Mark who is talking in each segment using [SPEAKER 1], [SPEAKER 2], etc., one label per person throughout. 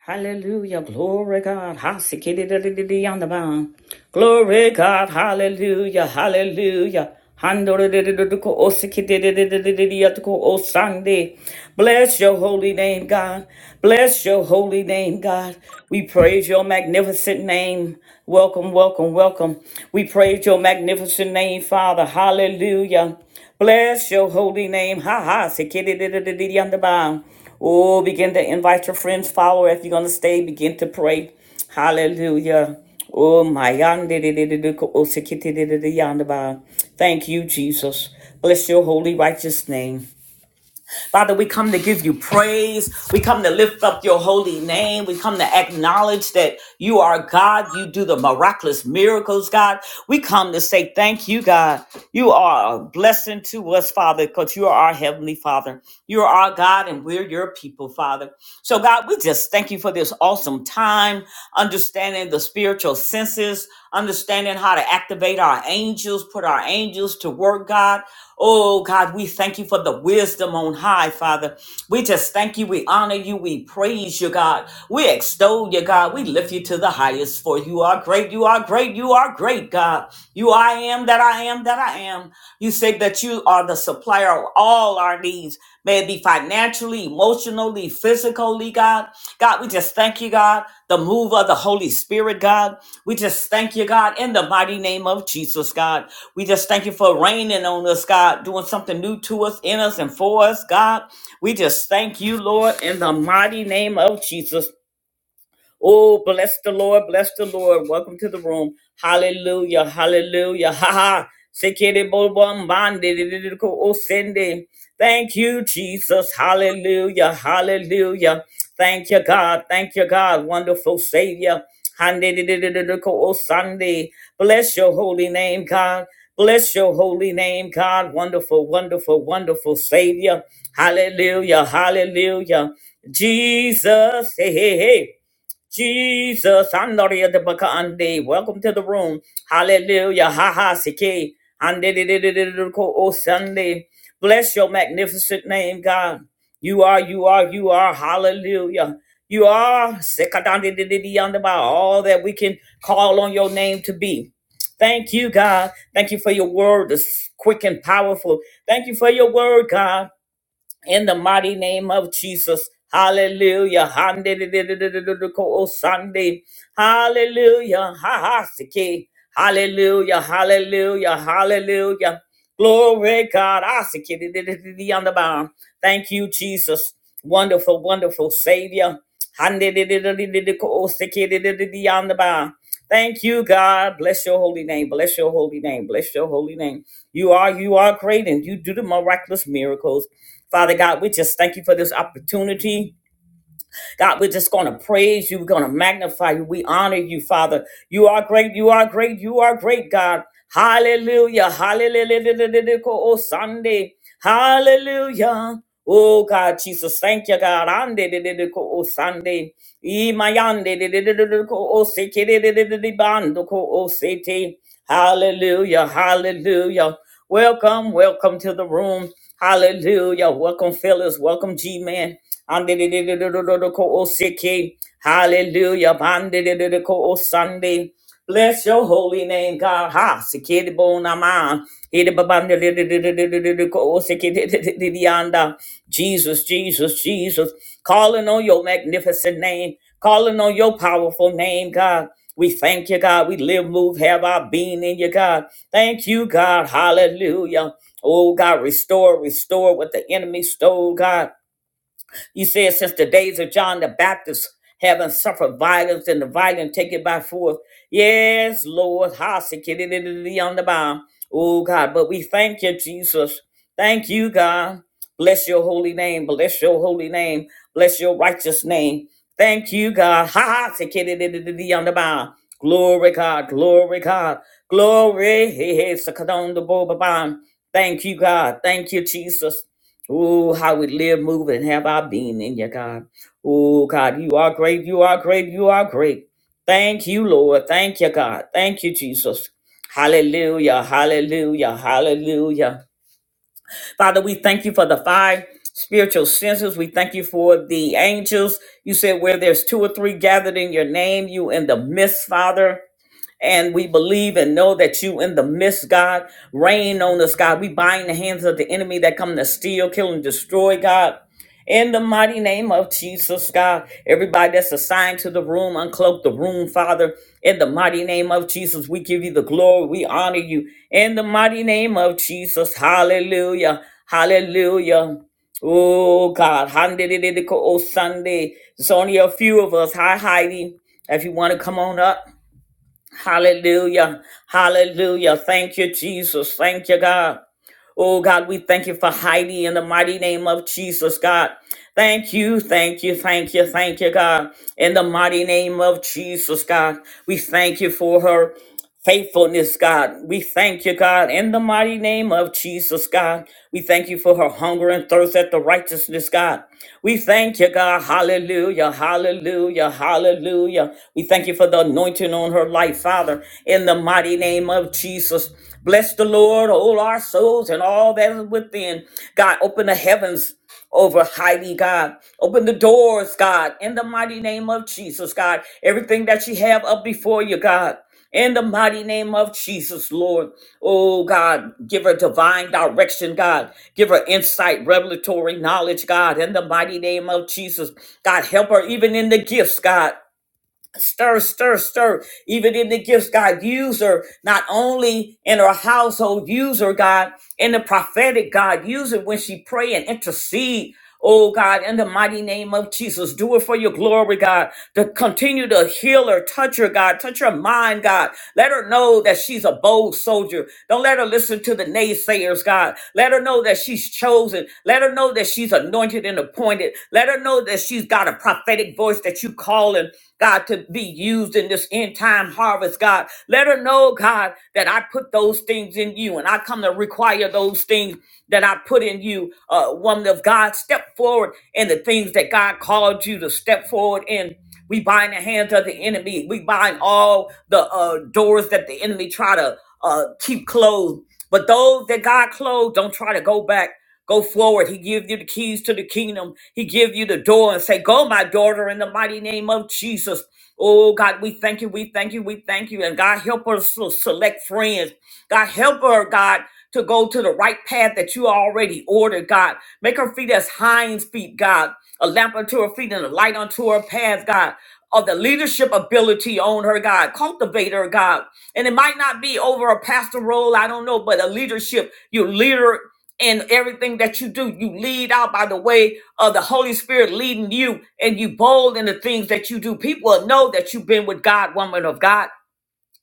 [SPEAKER 1] Hallelujah. Glory God. Ha-sikidi-di-di-di-di, di di Glory God. Hallelujah. Hallelujah. Handori-di-di-di-di-ko, osikidi-di-di-di-di-di-di-yatuko, osande. Bless your holy name, God. Bless your holy name, God. We praise your magnificent name. Welcome, welcome, welcome. We praise your magnificent name, Father. Hallelujah. Bless your holy name. Ha ha. Sikidididididi Oh, begin to invite your friends, follow if you're going to stay. Begin to pray. Hallelujah. Oh, my. oh, Thank you, Jesus. Bless your holy, righteous name. Father, we come to give you praise. We come to lift up your holy name. We come to acknowledge that you are God. You do the miraculous miracles, God. We come to say thank you, God. You are a blessing to us, Father, because you are our heavenly Father. You are our God, and we're your people, Father. So, God, we just thank you for this awesome time, understanding the spiritual senses, understanding how to activate our angels, put our angels to work, God. Oh God, we thank you for the wisdom on high, Father. We just thank you. We honor you. We praise you, God. We extol you, God. We lift you to the highest, for you are great. You are great. You are great, God. You I am that I am that I am. You say that you are the supplier of all our needs. May it be financially, emotionally, physically, God. God, we just thank you, God. The move of the Holy Spirit, God. We just thank you, God, in the mighty name of Jesus, God. We just thank you for raining on us, God, doing something new to us, in us, and for us, God. We just thank you, Lord, in the mighty name of Jesus. Oh, bless the Lord, bless the Lord. Welcome to the room. Hallelujah, hallelujah. Ha ha. Sekere bo bom bande de de osende. Thank you, Jesus. Hallelujah, hallelujah. Thank you, God. Thank you, God. Wonderful Savior. Hande de de de osande. Bless your holy name, God. Bless your holy name, God. Wonderful, wonderful, wonderful Savior. Hallelujah, hallelujah. Jesus, hey, hey, hey. Jesus, Andoria de Bacande, welcome to the room. Hallelujah, ha ha, sike, oh Sunday. Bless your magnificent name, God. You are, you are, you are, hallelujah. You are, Sekadandidididiyandaba, all that we can call on your name to be. Thank you, God. Thank you for your word that's quick and powerful. Thank you for your word, God in the mighty name of Jesus. Hallelujah. Handedididididididiko Sunday. Hallelujah. Ha ha siki. Hallelujah. Hallelujah. Hallelujah. Glory God. I siki dididididi on the bound. Thank you, Jesus. Wonderful, wonderful Savior. Handidididididikosikididididiyandaba. Thank you, God. Bless your holy name. Bless your holy name. Bless your holy name. You are you are great and you do the miraculous miracles. Father God, we just thank you for this opportunity. God, we're just going to praise you. We're going to magnify you. We honor you, Father. You are great. You are great. You are great, God. Hallelujah. Hallelujah. Oh, Sunday. Hallelujah. Oh, God, Jesus. Thank you, God. Ande de de de ko o Sunday. Imayande de de de de de ko o seke de de de de de bando ko o sete. Hallelujah. Hallelujah. Welcome. Welcome to the room. Hallelujah. Welcome, fellas. Welcome, G Man. Hallelujah. Sunday. Bless your holy name, God. Ha, sikidi bonaman. Hidi babandididididididiko sikidididididiyanda. Jesus, Jesus, Jesus. Calling on your magnificent name calling on your powerful name, God. We thank you, God. We live, move, have our being in you, God. Thank you, God. Hallelujah. Oh, God, restore, restore what the enemy stole, God. You said since the days of John the Baptist, having suffered violence and the violent take it by force. Yes, Lord. Hallelujah. on the bound. Oh, God. But we thank you, Jesus. Thank you, God. Bless your holy name. Bless your holy name. Bless your righteous name. Thank you, God. Ha ha. on the bound. Glory, God. Glory, God. Glory. He- he- sakadon the bo- ba- ban. Thank you, God. Thank you, Jesus. Oh, how we live, move, and have our being in you, God. Oh, God, you are great. You are great. You are great. Thank you, Lord. Thank you, God. Thank you, Jesus. Hallelujah. Hallelujah. Hallelujah. Father, we thank you for the five spiritual senses. We thank you for the angels. You said where there's two or three gathered in your name, you in the midst, Father. And we believe and know that you in the midst, God, rain on us, God. We bind the hands of the enemy that come to steal, kill, and destroy, God. In the mighty name of Jesus, God, everybody that's assigned to the room, uncloak the room, Father. In the mighty name of Jesus, we give you the glory. We honor you. In the mighty name of Jesus, hallelujah, hallelujah. Oh, God, oh, Sunday. It's only a few of us. Hi, Heidi. If you want to come on up, Hallelujah. Hallelujah. Thank you, Jesus. Thank you, God. Oh, God, we thank you for Heidi in the mighty name of Jesus, God. Thank you, thank you, thank you, thank you, God. In the mighty name of Jesus, God, we thank you for her faithfulness, God. We thank you, God, in the mighty name of Jesus, God. We thank you for her hunger and thirst at the righteousness, God. We thank you, God. Hallelujah, hallelujah, hallelujah. We thank you for the anointing on her life, Father, in the mighty name of Jesus. Bless the Lord, all our souls and all that is within. God, open the heavens over Heidi, God. Open the doors, God, in the mighty name of Jesus, God. Everything that she have up before you, God. In the mighty name of Jesus, Lord. Oh, God, give her divine direction, God. Give her insight, revelatory knowledge, God. In the mighty name of Jesus, God, help her even in the gifts, God stir, stir, stir, even in the gifts, God, use her not only in her household, use her, God, in the prophetic, God, use her when she pray and intercede. Oh God, in the mighty name of Jesus, do it for your glory, God. To continue to heal her, touch her, God, touch her mind, God. Let her know that she's a bold soldier. Don't let her listen to the naysayers, God. Let her know that she's chosen. Let her know that she's anointed and appointed. Let her know that she's got a prophetic voice that you call in. God, to be used in this end time harvest, God. Let her know, God, that I put those things in you and I come to require those things that I put in you. Uh, woman of God, step forward in the things that God called you to step forward in. We bind the hands of the enemy. We bind all the uh, doors that the enemy try to uh, keep closed. But those that God closed, don't try to go back. Go forward. He give you the keys to the kingdom. He give you the door and say, "Go, my daughter, in the mighty name of Jesus." Oh God, we thank you. We thank you. We thank you. And God help us to select friends. God help her, God, to go to the right path that you already ordered. God, make her feet as hinds feet. God, a lamp unto her feet and a light unto her path. God, of the leadership ability on her God. Cultivate her God. And it might not be over a pastor role, I don't know, but a leadership. You leader in everything that you do. You lead out by the way of the Holy Spirit leading you and you bold in the things that you do. People will know that you've been with God, woman of God.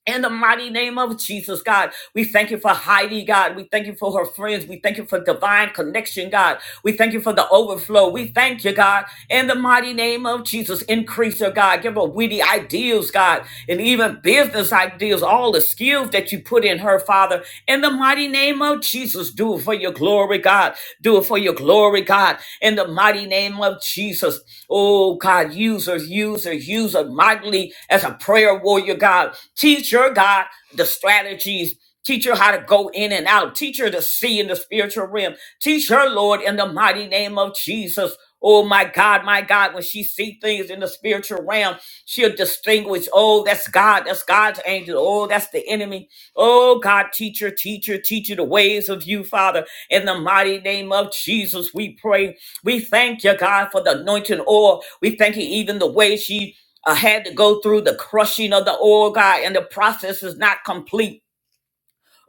[SPEAKER 1] In the mighty name of Jesus, God, we thank you for Heidi, God. We thank you for her friends. We thank you for divine connection, God. We thank you for the overflow. We thank you, God. In the mighty name of Jesus, increase her, God. Give her witty ideas, God, and even business ideas, all the skills that you put in her, Father. In the mighty name of Jesus, do it for your glory, glory, God. Do it for your glory, God. In the mighty name of Jesus. Oh, God, use us, use us, use us mightily as a prayer warrior, God. Teach her, God, the strategies. Teach her how to go in and out. Teach her to see in the spiritual realm. Teach her, Lord, in the mighty name of Jesus. Oh my God, my God, when she see things in the spiritual realm, she'll distinguish, oh, that's God, that's God's angel. Oh, that's the enemy. Oh God, teacher, teacher, teacher the ways of you, Father. In the mighty name of Jesus, we pray. We thank you, God, for the anointing oil. We thank you even the way she uh, had to go through the crushing of the oil, God, and the process is not complete.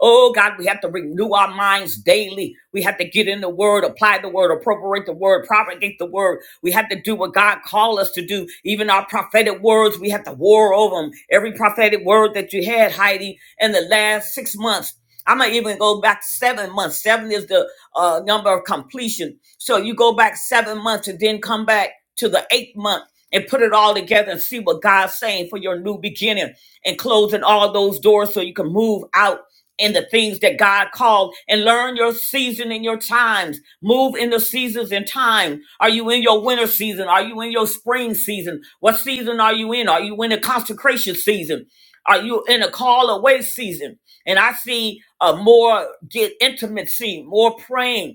[SPEAKER 1] Oh God, we have to renew our minds daily. We have to get in the word, apply the word, appropriate the word, propagate the word. We have to do what God called us to do. Even our prophetic words, we have to war over them. Every prophetic word that you had, Heidi, in the last six months. I'm gonna even go back seven months. Seven is the uh, number of completion. So you go back seven months and then come back to the eighth month and put it all together and see what God's saying for your new beginning and closing all those doors so you can move out in the things that God called and learn your season and your times. Move in the seasons and time. Are you in your winter season? Are you in your spring season? What season are you in? Are you in a consecration season? Are you in a call away season? And I see a more get intimacy, more praying,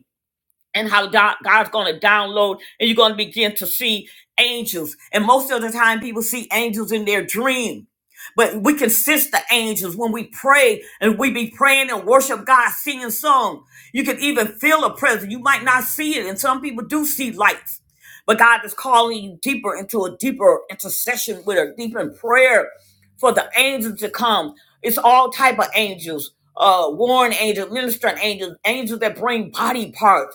[SPEAKER 1] and how do- God's going to download, and you're going to begin to see angels. And most of the time, people see angels in their dream. But we can sense the angels when we pray and we be praying and worship God, singing song. You can even feel a presence. You might not see it, and some people do see lights. But God is calling you deeper into a deeper intercession with a deeper prayer for the angels to come. It's all type of angels, uh, warring angels, ministering angels, angels that bring body parts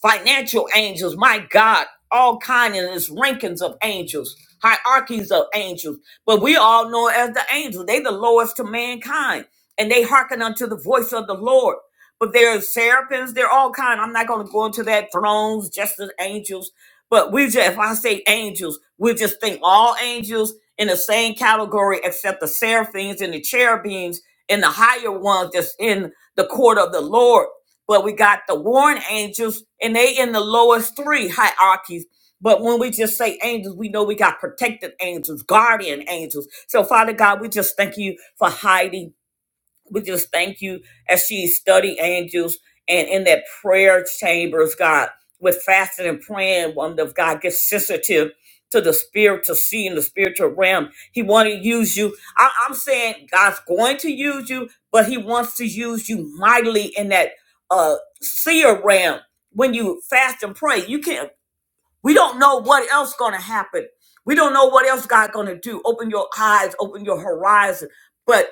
[SPEAKER 1] financial angels, my God, all kinds of rankings of angels, hierarchies of angels. But we all know as the angels, they the lowest to mankind, and they hearken unto the voice of the Lord. But there are seraphims, they're all kind. I'm not going to go into that thrones, just as angels. But we just, if I say angels, we just think all angels in the same category, except the seraphims and the cherubims and the higher ones that's in the court of the Lord but we got the warring angels, and they in the lowest three hierarchies. But when we just say angels, we know we got protected angels, guardian angels. So, Father God, we just thank you for hiding we just thank you as she studied angels and in that prayer chambers, God, with fasting and praying, wonder if God gets sensitive to the spirit to see in the spiritual realm. He want to use you. I, I'm saying God's going to use you, but he wants to use you mightily in that uh seer realm when you fast and pray. You can't we don't know what else gonna happen. We don't know what else God gonna do. Open your eyes, open your horizon. But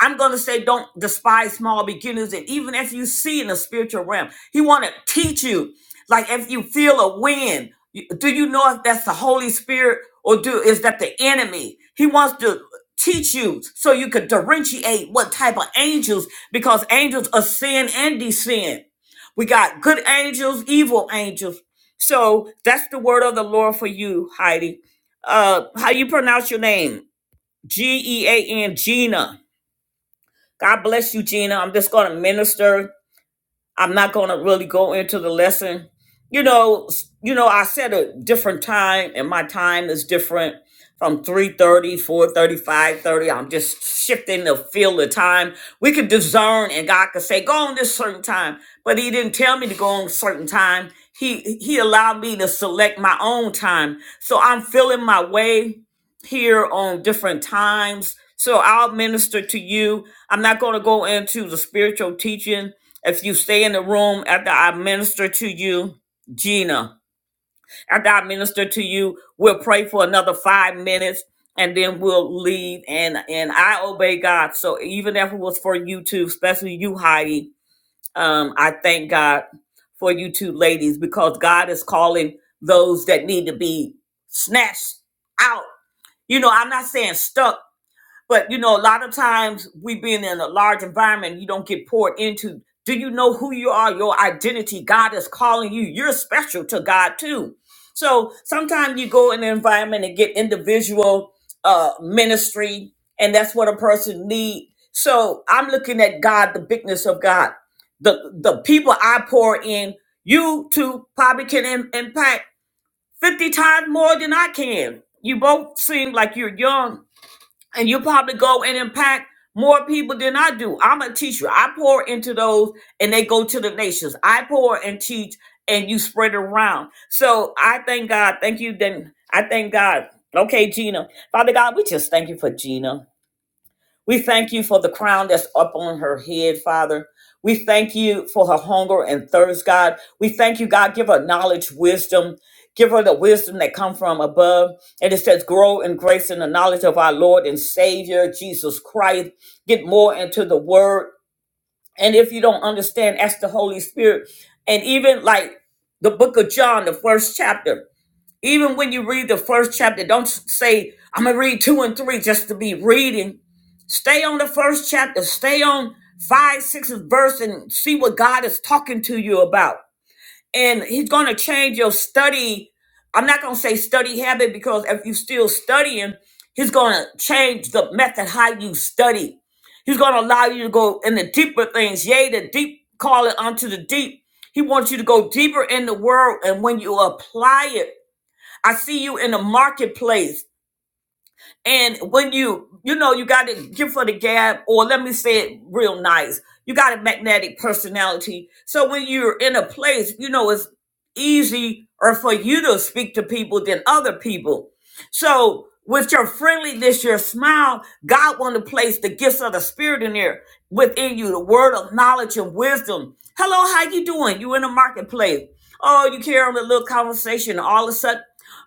[SPEAKER 1] I'm going to say don't despise small beginnings. And even if you see in the spiritual realm, he want to teach you. Like if you feel a wind, you- do you know if that's the Holy Spirit or do is that the enemy? He wants to teach you so you could differentiate what type of angels, because angels are sin and descend. We got good angels, evil angels. So that's the word of the Lord for you, Heidi. Uh, how you pronounce your name? G E A N Gina. God bless you, Gina. I'm just going to minister. I'm not going to really go into the lesson. You know, you know, I set a different time, and my time is different from three thirty, four thirty, five thirty. I'm just shifting the field of time. We could discern, and God could say, go on this certain time. But he didn't tell me to go on a certain time. He, he allowed me to select my own time. So I'm feeling my way here on different times. So I'll minister to you. I'm not going to go into the spiritual teaching. If you stay in the room after I minister to you, Gina, after I minister to you, we'll pray for another five minutes and then we'll leave. And, and I obey God. So even if it was for you two, especially you, Heidi, um, I thank God for you two ladies because God is calling those that need to be snatched out you know, I'm not saying stuck, but you know, a lot of times we being in a large environment, you don't get poured into. Do you know who you are? Your identity. God is calling you. You're special to God too. So sometimes you go in an environment and get individual uh ministry, and that's what a person need. So I'm looking at God, the bigness of God. The the people I pour in, you too probably can im- impact 50 times more than I can. You both seem like you're young and you probably go and impact more people than I do. I'm a teacher. I pour into those and they go to the nations. I pour and teach and you spread it around. So I thank God. Thank you. Then I thank God. Okay, Gina. Father God, we just thank you for Gina. We thank you for the crown that's up on her head, Father. We thank you for her hunger and thirst, God. We thank you, God. Give her knowledge, wisdom. Give her the wisdom that come from above. And it says, grow in grace and the knowledge of our Lord and Savior, Jesus Christ. Get more into the word. And if you don't understand, ask the Holy Spirit. And even like the book of John, the first chapter, even when you read the first chapter, don't say, I'm going to read two and three just to be reading. Stay on the first chapter, stay on five, sixth verse, and see what God is talking to you about. And He's going to change your study. I'm not going to say study habit because if you're still studying, He's going to change the method how you study. He's going to allow you to go in the deeper things. Yea, the deep, call it unto the deep. He wants you to go deeper in the world. And when you apply it, I see you in the marketplace. And when you, you know, you got to give for the gab, or let me say it real nice, you got a magnetic personality. So when you're in a place, you know, it's easy or for you to speak to people than other people. So with your friendliness, your smile, God want to place the gifts of the spirit in there within you, the word of knowledge and wisdom. Hello, how you doing? You in the marketplace. Oh, you carry on a little conversation. All of a sudden,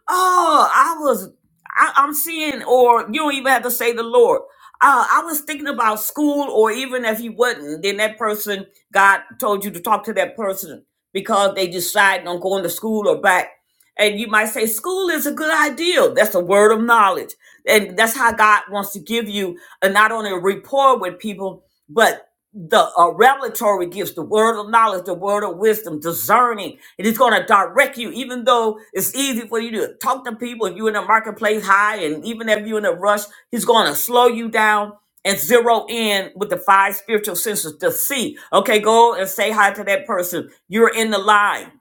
[SPEAKER 1] Oh, I was, I, I'm seeing, or you don't even have to say the Lord. Uh, I was thinking about school, or even if you wasn't, then that person, God told you to talk to that person because they decided on going to school or back. And you might say, school is a good idea. That's a word of knowledge. And that's how God wants to give you, and not only a rapport with people, but the uh, revelatory gifts, the word of knowledge, the word of wisdom, discerning. It is going to direct you, even though it's easy for you to talk to people. If you're in the marketplace high, and even if you're in a rush, he's going to slow you down and zero in with the five spiritual senses to see. Okay, go and say hi to that person. You're in the line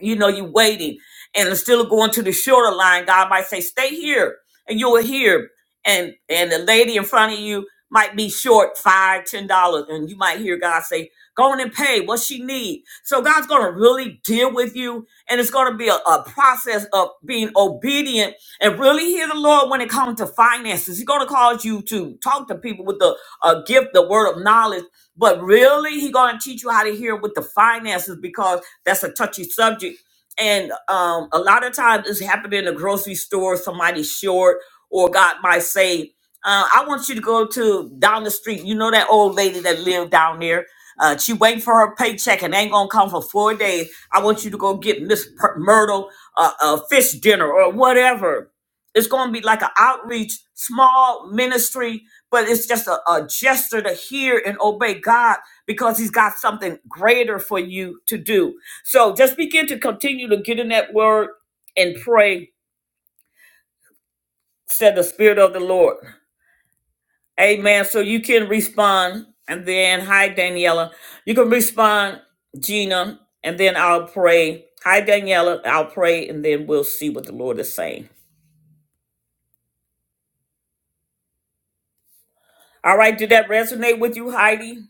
[SPEAKER 1] you know, you're waiting and it's still going to the shorter line. God might say, stay here and you will hear. And, and the lady in front of you might be short five, ten dollars. And you might hear God say, go on and pay what she need. So God's going to really deal with you. And it's going to be a, a process of being obedient and really hear the Lord when it comes to finances. He's going to cause you to talk to people with the uh, gift, the word of knowledge. But really, he's going to teach you how to hear with the finances because that's a touchy subject. And um, a lot of times it's happening in a grocery store, somebody's short, or God might say, uh, I want you to go to down the street. You know that old lady that lived down there? Uh, she waiting for her paycheck and ain't gonna come for four days. I want you to go get Miss Per- Myrtle a, a fish dinner or whatever. It's gonna be like an outreach, small ministry, but it's just a, a gesture to hear and obey God because He's got something greater for you to do so just begin to continue to get in that word and pray, said the Spirit of the Lord. Amen. So you can respond. And then, hi, Daniela. You can respond, Gina, and then I'll pray. Hi, Daniela. I'll pray, and then we'll see what the Lord is saying. All right. Did that resonate with you, Heidi?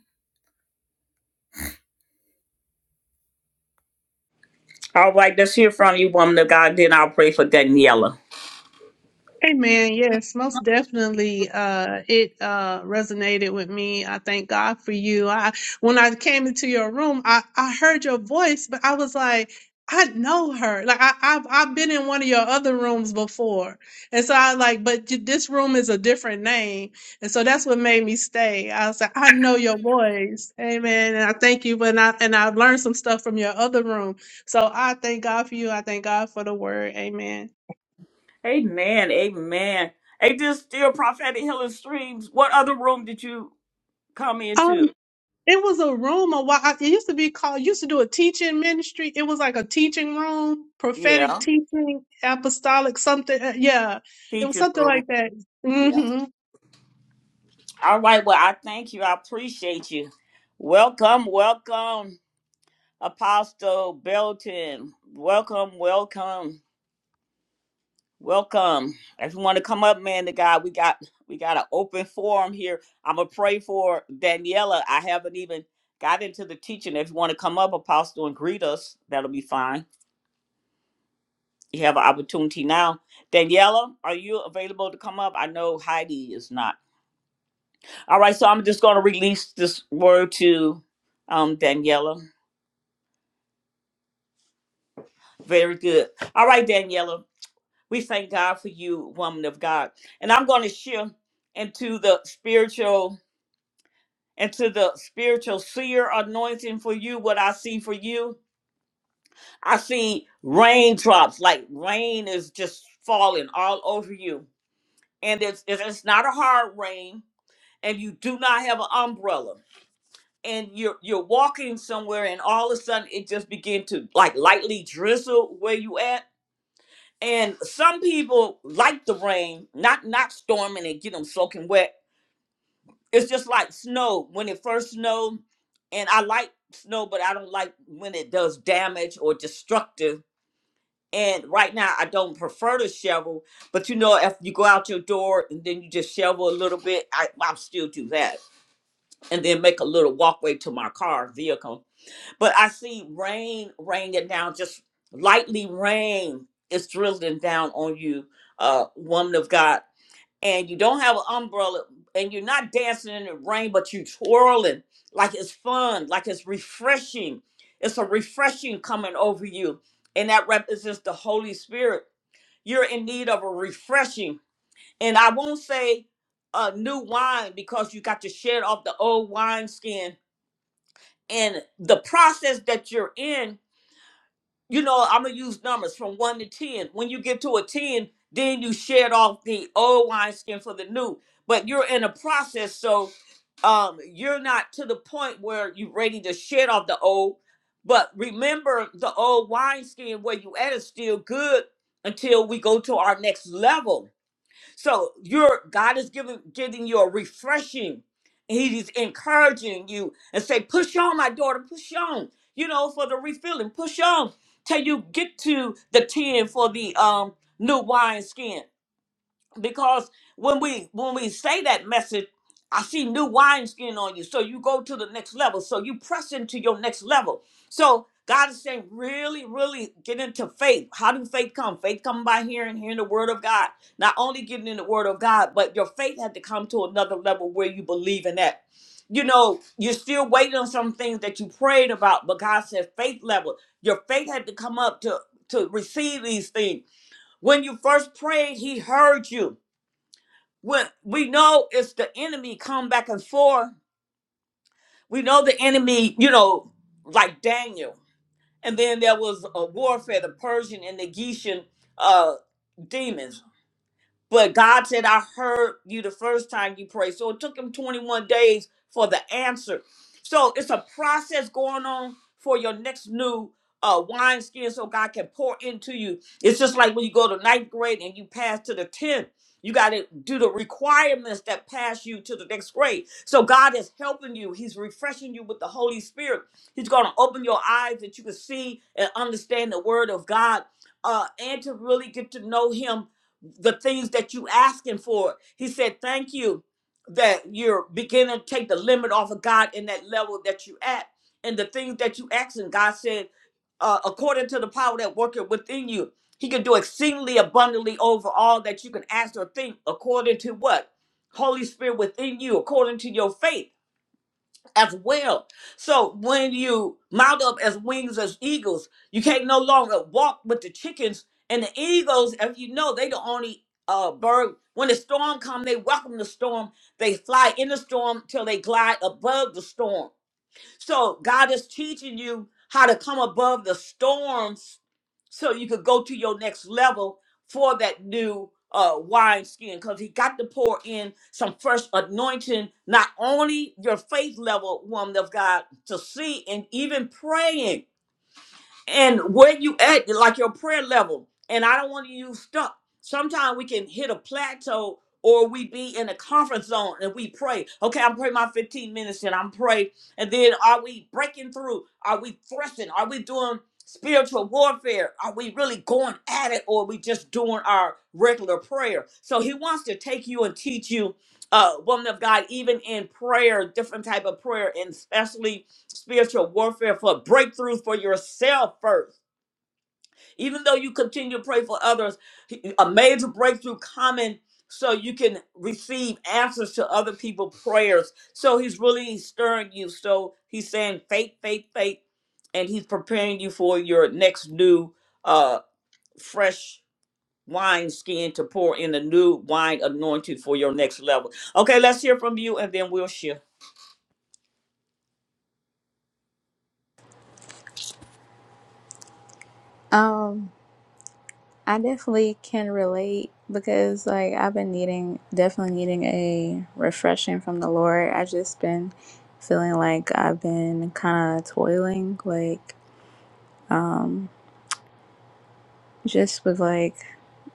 [SPEAKER 1] All right. Let's hear from you, woman of God. Then I'll pray for Daniela.
[SPEAKER 2] Amen. Yes, most definitely. Uh, it uh, resonated with me. I thank God for you. I when I came into your room, I, I heard your voice, but I was like, I know her. Like I, I've I've been in one of your other rooms before, and so I was like, but j- this room is a different name, and so that's what made me stay. I was like, I know your voice, Amen. And I thank you. And I and I've learned some stuff from your other room, so I thank God for you. I thank God for the word, Amen.
[SPEAKER 1] Amen. Amen. Hey, this still prophetic healing streams. What other room did you come into?
[SPEAKER 2] It was a room a while. It used to be called. Used to do a teaching ministry. It was like a teaching room,
[SPEAKER 1] Yeah.
[SPEAKER 2] prophetic teaching, apostolic something. uh, Yeah, it was
[SPEAKER 1] Teacher,
[SPEAKER 2] something
[SPEAKER 1] room.
[SPEAKER 2] like that.
[SPEAKER 1] Yep.
[SPEAKER 2] hmm
[SPEAKER 1] All right. Well, I thank you. I appreciate you. Welcome, welcome, Apostle Belton. Welcome, welcome, welcome. If you want to come up, man, the guy, we got we got an open forum here. I'm gonna pray for Daniela. I haven't even got into the teaching. If you want to come up, Apostle, and greet us, that'll be fine. You have an opportunity now. Daniela, are you available to come up? I know Heidi is not. All right, so I'm just going to release this word to um, Daniela. Very good. All right, Daniela, we thank God for you, woman of God. And I'm going to shift into the spiritual into the spiritual seer anointing for you. What I see for you, I see raindrops like rain is just falling all over you, and it's it's it's not a hard rain, and you do not have an umbrella. and you're you're walking somewhere and all of a sudden it just begin to like lightly drizzle where you at and some people like the rain not not storming and get them soaking wet it's just like snow when it first snowed and i like snow but i don't like when it does damage or destructive and right now i don't prefer to shovel but you know if you go out your door and then you just shovel a little bit i i'll still do that and then make a little walkway to my car vehicle But I see rain raining down, just lightly rain is drizzling down on you, uh, woman of God. And you don't have an umbrella and you're not dancing in the rain, but you twirling like it's fun, like it's refreshing. It's a refreshing coming over you. And that represents the Holy Spirit. You're in need of a refreshing. And I won't say uh, new wine because you got to shed off the old wine skin. And the process that you're in you know, I'm gonna use numbers from one to ten. When you get to a ten, then you shed off the old wineskin for the new. But you're in a process, so um, you're not to the point where you're ready to shed off the old. But remember, the old wineskin where you at is still good until we go to our next level so you're God is giving giving you a refreshing. He's encouraging you and say, push on, my daughter, push on. You know, for the refilling, push on till you get to the tin for the um new wine skin because when we when we say that message i see new wineskin on you so you go to the next level so you press into your next level so god is saying really really get into faith how do faith come faith come by hearing hearing the word of god not only getting in the word of god but your faith had to come to another level where you believe in that you know you're still waiting on some things that you prayed about but god said faith level your faith had to come up to to receive these things when you first prayed he heard you when we know it's the enemy come back and forth we know the enemy you know like daniel and then there was a warfare the persian and the grecian uh demons but God said, I heard you the first time you prayed. So it took him 21 days for the answer. So it's a process going on for your next new uh, wine skin so God can pour into you. It's just like when you go to ninth grade and you pass to the 10th. You got to do the requirements that pass you to the next grade. So God is helping you. He's refreshing you with the Holy Spirit. He's going to open your eyes that you can see and understand the word of God uh, and to really get to know him the things that you asking for. He said, thank you that you're beginning to take the limit off of God in that level that you at. And the things that you asking, God said, uh, according to the power that worketh within you, he can do exceedingly abundantly over all that you can ask or think according to what? Holy Spirit within you, according to your faith as well. So when you mount up as wings as eagles, you can't no longer walk with the chickens and the eagles. If you know, they the only uh bird. When the storm come, they welcome the storm. They fly in the storm till they glide above the storm. So God is teaching you how to come above the storms so you could go to your next level for that new uh wine skin because he got to pour in some fresh anointing not only your faith level woman of god to see and even praying and where you at, like your prayer level. And I don't want you stuck. Sometimes we can hit a plateau or we be in a comfort zone and we pray. Okay, I'm praying my 15 minutes and I'm praying. And then are we breaking through? Are we thrusting? Are we doing spiritual warfare? Are we really going at it or are we just doing our regular prayer? So he wants to take you and teach you, uh, woman of God, even in prayer, different type of prayer, and especially spiritual warfare for breakthroughs for yourself first. Even though you continue to pray for others, a major breakthrough coming so you can receive answers to other people's prayers. So he's really stirring you. So he's saying faith, faith, faith, and he's preparing you for your next new uh fresh wine skin to pour in the new wine anointing for your next level. Okay, let's hear from you and then we'll shift.
[SPEAKER 3] Um, I definitely can relate because like I've been needing definitely needing a refreshing from the Lord. I just been feeling like I've been kind of toiling like just with like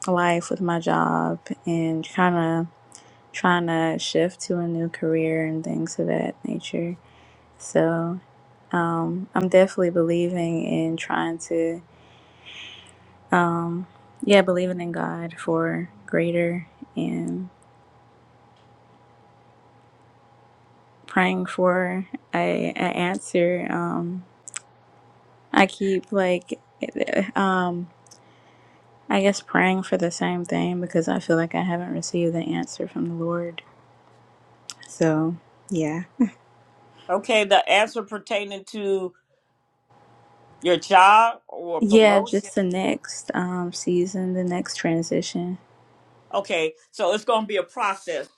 [SPEAKER 3] life with my job and kind of trying to shift to a new career and things of that nature. So, um, I'm definitely believing in trying to um yeah, believing in God for greater and. praying for a, a answer. Um, I keep like, um, I guess praying for the same thing because I feel like I haven't received the answer from the Lord. So yeah,
[SPEAKER 1] Okay, the answer pertaining to your job or
[SPEAKER 3] yeah,
[SPEAKER 1] promotion
[SPEAKER 3] just the
[SPEAKER 1] or
[SPEAKER 3] next um season, the next transition.
[SPEAKER 1] okay so it's going to be a process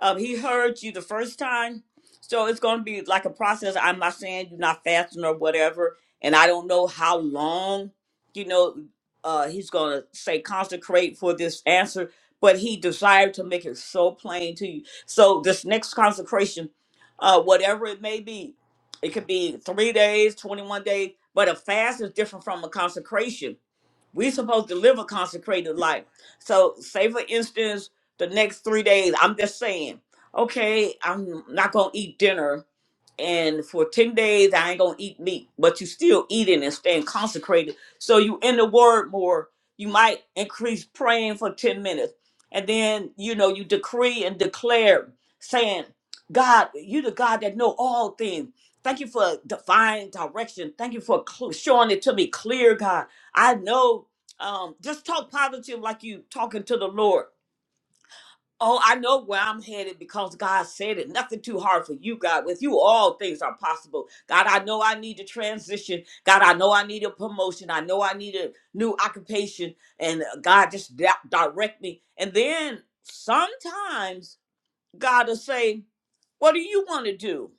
[SPEAKER 1] um he heard you the first time so it's going to be like a process i'm not saying you're not fasting or whatever and i don't know how long you know uh he's going to say consecrate for this answer but he desired to make it so plain to you so this next consecration uh whatever it may be it could be three days 21 days but a fast is different from a consecration we supposed to live a consecrated life. So say for instance, the next three days, I'm just saying, okay, I'm not gonna eat dinner and for 10 days I ain't gonna eat meat, but you still eating and staying consecrated. So you in the word more, you might increase praying for 10 minutes. And then you know you decree and declare saying, God, you the God that know all things. Thank you for divine direction. Thank you for cl- showing it to me clear, God. I know um, just talk positive like you talking to the Lord. Oh, I know where I'm headed because God said it. Nothing too hard for you, God. With you, all things are possible. God, I know I need to transition. God, I know I need a promotion. I know I need a new occupation. And uh, God, just di- direct me. And then sometimes God will say, What do you want to do?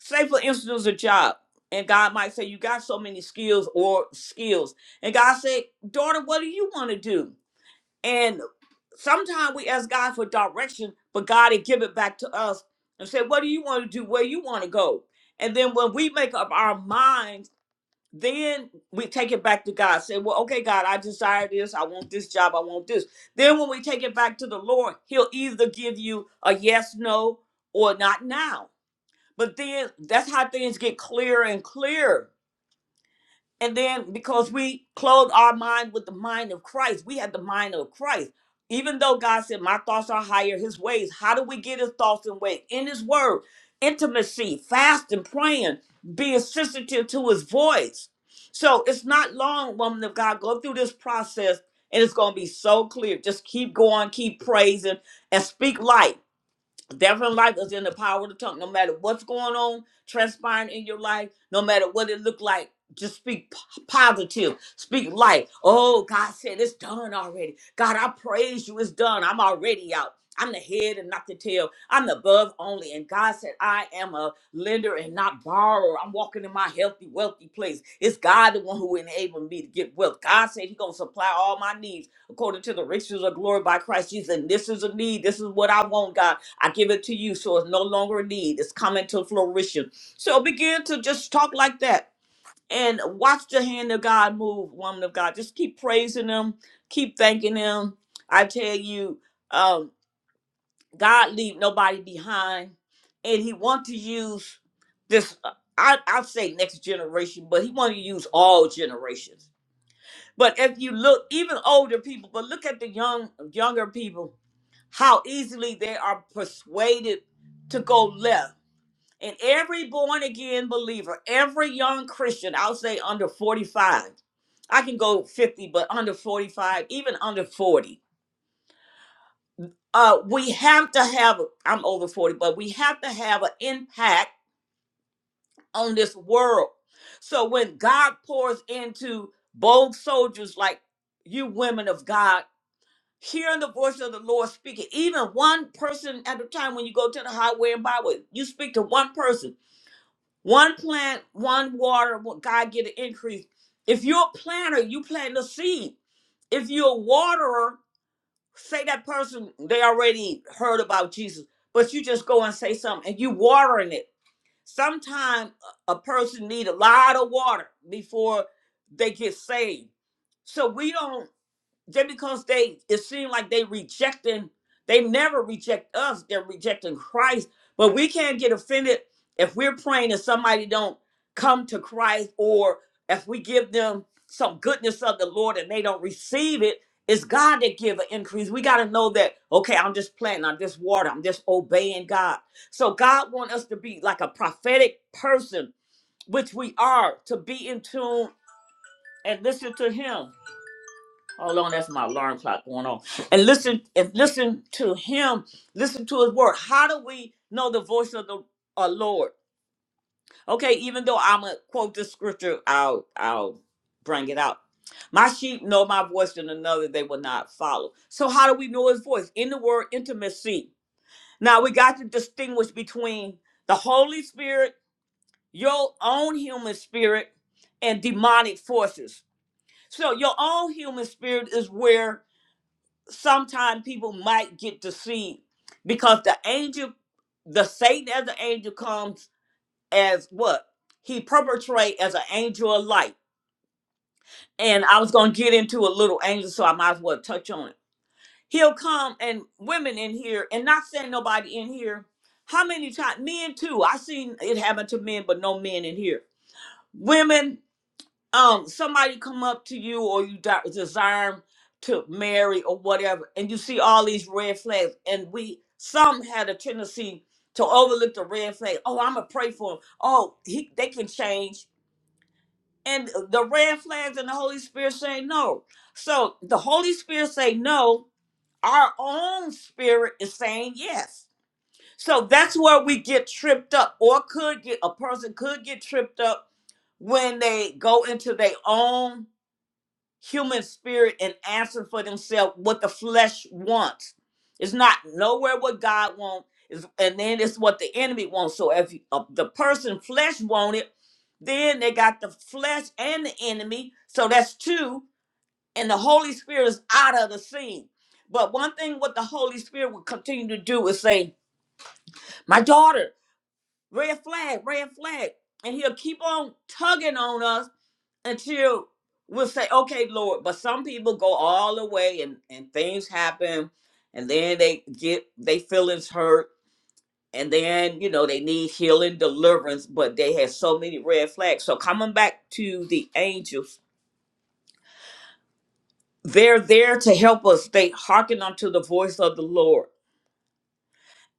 [SPEAKER 1] Say, for instance, a job. And God might say, You got so many skills or skills. And God say, Daughter, what do you want to do? sometimes we ask God for direction, but God had give it back to us and said, What do you want to do? Where you want to go? And then when we make up our minds, then we take it back to God. Say, Well, okay, God, I desire this. I want this job. I want this. Then when we take it back to the Lord, He'll either give you a yes, no, or not now. But then that's how things get clearer and clearer and then because we clothe our mind with the mind of Christ, we have the mind of Christ. Even though God said, My thoughts are higher, his ways. How do we get his thoughts and ways? In his word, intimacy, fasting, praying, being sensitive to his voice. So it's not long, woman of God, go through this process and it's going to be so clear. Just keep going, keep praising, and speak life. Death and life is in the power of the tongue. No matter what's going on, transpiring in your life, no matter what it look like, just speak p- positive. Speak light. Oh, God said it's done already. God, I praise you. It's done. I'm already out. I'm the head and not the tail. I'm the above only. And God said, I am a lender and not borrower. I'm walking in my healthy, wealthy place. It's God the one who enabled me to get wealth. God said He gonna supply all my needs according to the riches of glory by Christ Jesus. And this is a need. This is what I want, God. I give it to you, so it's no longer a need. It's coming to fruition. So begin to just talk like that and watch the hand of God move, woman of God. Just keep praising Him, keep thanking Him. I tell you, um, God leave nobody behind, and He want to use this. uh, I I say next generation, but He want to use all generations. But if you look, even older people, but look at the young younger people how easily they are persuaded to go left. And every born again believer, every young Christian, I'll say under 45, I can go 50, but under 45, even under 40, uh, we have to have, I'm over 40, but we have to have an impact on this world. So when God pours into bold soldiers like you women of God, hearing the voice of the Lord speaking, even one person at a time when you go to the highway and byway, you speak to one person, one plant, one water, what God get an increase. If you're a planter, you plant a seed. If you're a waterer, say that person, they already heard about Jesus, but you just go and say something and you watering it. Sometimes a a person need a lot of water before they get saved. So we don't just because they it seems like they rejecting they never reject us they're rejecting christ but we can't get offended if we're praying and somebody don't come to christ or if we give them some goodness of the lord and they don't receive it it's god that give an increase we got to know that okay i'm just planting i'm just watering. i'm just obeying god so god want us to be like a prophetic person which we are to be in tune and listen to him Hold on, that's my alarm clock going on. And listen, and listen to him, listen to his word. How do we know the voice of the uh, Lord? Okay, even though I'm gonna quote the scripture, I'll I'll bring it out. My sheep know my voice, and another they will not follow. So how do we know his voice? In the word intimacy. Now we got to distinguish between the Holy Spirit, your own human spirit, and demonic forces. So your own human spirit is where sometimes people might get deceived because the angel, the Satan as an angel comes as what? He perpetrate as an angel of light. And I was gonna get into a little angel, so I might as well touch on it. He'll come and women in here, and not saying nobody in here. How many times men too? I seen it happen to men, but no men in here. Women um somebody come up to you or you di- desire to marry or whatever and you see all these red flags and we some had a tendency to overlook the red flag oh i'm gonna pray for him oh he they can change and the red flags and the holy spirit say no so the holy spirit say no our own spirit is saying yes so that's where we get tripped up or could get a person could get tripped up when they go into their own human spirit and answer for themselves what the flesh wants. It's not nowhere what God wants, and then it's what the enemy wants. So if uh, the person flesh want it, then they got the flesh and the enemy. So that's two, and the Holy Spirit is out of the scene. But one thing what the Holy Spirit will continue to do is say, "My daughter, red flag, red flag," and He'll keep on tugging on us until we'll say, okay, Lord. But some people go all the way and, and things happen and then they get they feelings hurt and then you know they need healing deliverance, but they have so many red flags. So coming back to the angels, they're there to help us. They hearken unto the voice of the Lord.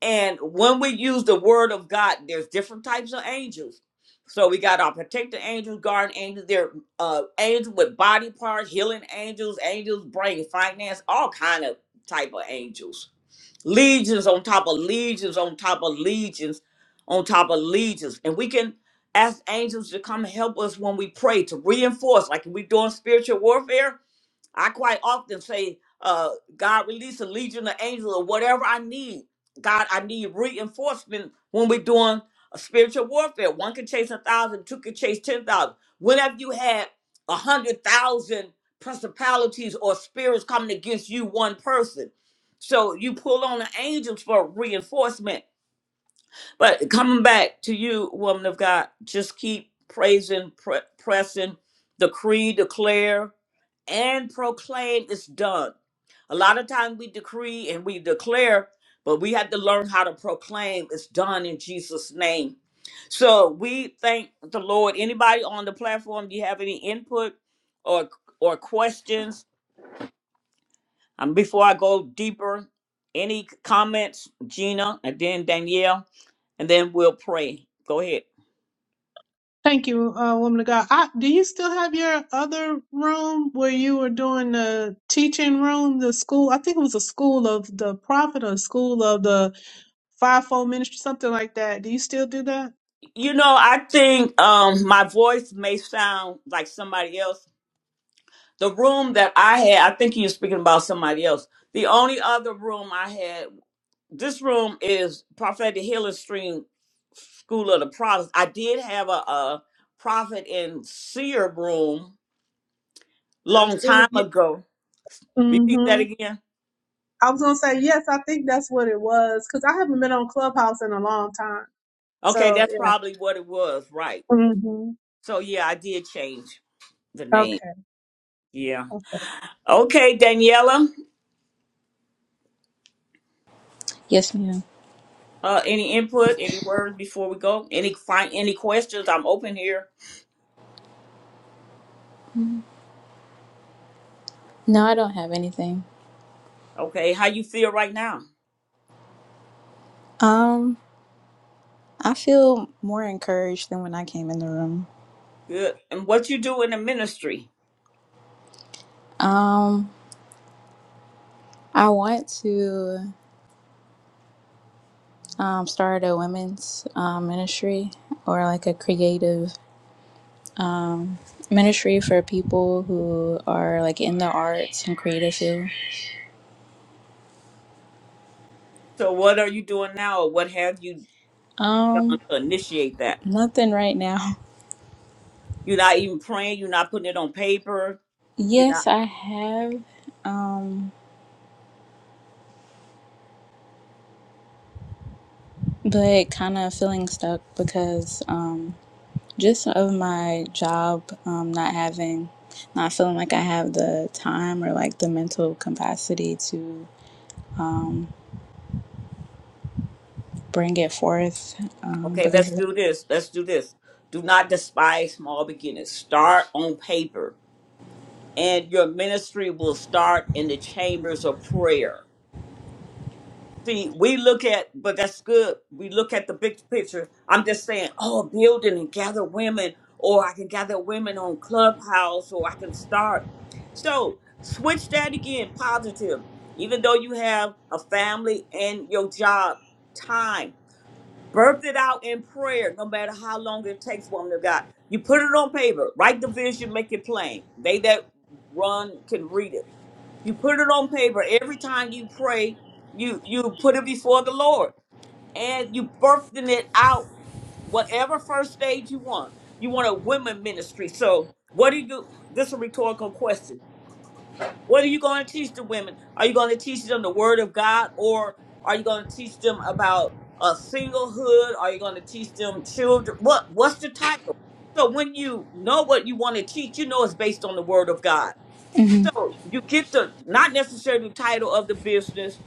[SPEAKER 1] And when we use the word of God, there's different types of angels. So we got our protected angels, guard angels, they're uh angels with body parts, healing angels, angels, brain, finance, all kind of type of angels. Legions on top of legions on top of legions on top of legions. And we can ask angels to come help us when we pray to reinforce, like we're doing spiritual warfare I quite often say, uh, God, release a legion of angels or whatever I need. God, I need reinforcement when we're doing a spiritual warfare. One can chase a thousand, two can chase ten thousand. When have you had a hundred thousand principalities or spirits coming against you, one person? So you pull on the angels for reinforcement. But coming back to you, woman of God, just keep praising, pre- pressing, decree, declare and proclaim it's done. A lot of times we decree and we declare, but we have to learn how to proclaim it's done in Jesus' name. So we thank the Lord. Anybody on the platform, do you have any input or or questions? Um, before I go deeper, any comments, Gina, and then Danielle, and then we'll pray. Go ahead.
[SPEAKER 2] Thank you, uh, woman of God. I, do you still have your other room where you were doing the teaching room, the school? I think it was a school of the prophet, or school of the fivefold ministry, something like that. Do you still do that?
[SPEAKER 1] You know, I think um, my voice may sound like somebody else the room that I had, I think you're speaking about somebody else. The only other room I had, this room is Prophetic Healing Stream School of the Prophets. I did have a, a prophet and seer room
[SPEAKER 2] Uh,
[SPEAKER 1] long
[SPEAKER 2] it was.
[SPEAKER 1] time
[SPEAKER 2] Yeah.
[SPEAKER 1] ago. Repeat
[SPEAKER 2] Mm-hmm.
[SPEAKER 1] that again.
[SPEAKER 2] I was gonna say yes. I think that's what it was because I haven't been on Clubhouse in a long time.
[SPEAKER 1] Okay,
[SPEAKER 2] So
[SPEAKER 1] that's
[SPEAKER 2] yeah.
[SPEAKER 1] probably what it was, right?
[SPEAKER 2] hmm
[SPEAKER 1] So yeah, I did change the name.
[SPEAKER 2] Okay.
[SPEAKER 1] Yeah. Okay, Daniela.
[SPEAKER 3] Yes, ma'am.
[SPEAKER 1] Uh, any input, any words before we go? Any find any questions? I'm open here.
[SPEAKER 3] No, I don't have anything.
[SPEAKER 1] Okay, how you feel right now?
[SPEAKER 3] Um, I feel more encouraged than when I came in the room.
[SPEAKER 1] Good. And what you do in the ministry?
[SPEAKER 3] Um, I want to um, start a women's um, ministry or like a creative um, ministry for people who are like in the arts and creative field.
[SPEAKER 1] So what are you doing now, or what have you done
[SPEAKER 3] Um,
[SPEAKER 1] to initiate that?
[SPEAKER 3] nothing right now.
[SPEAKER 1] You're not even praying. You're not putting it on paper. You're not.
[SPEAKER 3] Yes, I have, um, but kind of feeling stuck because um, just of my job um, not having. Not feeling like I have the time or like the mental capacity to um, bring it forth um,
[SPEAKER 1] Okay,
[SPEAKER 3] because
[SPEAKER 1] let's
[SPEAKER 3] of that.
[SPEAKER 1] do this. Let's do this. Do not despise small beginnings. Start on paper, and your ministry will start in the chambers of prayer. See, we look at, but that's good. We look at the big picture. I'm just saying, oh, building and gather women, or I can gather women on Clubhouse, or I can start. So switch that again, positive. Even though you have a family and your job, time, birth it out in prayer, no matter how long it takes, woman of God. You put it on paper, write the vision, make it plain. They that run can read it you put it on paper every time you pray. You you put it before the Lord, and you birthing it out whatever first stage you want. You want a women ministry. So what do you do? This is a rhetorical question. What are you going to teach the women? Are you going to teach them the Word of God, or are you going to teach them about a singlehood? Are you going to teach them children? What what's the title? So when you know what you want to teach, you know it's based on the Word of God
[SPEAKER 3] Mhm.
[SPEAKER 1] so you get the not necessarily title of the business.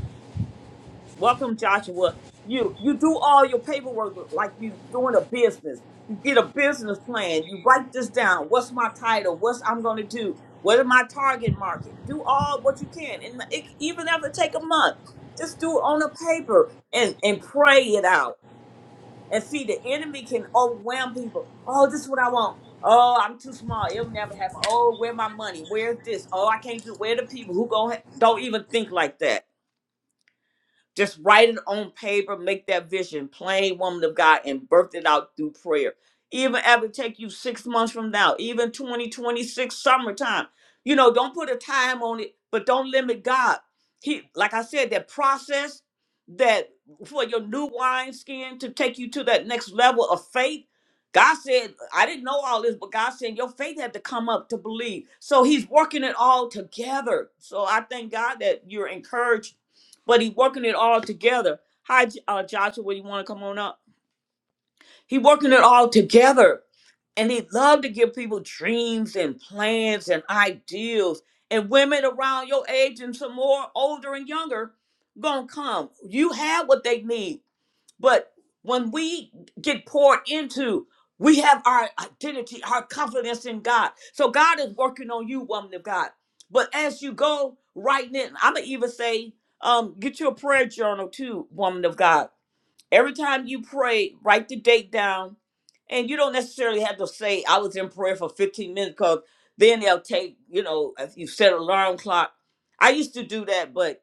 [SPEAKER 1] Welcome, Joshua. You you do all your paperwork like you doing a business. You get a business plan. You write this down. What's my title? What's I'm going to do? What is my target market? Do all what you can, and it, even if it take a month, just do it on a paper and and pray it out and see, the enemy can overwhelm people. Oh, this is what I want. Oh, I'm too small. It'll never happen. Oh, where my money? Where's this? Oh, I can't do. Where the people who go don't even think like that? Just write it on paper, make that vision plain, woman of God, and birth it out through prayer. Even if it take you six months from now, even 2026 summertime, you know, don't put a time on it, but don't limit God. He, like I said, that process that for your new wine skin to take you to that next level of faith. God said, I didn't know all this, but God said your faith had to come up to believe. So he's working it all together. So I thank God that you're encouraged but he working it all together. Hi, J- uh, Joshua, would you want to come on up? He working it all together, and he love to give people dreams and plans and ideals. And women around your age and some more older and younger gonna come. You have what they need. But when we get poured into, we have our identity, our confidence in God. So God is working on you, woman of God. But as you go right in, I'm gonna even say, um, get you a prayer journal too, woman of God. Every time you pray, write the date down, and you don't necessarily have to say, "I was in prayer for 15 minutes," because then they'll take, you know, if you set an alarm clock. I used to do that, but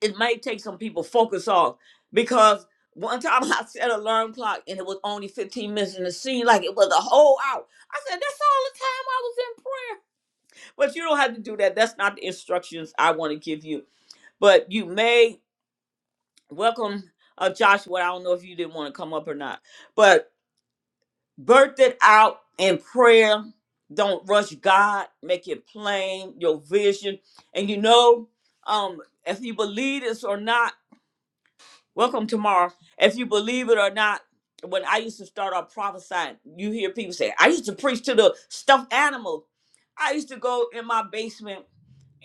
[SPEAKER 1] it might take some people focus off because one time I set an alarm clock and it was only 15 minutes and it seemed like it was a whole hour. I said, that's all the time I was in prayer. But you don't have to do that. That's not the instructions I want to give you. But you may welcome uh, Joshua. I don't know if you didn't want to come up or not, but birth it out in prayer. Don't rush God. Make it plain, your vision. And you know, um, if you believe this or not, Welcome tomorrow. If you believe it or not, when I used to start off prophesying, you hear people say, I used to preach to the stuffed animals. I used to go in my basement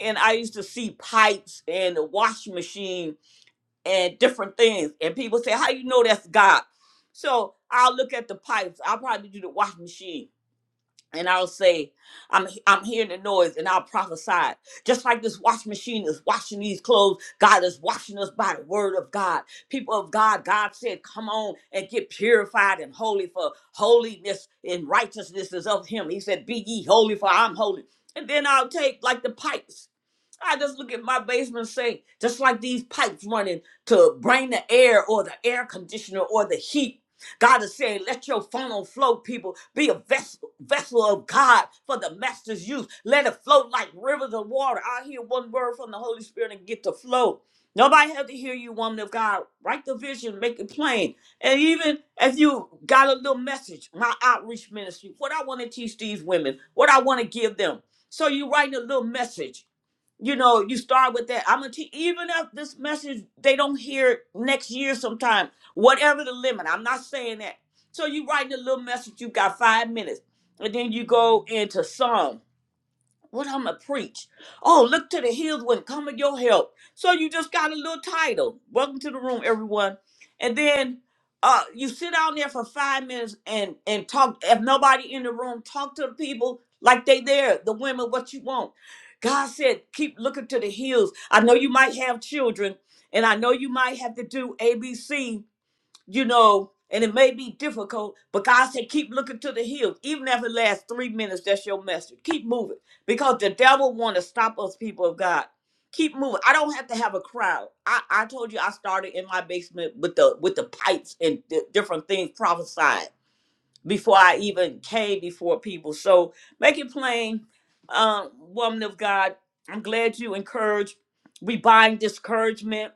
[SPEAKER 1] and I used to see pipes and the washing machine and different things. And people say, How you know that's God? So I'll look at the pipes. I'll probably do the washing machine and I'll say, I'm I'm hearing the noise, and I'll prophesy. Just like this wash machine is washing these clothes, God is washing us by the word of God. People of God, God said, Come on and get purified and holy, for holiness and righteousness is of him. He said, Be ye holy, for I'm holy. And then I'll take like the pipes. I just look at my basement sink, just like these pipes running to bring the air or the air conditioner or the heat. God is saying, let your funnel flow, people. Be a vessel, vessel of God for the master's use. Let it flow like rivers of water. I hear one word from the Holy Spirit and get the flow. Nobody had to hear you, woman of God. Write the vision, make it plain. And even if you got a little message, my outreach ministry, what I want to teach these women, what I want to give them. So you write a little message you know, you start with that. I'm gonna teach even if this message they don't hear it next year sometime, whatever the limit. I'm not saying that. So you write a little message, you got five minutes, and then you go into song. What I'm gonna preach? Oh, look to the hills when coming your help. So you just got a little title. Welcome to the room, everyone. And then uh, you sit down there for five minutes and and talk. If nobody in the room, talk to the people like they there. The women, what you want? God said, keep looking to the hills. I know you might have children, and I know you might have to do ABC you know, and it may be difficult, but God said, keep looking to the hills. Even if it lasts three minutes, that's your message. Keep moving because the devil want to stop us, people of God. Keep moving. I don't have to have a crowd. I, I told you I started in my basement with the with the pipes and di- different things prophesied before I even came before people. So make it plain, um, woman of God. I'm glad you encourage. We bind discouragement.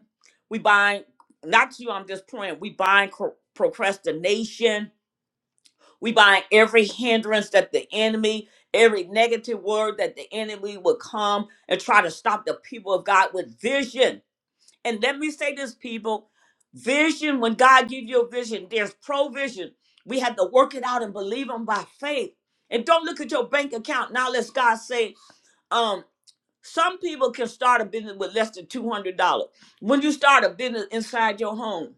[SPEAKER 1] We bind not you. I'm just praying. We bind cro- procrastination. We bind every hindrance that the enemy, every negative word that the enemy would come and try to stop the people of God with vision and let me say this, people. Vision, when God gives you a vision, there's provision. We have to work it out and believe him by faith. And don't look at your bank account. Now let's God say, um, some people can start a business with less than two hundred dollars. When you start a business inside your home,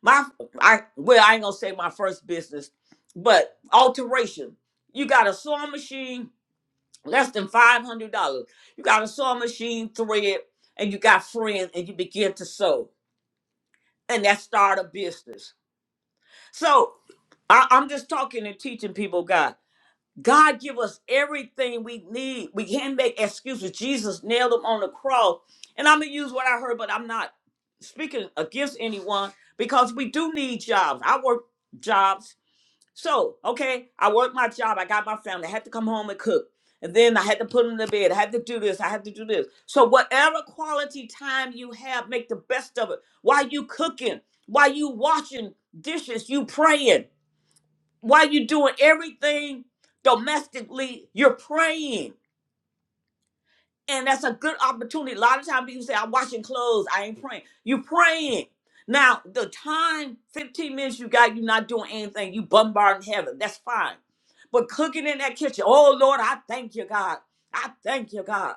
[SPEAKER 1] my I well, I ain't gonna say my first business, but alteration. You got a sewing machine, less than five hundred dollars. You got a sewing machine, thread, and you got friends, and you begin to sew and that start a business. So I, I'm just talking and teaching people, God. God give us everything we need. We can't make excuses. Jesus nailed them on the cross. And I'm gonna use what I heard, but I'm not speaking against anyone because we do need jobs. I work jobs so, okay, I worked my job. I got my family. I had to come home and cook. And then I had to put them to bed. I had to do this. I had to do this. So, whatever quality time you have, make the best of it. While you cooking, while you washing dishes, you praying. While you doing everything domestically, you're praying and that's a good opportunity. A lot of times people say, I'm washing clothes, I ain't praying. you praying. Now, the time, 15 minutes you got, you're not doing anything. You bombarding heaven. That's fine. But cooking in that kitchen, oh Lord, I thank you, God. I thank you, God.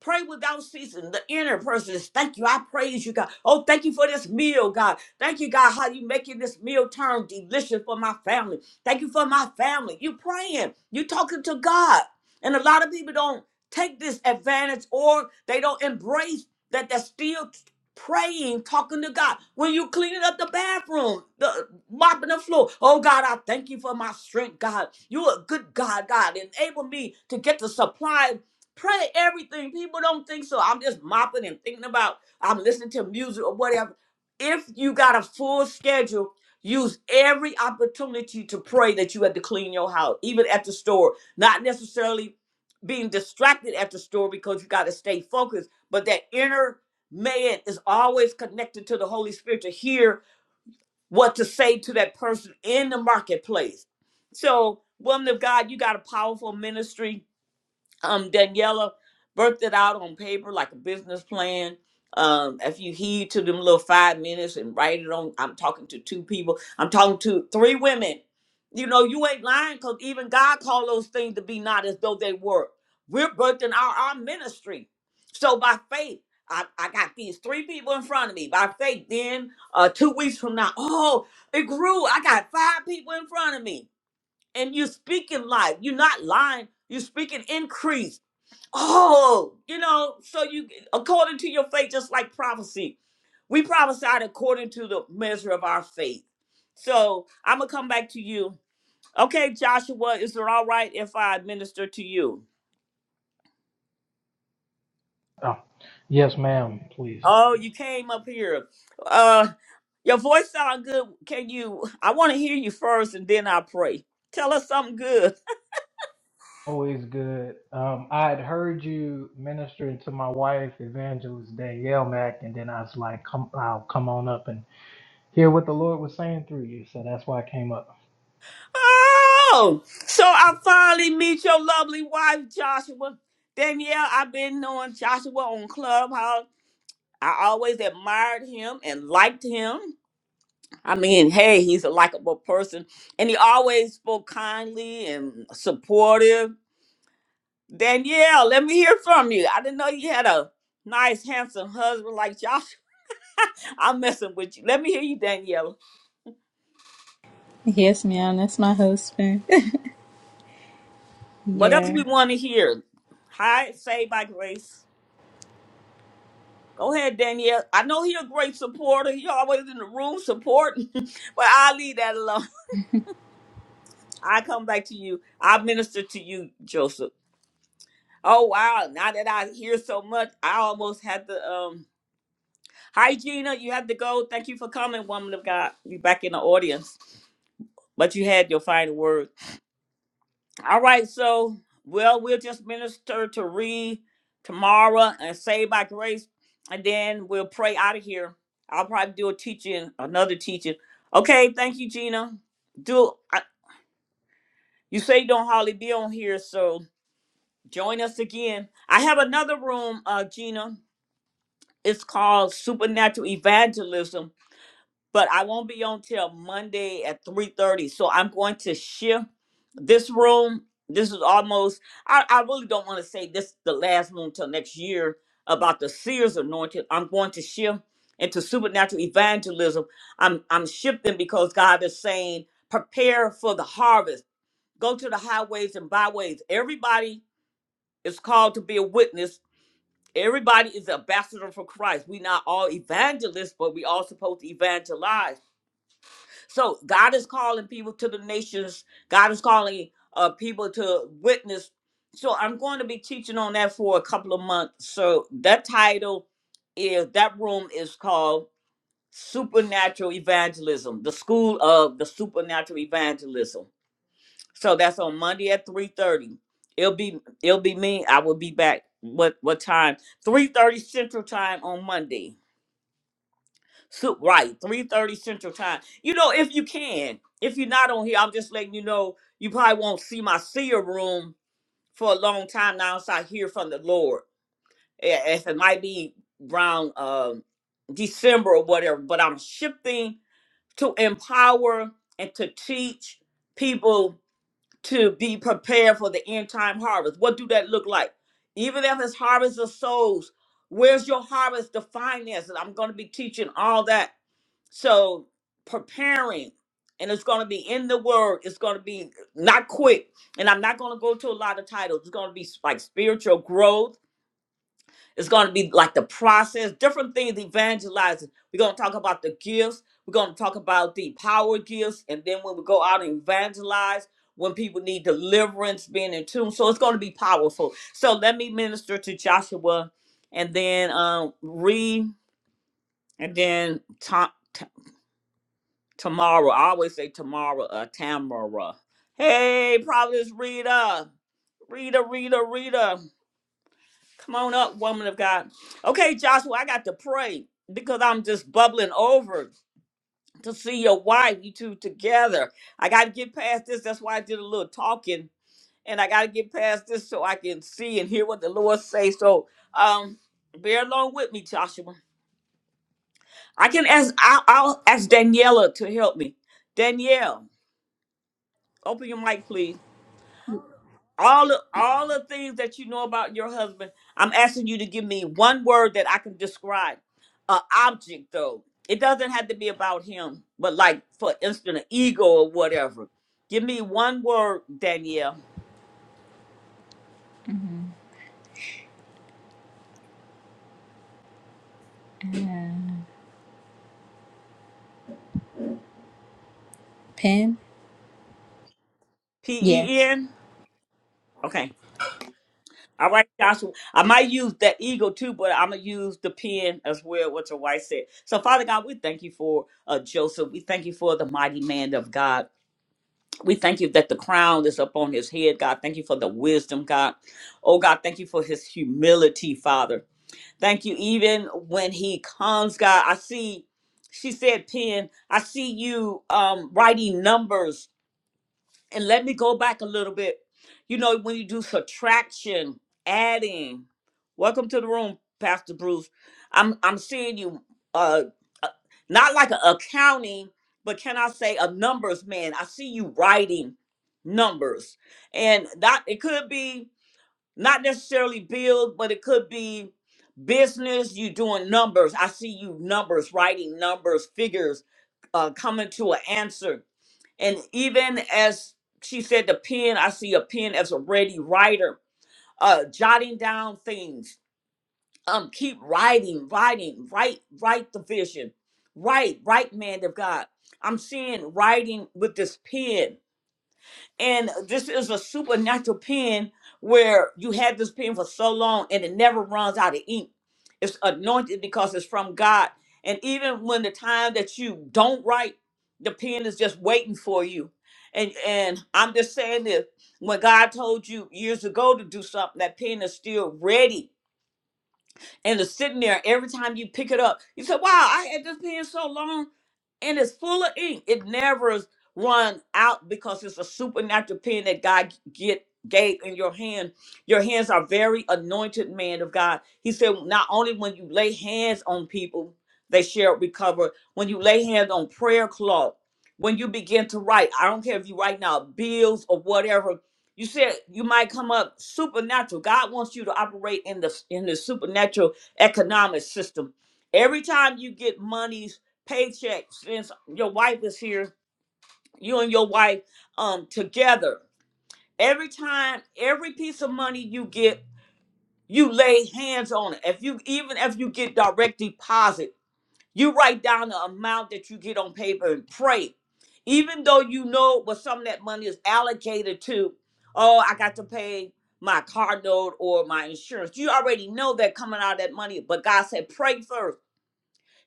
[SPEAKER 1] Pray without ceasing. The inner person is thank you. I praise you, God. Oh, thank you for this meal, God. Thank you, God, how you making this meal turn delicious for my family. Thank you for my family. You praying. You talking to God. And a lot of people don't take this advantage or they don't embrace that they're still praying, talking to God. When you cleaning up the bathroom, the mopping the floor. Oh God, I thank you for my strength, God. you a good God, God. Enable me to get the supply Pray everything. People don't think so. I'm just mopping and thinking about, I'm listening to music or whatever. If you got a full schedule, use every opportunity to pray that you had to clean your house, even at the store. Not necessarily being distracted at the store because you got to stay focused, but that inner man is always connected to the Holy Spirit to hear what to say to that person in the marketplace. So, woman of God, you got a powerful ministry um Daniela worked it out on paper like a business plan. Um, if you heed to them little five minutes and write it on, I'm talking to two people. I'm talking to three women. You know, you ain't lying because even God called those things to be not as though they were. We're birthing our, our ministry. So by faith, I, I got these three people in front of me. By faith, then uh, two weeks from now, oh, it grew. I got five people in front of me. And you're speaking life. You're not lying. You're speaking increase oh, you know, so you according to your faith, just like prophecy, we prophesied according to the measure of our faith. So I'm gonna come back to you. Okay, Joshua, is it all right if I minister to you?
[SPEAKER 4] Oh, yes, ma'am, please.
[SPEAKER 1] Oh, you came up here. Uh, your voice sound good. Can you? I want to hear you first, and then I pray. Tell us something good.
[SPEAKER 4] Always good. Um, I had heard you ministering to my wife, Evangelist Danielle Mack, and then I was like, come, I'll come on up and hear what the Lord was saying through you. So that's why I came up.
[SPEAKER 1] Oh, so I finally meet your lovely wife, Joshua. Danielle, I've been knowing Joshua on Clubhouse. I always admired him and liked him. I mean, hey, he's a likable person. And he always spoke kindly and supportive. Danielle, let me hear from you. I didn't know you had a nice, handsome husband like Josh. I'm messing with you. Let me hear you, Danielle.
[SPEAKER 3] Yes, ma'am. That's my husband.
[SPEAKER 1] What else we
[SPEAKER 3] Yeah.
[SPEAKER 1] want to hear? Hi, saved by grace. Go ahead, Danielle. I know he's a great supporter. He always in the room supporting, but I'll leave that alone. I come back to you. I minister to you, Joseph. Oh wow! Now that I hear so much, I almost had to. Um, hi Gina, you had to go. Thank you for coming, woman of God. You back in the audience, but you had your final word. All right, so well, we'll just minister to Reed tomorrow and say by grace, and then we'll pray out of here. I'll probably do a teaching, another teaching. Okay, thank you, Gina. Do I, you say you don't hardly be on here, so join us again. I have another room, uh, Gina. It's called Supernatural Evangelism, but I won't be on till Monday at 3:30. So I'm going to shift this room. This is almost I, I really don't want to say this is the last room till next year about the seers anointed. I'm going to shift into supernatural evangelism. I'm I'm shifting because God is saying, prepare for the harvest. Go to the highways and byways. Everybody is called to be a witness Everybody is an ambassador for Christ. we not all evangelists, but we all supposed to evangelize. So God is calling people to the nations. God is calling uh, people to witness. So I'm going to be teaching on that for a couple of months. So that title is that room is called Supernatural Evangelism, the School of the Supernatural Evangelism. So that's on Monday at three thirty. It'll be it'll be me. I will be back. What what time? Three thirty Central Time on Monday. So right, three thirty Central Time. You know, if you can, if you're not on here, I'm just letting you know. You probably won't see my seer room for a long time now. So I hear from the Lord. Eh, If it might be around um, December or whatever, but I'm shifting to empower and to teach people to be prepared for the end time harvest. What do that look like? Even if it's harvest of souls, where's your harvest? The finances. I'm going to be teaching all that. So preparing, and it's going to be in the word. It's going to be not quick, and I'm not going to go to a lot of titles. It's going to be like spiritual growth it's going to be like the process, different things evangelizing. We're going to talk about the gifts. We're going to talk about the power gifts. And then when we go out and evangelize, when people need deliverance, being in tune. So it's going to be powerful. So let me minister to Joshua and then um, read, and then Ta- Ta- Tamara. I always say tomorrow, uh, Tamara. Hey, Providence Rita. Rita, Rita, Rita. Come on up, woman of God. Okay, Joshua, I got to pray because I'm just bubbling over to see your wife, you two together. I got to get past this. That's why I did a little talking, and I got to get past this so I can see and hear what the Lord say. So, um, bear along with me, Joshua. I can ask. I'll, I'll ask Daniela to help me. Danielle, open your mic, please. all the all the things that you know about your husband i'm asking you to give me one word that i can describe An object though it doesn't have to be about him but like for instance an ego or whatever give me one word danielle
[SPEAKER 3] Mhm. Uh, Pen. Yes.
[SPEAKER 1] p-e-n okay all right joshua i might use that ego too but i'm gonna use the pen as well what your wife said so father god we thank you for uh, joseph we thank you for the mighty man of god We thank you that the crown is upon his head, God. Thank you for the wisdom, God. Oh, God, thank you for his humility, Father. Thank you, even when he comes, God. I see, she said, Pen, I see you um, writing numbers and let me go back a little bit. You know, when you do subtraction, adding. Welcome to the room, Pastor Bruce. I'm I'm seeing you. Uh, uh, not like a accounting, but can I say a numbers man? I see you writing numbers, and that it could be not necessarily bills, but it could be business. You doing numbers. I see you numbers, writing numbers, figures, uh, coming to an answer and even as she said, the pen, I see a pen as a ready writer, uh, jotting down things. Um, keep writing, writing, write, write the vision, write, write, man of God. I'm seeing writing with this pen and this is a supernatural pen where you had this pen for so long and it never runs out of ink. It's anointed because it's from God. And even when the time that you don't write, the pen is just waiting for you. And and I'm just saying this. When God told you years ago to do something, that pen is still ready and it's sitting there every time you pick it up. You say, Wow, I had this pen so long and it's full of ink. It never is run out because it's a supernatural pen that God get gave in your hand. Your hands are very anointed, man of God. He said, not only when you lay hands on people, they shall recover. When you lay hands on prayer cloth, when you begin to write, I don't care if you write now bills or whatever. You said you might come up supernatural. God wants you to operate in the in the supernatural economic system. Every time you get money's paycheck, since your wife is here, you and your wife um together. Every time, every piece of money you get, you lay hands on it. If you even if you get direct deposit, you write down the amount that you get on paper and pray. Even though you know what some of that money is allocated to, oh, I got to pay my car note or my insurance. You already know that coming out of that money, but God said, pray first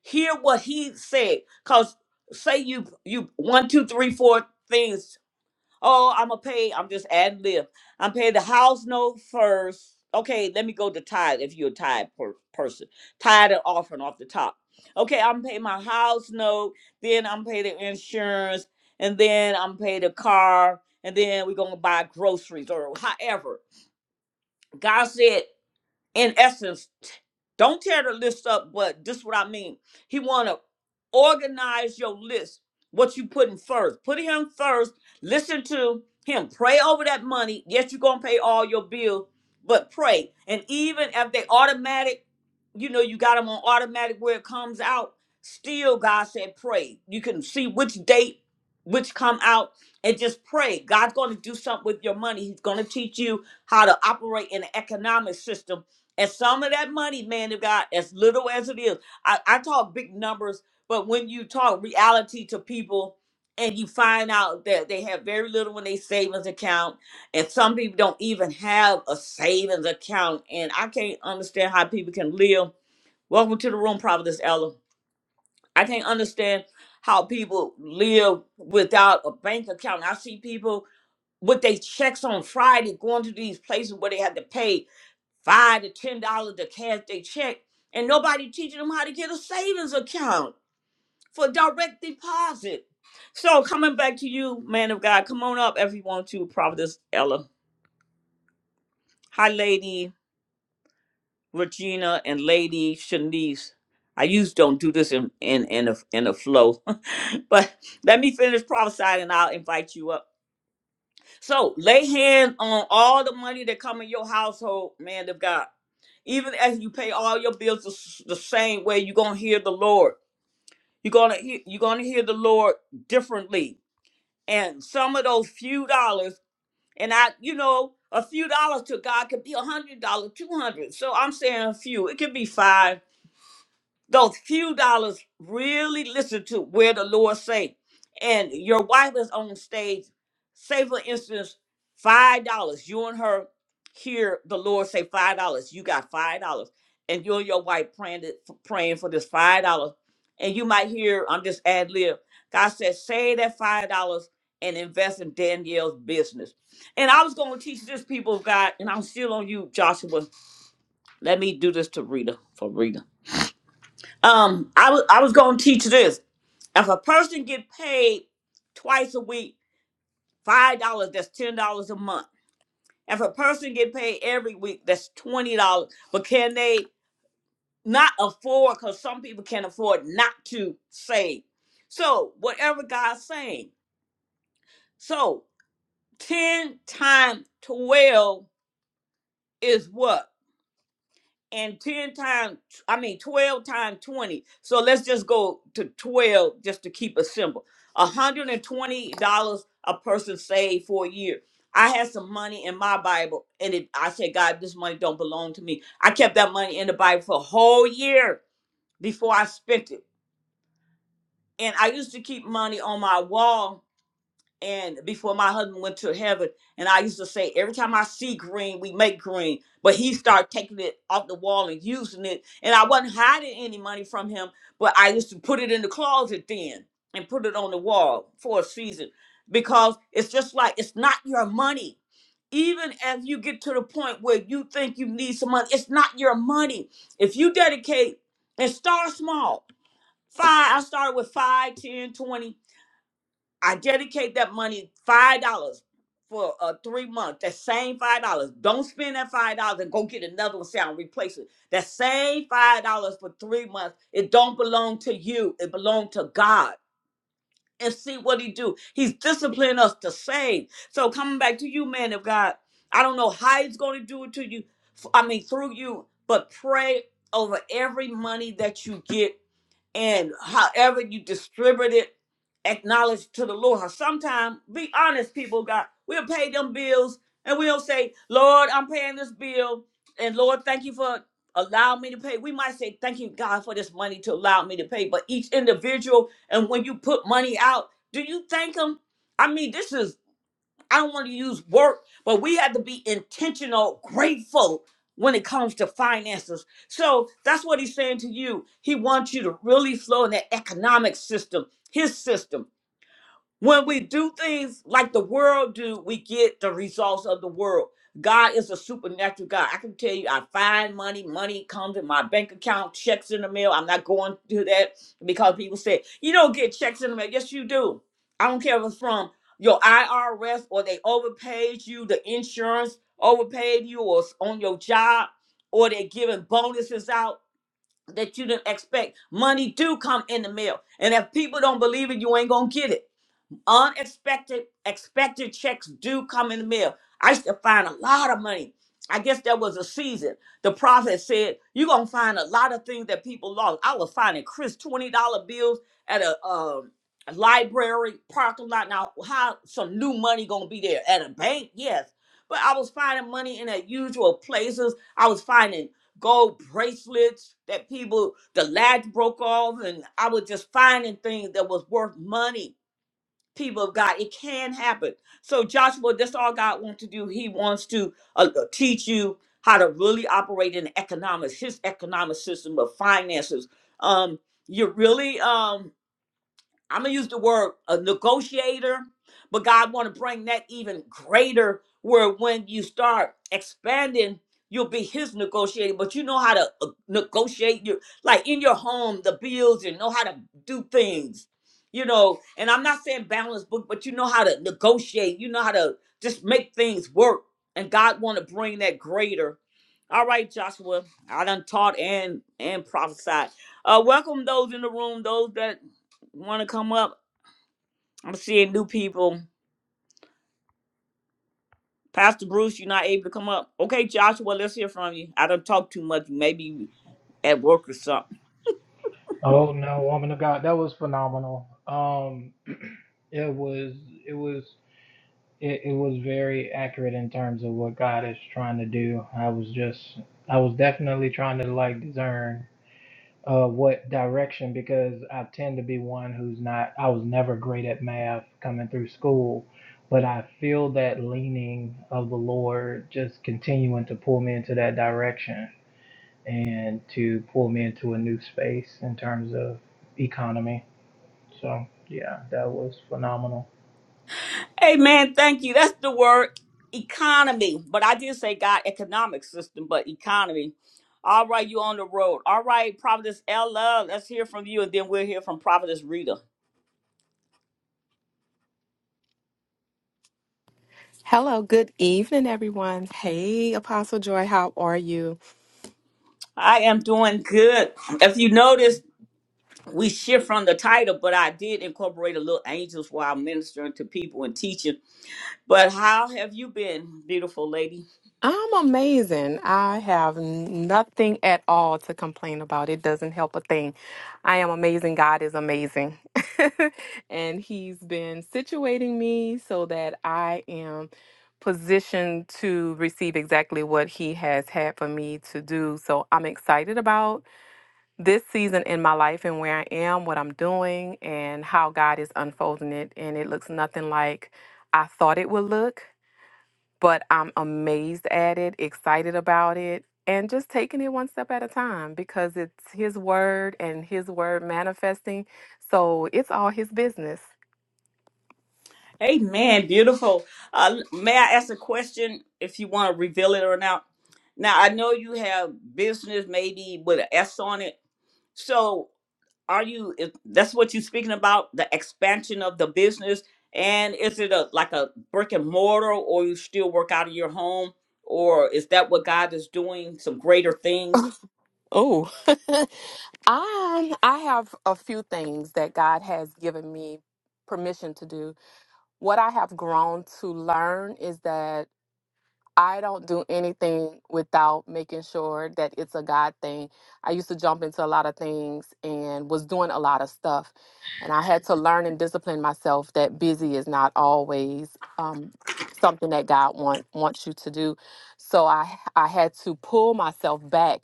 [SPEAKER 1] hear what he said. Cause say you you one, two, three, four things. Oh, I'm gonna pay. I'm just ad lib. I'm paying the house note first. Okay, let me go to tithe if you're a tithe per- person. Tithe and offering off the top. Okay, I'm paying my house note. Then I'm paying the insurance, and then I'm paying the car, and then we're gonna buy groceries or however. God said in essence, t- don't tear the list up, but this is what I mean. He want to organize your list, what you putting first. Put him first. Listen to him. Pray over that money. Yes, you're going to pay all your bills, but pray. And even if they automatic, you know, you got them on automatic where it comes out, still God said pray. You can see which date, which come out, and just pray. God's going to do something with your money. He's going to teach you how to operate in an economic system and some of that money, man of God, as little as it is, I, I talk big numbers, but when you talk reality to people and you find out that they have very little in their savings account, and some people don't even have a savings account, and I can't understand how people can live. Welcome to the room, Providence Ella. I can't understand how people live without a bank account. I see people with their checks on Friday going to these places where they have to pay five to ten dollars to cash their check, and nobody teaching them how to get a savings account for direct deposit. So coming back to you, man of God, come on up if you want to, Providence Ella. Hi, Lady Regina and Lady Shanice. I usually don't do this in in in a, in a flow, but let me finish prophesying and I'll invite you up. So lay hands on all the money that come in your household, man of God. Even as you pay all your bills the, s- the same way, you're gonna hear the Lord. You're gonna hear, you're gonna hear the Lord differently. And some of those few dollars, and I, you know, a few dollars to God could be a hundred dollars, two hundred. So I'm saying a few. It could be five those few dollars really listen to where the lord say and your wife is on stage say for instance five dollars you and her hear the lord say five dollars you got five dollars and you and your wife praying it- praying for this five dollars and you might hear I'm just ad lib god said save that five dollars and invest in danielle's business and i was going to teach this people of god and i'm still on you joshua let me do this to rita for rita um, I was I was gonna teach this. If a person get paid twice a week, five dollars, that's ten dollars a month. If a person get paid every week, that's twenty dollars. But can they not afford? Because some people can afford not to save. So whatever God's saying. So ten times twelve is what? and 10 times i mean 12 times 20 so let's just go to 12 just to keep it simple $120 a person saved for a year i had some money in my bible and it, i said god this money don't belong to me i kept that money in the bible for a whole year before i spent it and i used to keep money on my wall and before my husband went to heaven and i used to say every time i see green we make green but he started taking it off the wall and using it and i wasn't hiding any money from him but i used to put it in the closet then and put it on the wall for a season because it's just like it's not your money even if you get to the point where you think you need some money it's not your money if you dedicate and start small five i started with five ten twenty I dedicate that money five dollars for uh, three months. That same five dollars. Don't spend that five dollars and go get another one. Say I'll replace it. That same five dollars for three months. It don't belong to you. It belong to God. And see what He do. He's disciplining us to save. So coming back to you, man of God. I don't know how He's going to do it to you. f- I mean through you, but pray over every money that you get and however you distribute it, acknowledge to the Lord. Sometimes, be honest, people, God, we'll pay them bills and we'll say, Lord, I'm paying this bill, and Lord, thank you for allowing me to pay. We might say, Thank you, God, for this money to allow me to pay, but each individual, and when you put money out, do you thank them? I mean, this is I don't want to use work, but we have to be intentional, grateful when it comes to finances. So that's what he's saying to you. He wants you to really flow in that economic system, his system. When we do things like the world do, we get the results of the world. God is a supernatural God. I can tell you, I find money, money comes in my bank account, checks in the mail. I'm not going to that because people say, you don't get checks in the mail. Yes, you do. I don't care if it's from your IRS or they overpaid you, the insurance overpaid you, or it's on your job, or they're giving bonuses out that you didn't expect. Money do come in the mail. And if people don't believe it, you ain't gonna get it unexpected expected checks do come in the mail. I used to find a lot of money. I guess there was a season. The prophet said, You're gonna find a lot of things that people lost. I was finding Chris twenty dollar bills at a um a library parking lot. Now, how some new money gonna be there? At a bank, yes. But I was finding money in the usual places. I was finding gold bracelets that people the latch broke off, and I was just finding things that was worth money people of God. It can happen. So Joshua, that's all God wants to do. He wants to uh, uh, teach you how to really operate in economics, his economic system of finances. Um, you're really um I'm gonna use the word a negotiator, but God want to bring that even greater. Where when you start expanding, you'll be His negotiator. But you know how to uh, negotiate your like in your home, the bills, and know how to do things. You know, and I'm not saying balance book, but you know how to negotiate. You know how to just make things work. And God want to bring that greater. All right, Joshua, I done taught and and prophesied. Uh, welcome those in the room, those that want to come up? I'm seeing new people. Pastor Bruce, you're not able to come up. Okay, Joshua, let's hear from you. I don't talk too much. Maybe you at work or something.
[SPEAKER 4] Oh no, woman of God, that was phenomenal. Um, it was, it was, it, it was very accurate in terms of what God is trying to do. I was just, I was definitely trying to like discern uh, what direction because I tend to be one who's not, I was never great at math coming through school, but I feel that leaning of the Lord just continuing to pull me into that direction and to pull me into a new space in terms of economy. So, yeah, that was phenomenal.
[SPEAKER 1] Amen. Thank you. That's the word economy. But I did say God economic system, but economy. All right, you on the road. All right, Providence Ella, let's hear from you, and then we'll hear from Providence Rita.
[SPEAKER 5] Hello, good evening, everyone. Hey, Apostle Joy, how are you?
[SPEAKER 1] I am doing good. If you notice, we shift from the title, but I did incorporate a little angels while ministering to people and teaching. But how have you been, beautiful lady?
[SPEAKER 5] I'm amazing. I have nothing at all to complain about. It doesn't help a thing. I am amazing. God is amazing. and He's been situating me so that I am positioned to receive exactly what He has had for me to do. So I'm excited about this season in my life and where I am, what I'm doing, and how God is unfolding it. And it looks nothing like I thought it would look, but I'm amazed at it, excited about it, and just taking it one step at a time because it's His word and His word manifesting. So it's all His business.
[SPEAKER 1] Amen. Beautiful. Uh, may I ask a question if you want to reveal it or not? Now, I know you have business maybe with an S on it. So, are you, if that's what you're speaking about, the expansion of the business? And is it a like a brick and mortar or you still work out of your home? Or is that what God is doing? Some greater things?
[SPEAKER 5] Oh, I I have a few things that God has given me permission to do. What I have grown to learn is that I don't do anything without making sure that it's a God thing. I used to jump into a lot of things and was doing a lot of stuff. And I had to learn and discipline myself that busy is not always um, something that God want, wants you to do. So I, I had to pull myself back.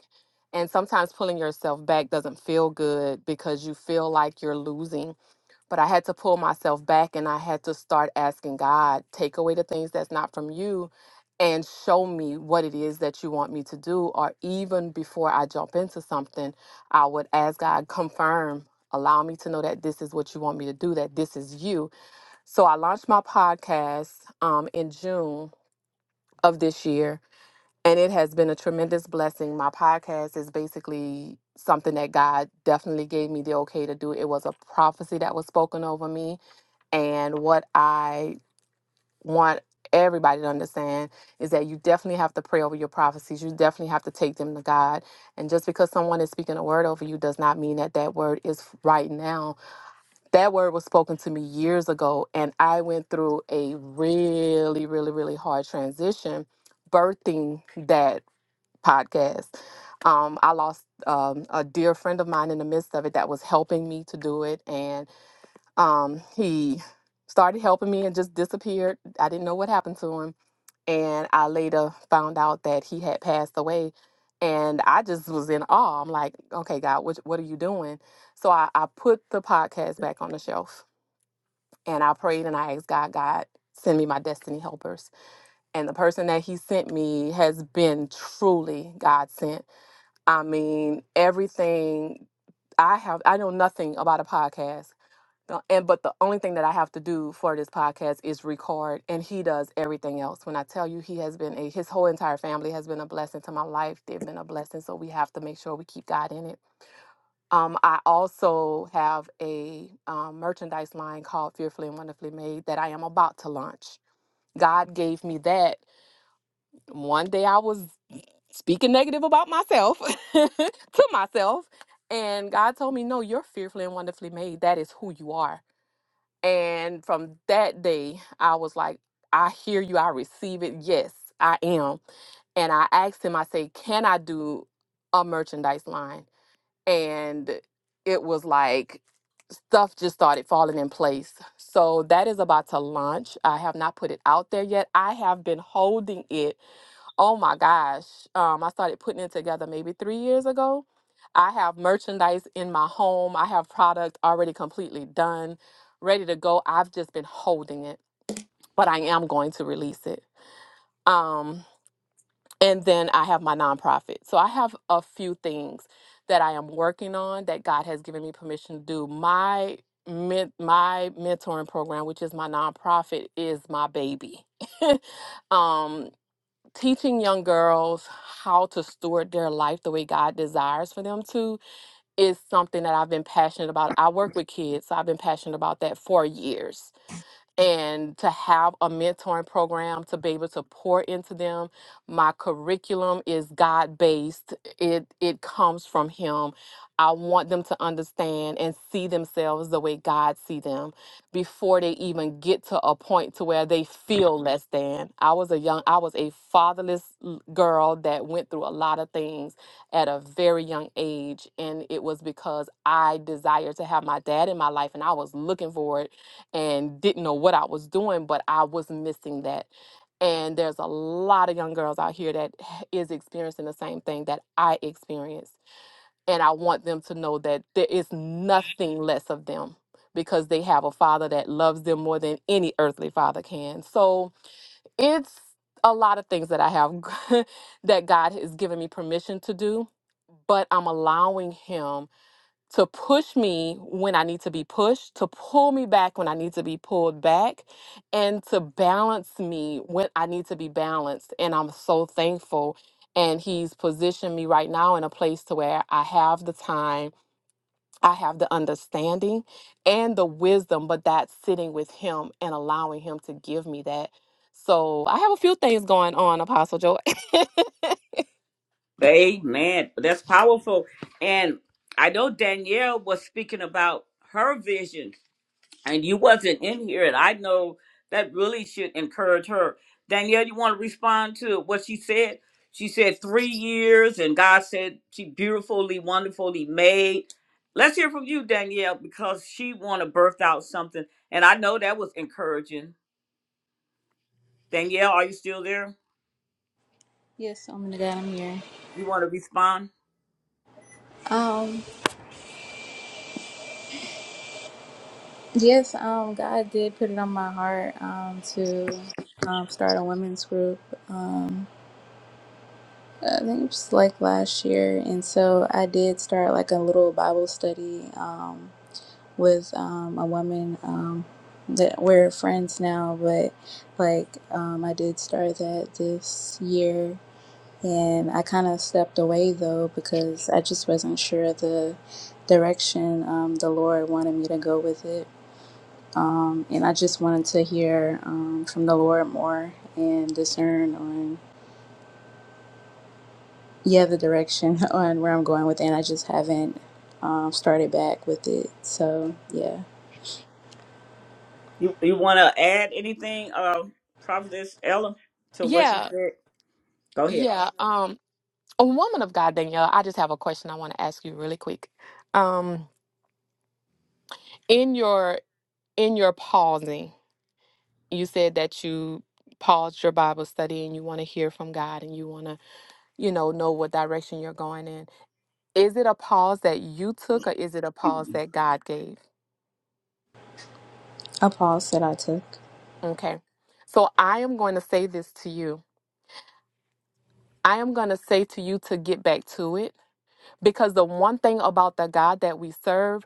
[SPEAKER 5] And sometimes pulling yourself back doesn't feel good because you feel like you're losing. But I had to pull myself back and I had to start asking God, take away the things that's not from you and show me what it is that you want me to do. Or even before I jump into something, I would ask God, confirm, allow me to know that this is what you want me to do, that this is you. So I launched my podcast um, in June of this year. And it has been a tremendous blessing. My podcast is basically something that God definitely gave me the okay to do. It was a prophecy that was spoken over me and what I want everybody to understand is that you definitely have to pray over your prophecies. You definitely have to take them to God. And just because someone is speaking a word over you does not mean that that word is right now. That word was spoken to me years ago, and I went through a really, really, really hard transition birthing that podcast. Um, I lost um, a dear friend of mine in the midst of it that was helping me to do it. And um, he started helping me and just disappeared. I didn't know what happened to him. And I later found out that he had passed away. And I just was in awe. I'm like, okay, God, what, what are you doing? So I, I put the podcast back on the shelf and I prayed and I asked God, God, send me my destiny helpers. And the person that he sent me has been truly God sent. I mean, everything I have, I know nothing about a podcast uh, and but the only thing that I have to do for this podcast is record, and he does everything else. When I tell you, he has been a his whole entire family has been a blessing to my life. They've been a blessing, so we have to make sure we keep God in it. Um, I also have a um, merchandise line called Fearfully and Wonderfully Made that I am about to launch. God gave me that one day. I was speaking negative about myself to myself, and God told me, "No, you're fearfully and wonderfully made. That is who you are." And from that day, I was like, I hear you. I receive it. Yes, I am. And I asked him, I say, can I do a merchandise line? And it was like, stuff just started falling in place. So that is about to launch. I have not put it out there yet. I have been holding it Oh my gosh. Um, I started putting it together maybe three years ago. I have merchandise in my home. I have product already completely done, ready to go. I've just been holding it, but I am going to release it. Um, and then I have my nonprofit. So I have a few things that I am working on that God has given me permission to do. My men- my mentoring program, which is my nonprofit, is my baby. um, teaching young girls how to steward their life the way God desires for them to is something that I've been passionate about. I work with kids, so I've been passionate about that for years and to have a mentoring program to be able to pour into them. My curriculum is God based. It it comes from him. I want them to understand and see themselves the way God see them before they even get to a point to where they feel less than. I was a young I was a fatherless l- girl that went through a lot of things at a very young age and it was because I desired to have my dad in my life and I was looking for it and didn't know what I was doing, but I was missing that. And there's a lot of young girls out here that is experiencing the same thing that I experienced. And I want them to know that there is nothing less of them because they have a father that loves them more than any earthly father can. So it's a lot of things that I have that God has given me permission to do, but I'm allowing Him to push me when I need to be pushed, to pull me back when I need to be pulled back, and to balance me when I need to be balanced. And I'm so thankful. And he's positioned me right now in a place to where I have the time, I have the understanding and the wisdom, but that's sitting with him and allowing him to give me that. So I have a few things going on, Apostle Joy.
[SPEAKER 1] Amen. That's powerful. And I know Danielle was speaking about her vision and you wasn't in here and i know that really should encourage her danielle you want to respond to what she said she said three years and god said she beautifully wonderfully made let's hear from you danielle because she want to birth out something and i know that was encouraging danielle are you still there
[SPEAKER 3] Yes, I'm gonna God, I'm here.
[SPEAKER 1] you want to respond
[SPEAKER 3] Um, yes, um, God did put it on my heart um, to um, start a women's group. Um, I think it was like last year, and so I did start like a little Bible study um, with um, a woman um, that we're friends now, but like um, I did start that this year and I kind of stepped away though because I just wasn't sure the direction um, the Lord wanted me to go with it, um, and I just wanted to hear um, from the Lord more and discern on yeah the direction on where I'm going with it. And I just haven't um, started back with it, so yeah,
[SPEAKER 1] you, you want to add anything uh prophetess ella to what you
[SPEAKER 5] yeah,
[SPEAKER 1] said go ahead
[SPEAKER 5] yeah. Um. A woman of God, Danielle, I just have a question I want to ask you really quick. Um, in your in your pausing, you said that you paused your Bible study and you want to hear from God and you want to, you know, know what direction you're going in. Is it a pause that you took or is it a pause that God gave?
[SPEAKER 3] a pause that I took.
[SPEAKER 5] Okay. So I am going to say this to you. I am going to say to you to get back to it because the one thing about the God that we serve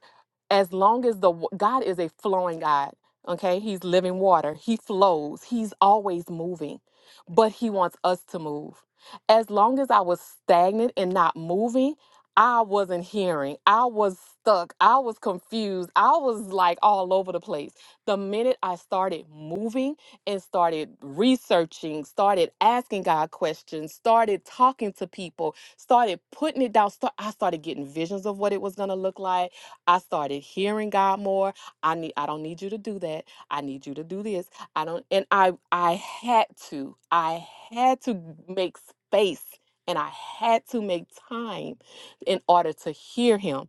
[SPEAKER 5] as long as the wa- God is a flowing God, okay? He's living water. He flows. He's always moving, but he wants us to move. As long as I was stagnant and not moving, I wasn't hearing. I was stuck. I was confused. I was like all over the place. The minute I started moving and started researching, started asking God questions, started talking to people, started putting it down, start, I started getting visions of what it was going to look like. I started hearing God more. I need I don't need you to do that. I need you to do this. I don't and I I had to. I had to make space and I had to make time in order to hear him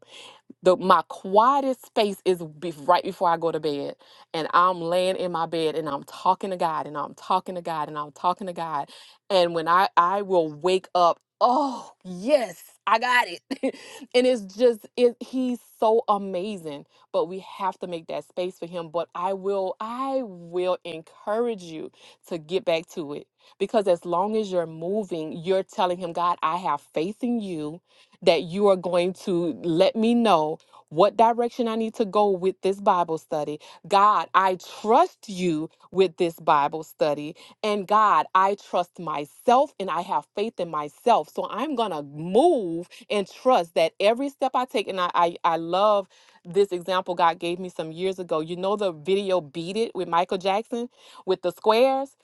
[SPEAKER 5] the my quietest space is be, right before I go to bed, and I'm laying in my bed and I'm talking to God and I'm talking to God and I'm talking to God, and when I I will wake up, oh yes, I got it, and it's just it. He's so amazing, but we have to make that space for him. But I will I will encourage you to get back to it because as long as you're moving, you're telling him, God, I have faith in you that you are going to let me know what direction I need to go with this Bible study. God, I trust you with this Bible study. And God, I trust myself and I have faith in myself. So I'm going to move and trust that every step I take, and I, I, I love this example God gave me some years ago. You know the video Beat It with Michael Jackson with the squares?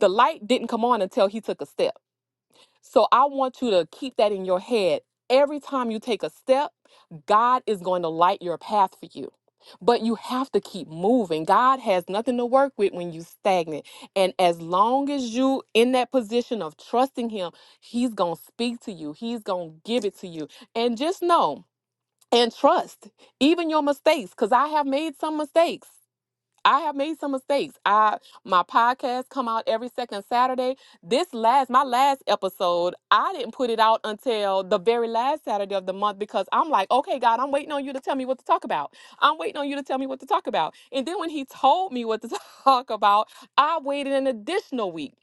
[SPEAKER 5] The light didn't come on until he took a step. So I want you to keep that in your head. Every time you take a step, God is going to light your path for you. But you have to keep moving. God has nothing to work with when you stagnant. And as long as you in that position of trusting him, he's going to speak to you. He's going to give it to you. And just know and trust even your mistakes cuz I have made some mistakes. I have made some mistakes. I my podcast come out every second Saturday. This last my last episode, I didn't put it out until the very last Saturday of the month because I'm like, okay, God, I'm waiting on you to tell me what to talk about. I'm waiting on you to tell me what to talk about. And then when he told me what to talk about, I waited an additional week,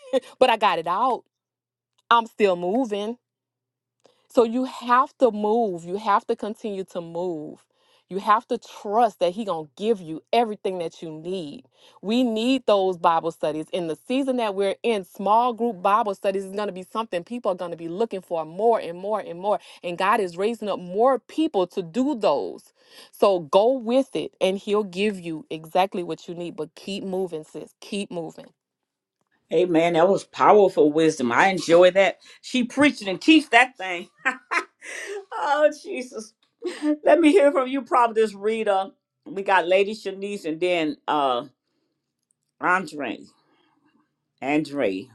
[SPEAKER 5] but I got it out. I'm still moving. So you have to move. You have to continue to move. You have to trust that he going to give you everything that you need. We need those Bible studies. In the season that we're in, small group Bible studies is going to be something people are going to be looking for more and more and more. And God is raising up more people to do those. So go with it and he'll give you exactly what you need. But keep moving, sis. Keep moving.
[SPEAKER 1] Amen. That was powerful wisdom. I enjoy that. She preaching and teach that thing. oh, Jesus. Let me hear from you, Providence Rita. We got Lady Shanice and then uh Andre. Andre.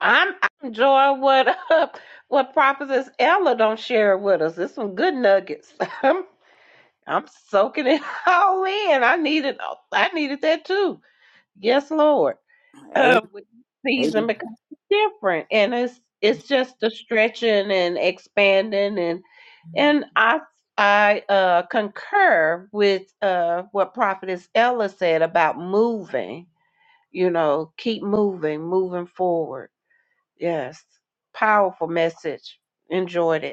[SPEAKER 6] I'm I enjoy what uh, what Prophetess Ella don't share with us. There's some good nuggets. I'm I'm soaking it all in. I needed I needed that too. Yes, Lord.
[SPEAKER 1] A-
[SPEAKER 6] Um, with
[SPEAKER 1] a-
[SPEAKER 6] season becomes different, and it's it's just the stretching and expanding, and and I I uh, concur with uh, what Prophetess Ella said about moving. You know, keep moving, moving forward Yes. Powerful message. Enjoyed it.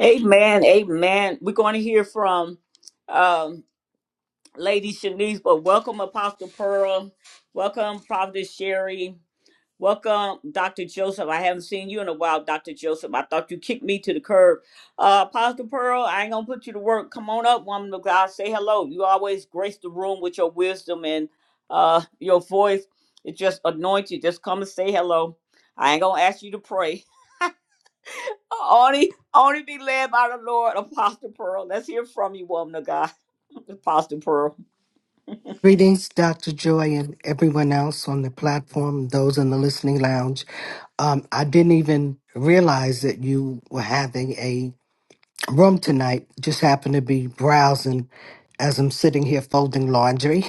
[SPEAKER 1] Amen. Amen. We're going to hear from um Lady Shanice, but welcome Apostle Pearl. Welcome Providence Sherry. Welcome, Dr. Joseph. I haven't seen you in a while, Dr. Joseph. I thought you kicked me to the curb. Uh, Apostle Pearl, I ain't gonna put you to work. Come on up, woman of God. Say hello. You always grace the room with your wisdom and uh, your voice. It just anoints you. Just come and say hello. I ain't gonna ask you to pray. Only, only be led by the Lord, Apostle Pearl. Let's hear from you, woman of God, Apostle Pearl.
[SPEAKER 7] Greetings, Dr. Joy, and everyone else on the platform, those in the listening lounge. Um, I didn't even realize that you were having a room tonight. Just happened to be browsing as I'm sitting here folding laundry.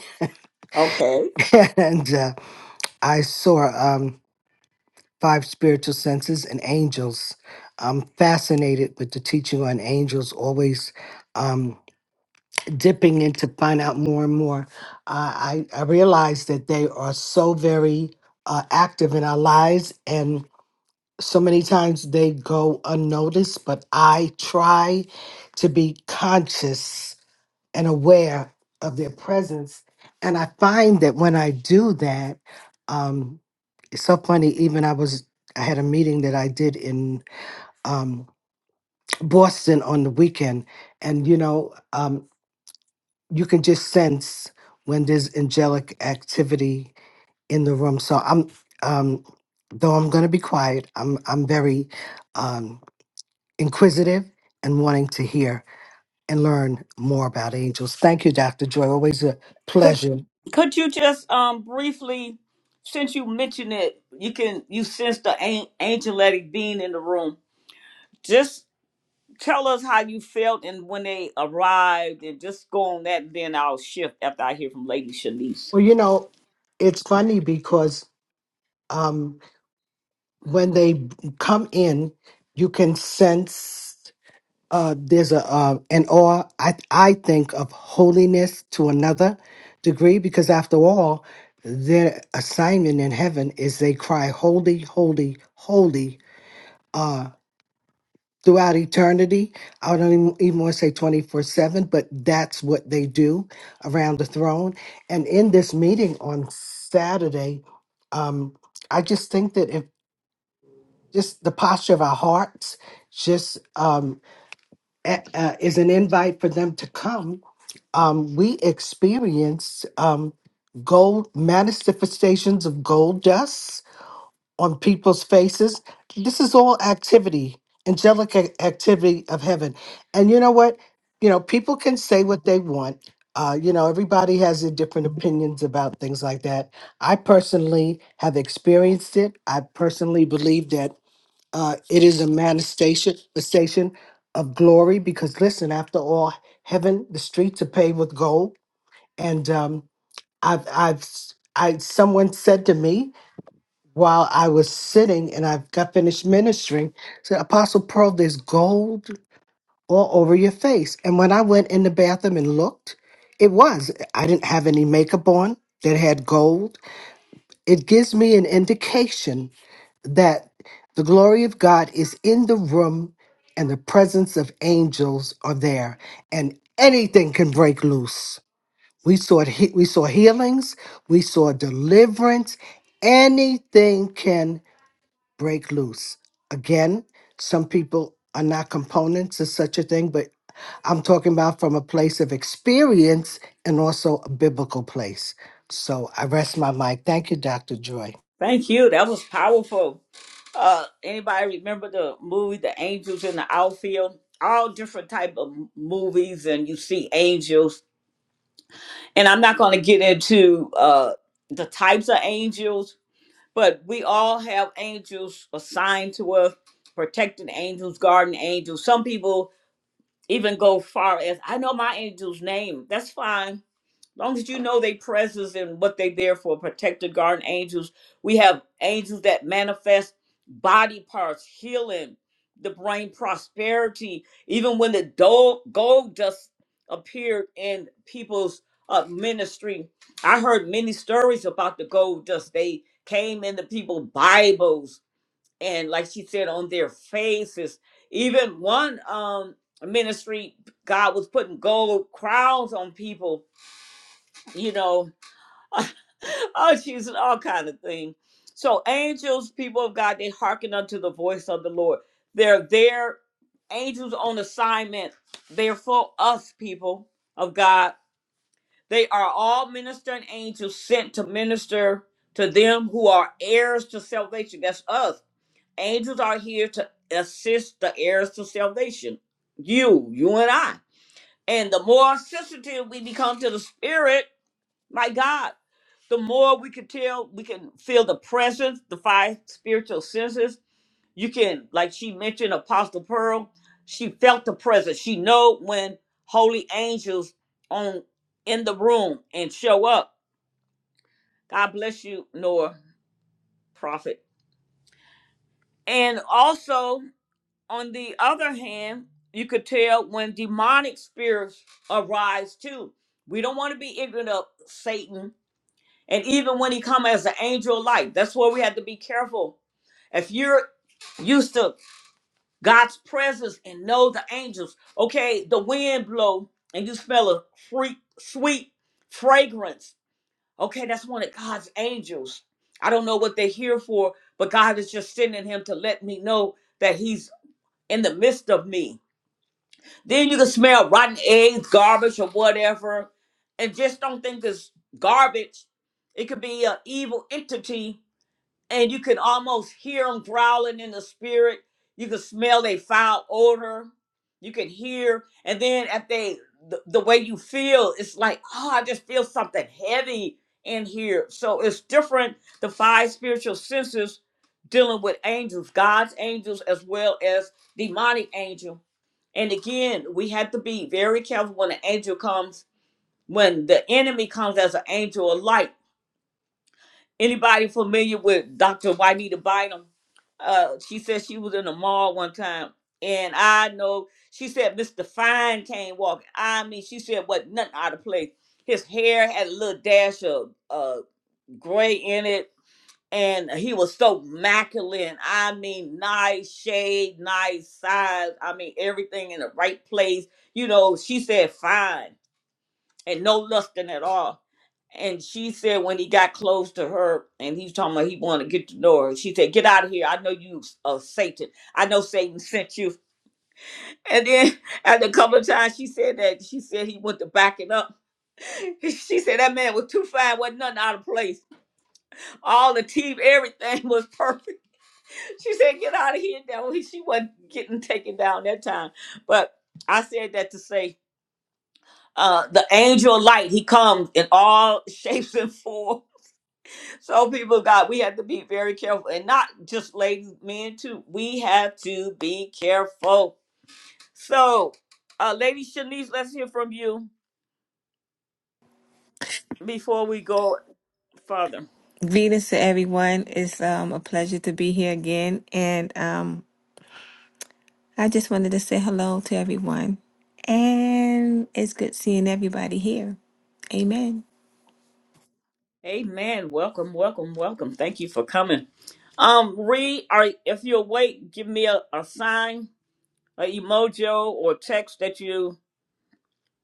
[SPEAKER 1] Okay.
[SPEAKER 7] and uh, I saw um, Five Spiritual Senses and Angels. I'm fascinated with the teaching on angels, always. Um, dipping in to find out more and more. I I, I realize that they are so very uh, active in our lives, and so many times they go unnoticed. But I try to be conscious and aware of their presence, and I find that when I do that, um, it's so funny. Even I was I had a meeting that I did in um, Boston on the weekend, and you know. Um, you can just sense when there's angelic activity in the room. So I'm um though I'm gonna be quiet, I'm I'm very um inquisitive and wanting to hear and learn more about angels. Thank you, Dr. Joy. Always a
[SPEAKER 1] Could
[SPEAKER 7] pleasure.
[SPEAKER 1] could you just um briefly, since you mentioned it, you can you sense the an- angelic being in the room. Just tell us how you felt and when they arrived, and just go on that. Then I'll shift after I hear from Lady Shanice.
[SPEAKER 7] Well, you know, it's funny because um when they come in, you can sense uh, there's a uh, an awe I I think of holiness to another degree because after all, their assignment in heaven is they cry holy, holy, holy uh, throughout eternity. I don't even, even want to say twenty four seven, but that's what they do around the throne. And in this meeting on Saturday, um, I just think that if just the posture of our hearts just um, a- uh, is an invite for them to come um, we experienced um, gold manifestations of gold dust on people's faces. This is all activity, angelic ac- activity of heaven. And you know what? You know, people can say what they want. Uh, you know, everybody has their different opinions about things like that. I personally have experienced it. I personally believe that uh, it is a manifestation manifestation of glory because, listen, after all, heaven, the streets are paved with gold and um, I've I've s- I someone said to me while I was sitting and I've got finished ministering, said Apostle Pearl, there's gold all over your face. And when I went in the bathroom and looked, it was. I didn't have any makeup on that had gold. It gives me an indication that the glory of God is in the room and the presence of angels are there and anything can break loose we saw he- we saw healings, we saw deliverance. Anything can break loose. Again, some people are not components of such a thing, but I'm talking about from a place of experience and also a biblical place. So I rest my mic. Thank you, Dr. Joy.
[SPEAKER 1] Thank you. That was powerful. Uh, anybody remember the movie The Angels in the Outfield? All different type of m- movies, and you see angels. And I'm not going to get into uh the types of angels But we all have angels assigned to us, protecting angels, guardian angels. Some people even go far as I know my angel's name. That's fine long as you know their presence and what they there for, protected guardian angels. We have angels that manifest body parts, healing, the brain prosperity. Even when the do- gold dust appeared in people's uh, ministry, I heard many stories about the gold dust. They came into people's Bibles and, like she said, on their faces. Even one um, ministry, God was putting gold crowns on people, you know, oh, she's all kind of thing. So angels, people of God, they hearken unto the voice of the Lord. They're there. Angels on assignment. They're for us, people of God. They are all ministering angels sent to minister to them who are heirs to salvation. That's us. Angels are here to assist the heirs to salvation. You, you and I. And the more sensitive we become to the spirit, my God, the more we can tell, we can feel the presence, the five spiritual senses. You can, like she mentioned, Apostle Pearl, she felt the presence. She know when holy angels on in the room and show up. God bless you, Noah, prophet. And also, on the other hand, you could tell when demonic spirits arise too. We don't want to be ignorant of Satan And even when he come as an angel of light, that's where we have to be careful. If you're used to God's presence and know the angels, okay, the wind blow and you smell a free, sweet fragrance. Okay, that's one of God's angels. I don't know what they're here for, but God is just sending him to let me know that he's in the midst of me. Then you can smell rotten eggs, garbage, or whatever. And just don't think it's garbage. It could be an evil entity and you can almost hear them growling in the spirit. You can smell their foul odor. You can hear, and then if they the, the way you feel, it's like, oh, I just feel something heavy in here. So it's different. The five spiritual senses dealing with angels, God's angels as well as demonic angel. And again, we have to be very careful when an angel comes, when the enemy comes as an angel of light Anybody familiar with Dr. Juanita Bynum? Uh, she said she was in the mall one time, and I know she said Mr. Fine came walking. I mean, she said what nothing out of place. His hair had a little dash of uh gray in it, and he was so masculine. I mean, nice shade, nice size. I mean, everything in the right place. You know, she said fine and no lusting at all. And she said when he got close to her and he was talking about he wanted to get to know her, she said, Get out of here. I know you uh, Satan. I know Satan sent you. And then after a couple of times she said that she said he went to backing up. She said that man was too fine, wasn't nothing out of place. All the teeth, everything was perfect. She said, Get out of here now. She wasn't getting taken down that time. But I said that to say uh, the angel of light, he comes in all shapes and forms So, people of God, we have to be very careful, and not just ladies, men too. We have to be careful. So, uh, Lady Shanice, let's hear from you before we go further.
[SPEAKER 8] Greetings to everyone. It's um, a pleasure to be here again. And um, I just wanted to say hello to everyone. And it's good seeing everybody here. Amen.
[SPEAKER 1] Amen. Welcome, welcome, welcome. Thank you for coming. Um, Reed, are if you're awake, give me a, a sign, a emoji, or text that you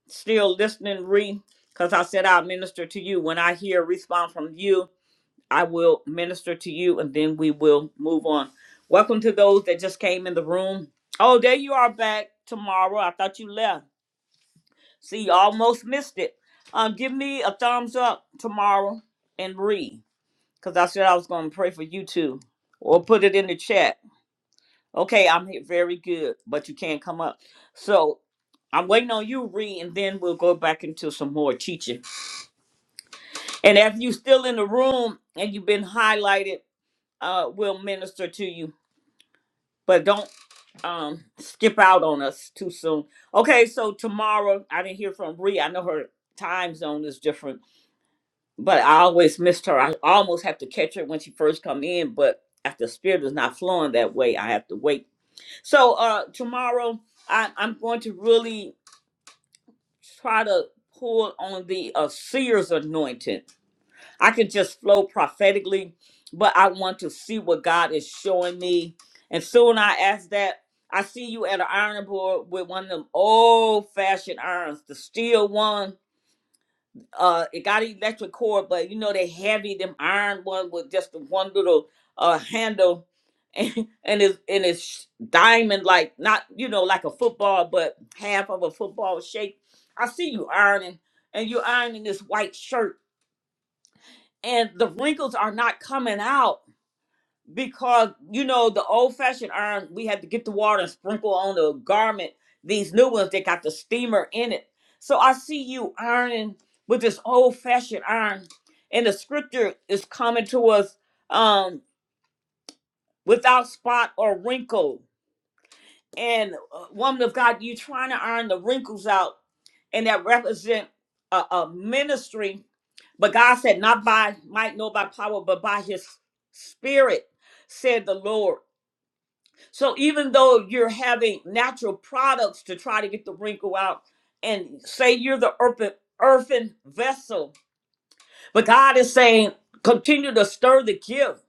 [SPEAKER 1] still listening, Reed, because I said I'll minister to you when I hear a response from you I will minister to you and then we will move on. Welcome to those that just came in the room. Oh, there you are back tomorrow. I thought you left. See, you almost missed it. Um, give me a thumbs up tomorrow and read because I said I was going to pray for you too. Or put it in the chat. Okay, I'm here. Very good, but you can't come up. So I'm waiting on you, read, and then we'll go back into some more teaching. And if you still in the room and you've been highlighted, uh, we'll minister to you but don't um skip out on us too soon. Okay, so tomorrow I didn't hear from Bree. I know her time zone is different, but I always missed her. I almost have to catch her when she first come in, but if the spirit is not flowing that way, I have to wait. So uh tomorrow I, I'm going to really try to pull on the uh, seer's anointing I could just flow prophetically, but I want to see what God is showing me. And soon I ask that, I see you at an iron board with one of them old fashioned irons, the steel one. Uh, it got an electric cord, but you know they heavy, them iron one with just the one little uh handle, and, and it's and it's diamond like not you know like a football, but half of a football shape. I see you ironing, and you're ironing this white shirt and the wrinkles are not coming out because you know the old fashioned iron we had to get the water and sprinkle on the garment these new ones they got the steamer in it so i see you ironing with this old fashioned iron and the scripture is coming to us um without spot or wrinkle and uh, woman of God, you trying to iron the wrinkles out, and that represent a, a ministry. But God said, not by might, nor by power, but by His Spirit, said the Lord. So even though you're having natural products to try to get the wrinkle out, and say you're the earthen, earthen vessel, but God is saying, continue to stir the gift.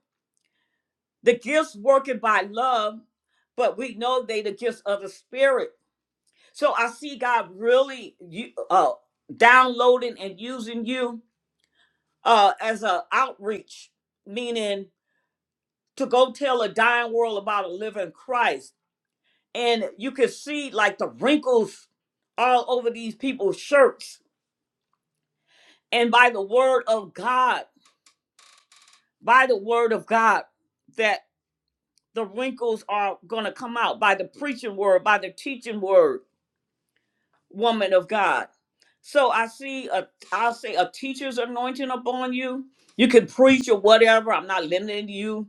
[SPEAKER 1] The gifts working by love, but we know they the gifts of the Spirit. So I see God really you uh downloading and using you uh as a outreach, meaning to go tell a dying world about a living Christ. And you can see like the wrinkles all over these people's shirts. And by the word of God, by the word of God, that the wrinkles are gonna come out by the preaching word, by the teaching word. woman of God. So I see a I'll say a teacher's anointing upon you. You can preach or whatever. I'm not limiting you,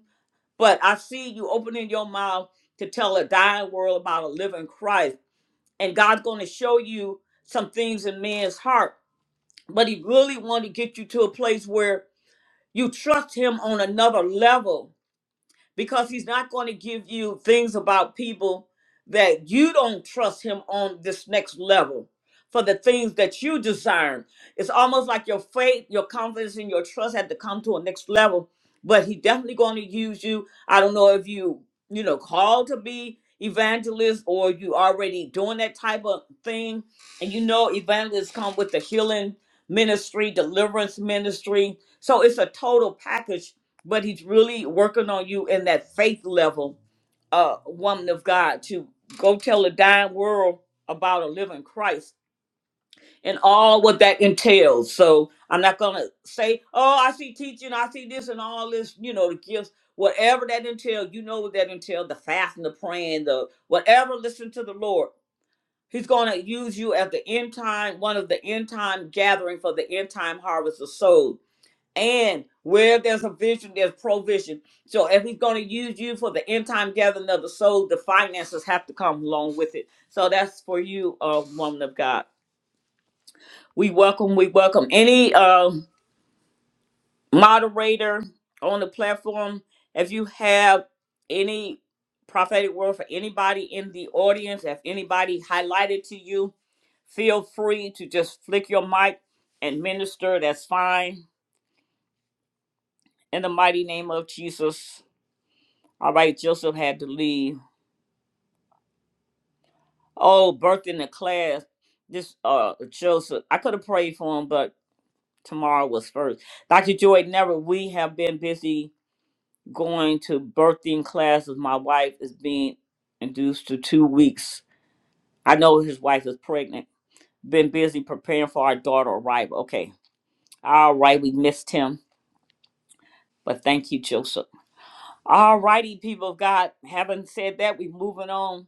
[SPEAKER 1] but I see you opening your mouth to tell a dying world about a living Christ. And God's going to show you some things in man's heart. But he really want to get you to a place where you trust him on another level because he's not going to give you things about people that you don't trust him on this next level for the things that you desire. It's almost like your faith, your confidence, and your trust had to come to a next level. But he definitely going to use you. I don't know if you, you know, called to be evangelist or you already doing that type of thing. And you know, evangelists come with the healing ministry, deliverance ministry. So it's a total package but he's really working on you in that faith level, uh, woman of God, to go tell the dying world about a living Christ and all what that entails. So I'm not gonna say, oh, I see teaching, I see this and all this, you know, the gifts, whatever that entails, you know what that entails, the fasting, the praying, the whatever, listen to the Lord. He's gonna use you at the end time, one of the end time gathering for the end time harvest of souls and where there's a vision, there's provision. So if he's going to use you for the end time gathering of the soul, the finances have to come along with it. So that's for you, uh, woman of God. We welcome, we welcome any uh, moderator on the platform. If you have any prophetic word for anybody in the audience, if anybody highlighted to you, feel free to just flick your mic and minister. That's fine. In the mighty name of Jesus. All right, Joseph had to leave. Oh, birthing the class. This uh Joseph, I could have prayed for him, but tomorrow was first. Dr. Joy, never we have been busy going to birthing classes. My wife is being induced to two weeks. I know his wife is pregnant. Been busy preparing for our daughter arrival. Okay. All right, we missed him. But thank you, Joseph. All righty, people of God. Having said that, we're moving on.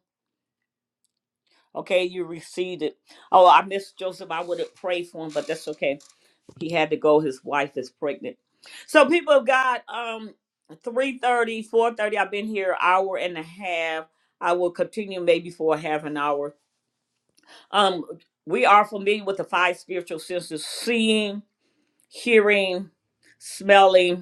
[SPEAKER 1] Okay, you received it. Oh, I missed Joseph. I would have prayed for him, but that's okay. He had to go. His wife is pregnant. So people of God, um, three thirty, four thirty, I've been here an hour and a half. I will continue maybe for a half an hour. Um, we are familiar with the five spiritual senses, seeing, hearing, smelling,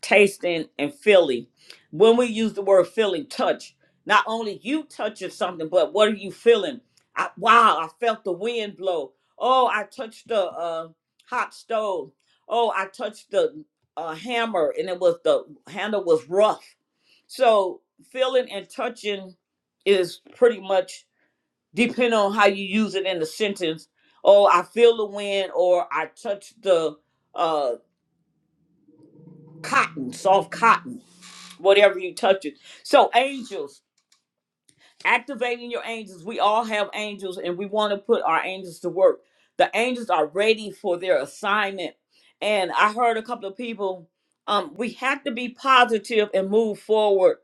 [SPEAKER 1] tasting and feeling. When we use the word feeling, touch, not only you touching something, but what are you feeling? I, wow, I felt the wind blow. Oh, I touched the uh, hot stove. Oh, I touched the uh, hammer, and it was the handle was rough. So feeling and touching is pretty much depending on how you use it in the sentence. Oh, I feel the wind, or I touch the uh, cotton, soft cotton whatever you touch it. So angels, activating your angels. We all have angels and we want to put our angels to work. The angels are ready for their assignment. And I heard a couple of people, um, we have to be positive and move forward,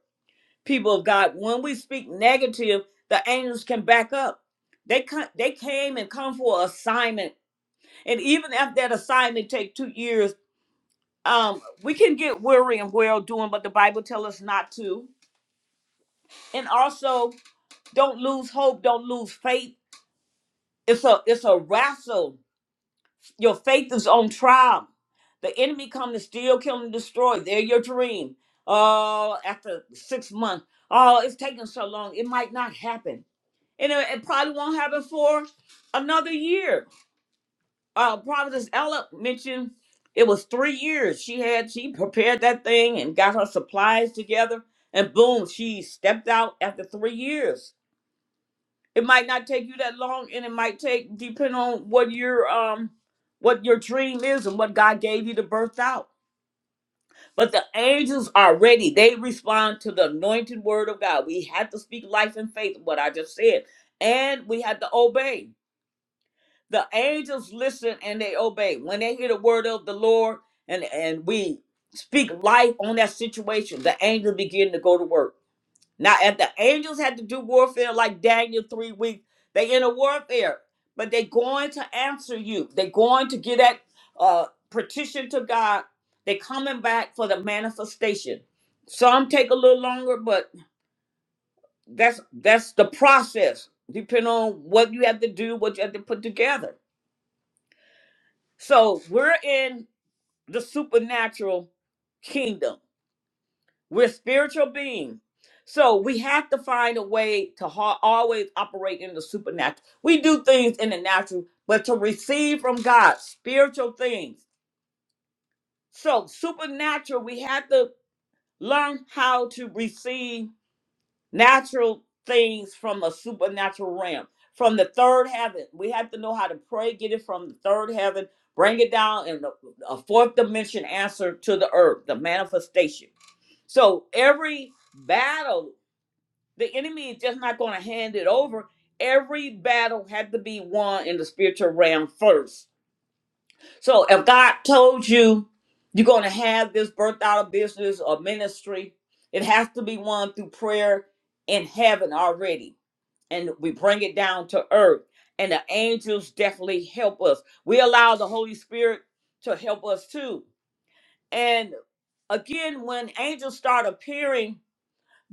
[SPEAKER 1] people of God. When we speak negative, the angels can back up. They come, they came and come for assignment. And even if that assignment take two years, um, we can get weary and well doing, but the Bible tell us not to. And also Don't lose hope. Don't lose faith. It's a it's a wrestle. Your faith is on trial. The enemy come to steal, kill, and destroy. They're your dream. Oh, after six months. Oh, it's taking so long. It might not happen. And it, it probably won't happen for another year. Uh Providence Ella mentioned it was three years. She had she prepared that thing and got her supplies together. And boom, she stepped out after three years it might not take you that long and it might take depending on what your um what your dream is and what god gave you to birth out but the angels are ready they respond to the anointed word of god we had to speak life and faith what i just said and we had to obey the angels listen and they obey when they hear the word of the lord and and we speak life on that situation the angels begin to go to work now, if the angels had to do warfare like Daniel three weeks, they in a warfare, but they going to answer you. they going to get that uh, petition to God. they coming back for the manifestation. Some take a little longer, but that's that's the process. Depending on what you have to do, what you have to put together. So we're in the supernatural kingdom. We're spiritual beings. So we have to find a way to ha- always operate in the supernatural. We do things in the natural, but to receive from God spiritual things. So supernatural, we have to learn how to receive natural things from a supernatural realm, from the third heaven. We have to know how to pray, get it from the third heaven, bring it down in the, a fourth dimension answer to the earth, the manifestation. So every battle The enemy is just not going to hand it over. Every battle had to be won in the spiritual realm first. So if God told you you're going to have this birth out of business or ministry, it has to be won through prayer in heaven already. And we bring it down to earth. And the angels definitely help us. We allow the Holy Spirit to help us too. And again, when angels start appearing,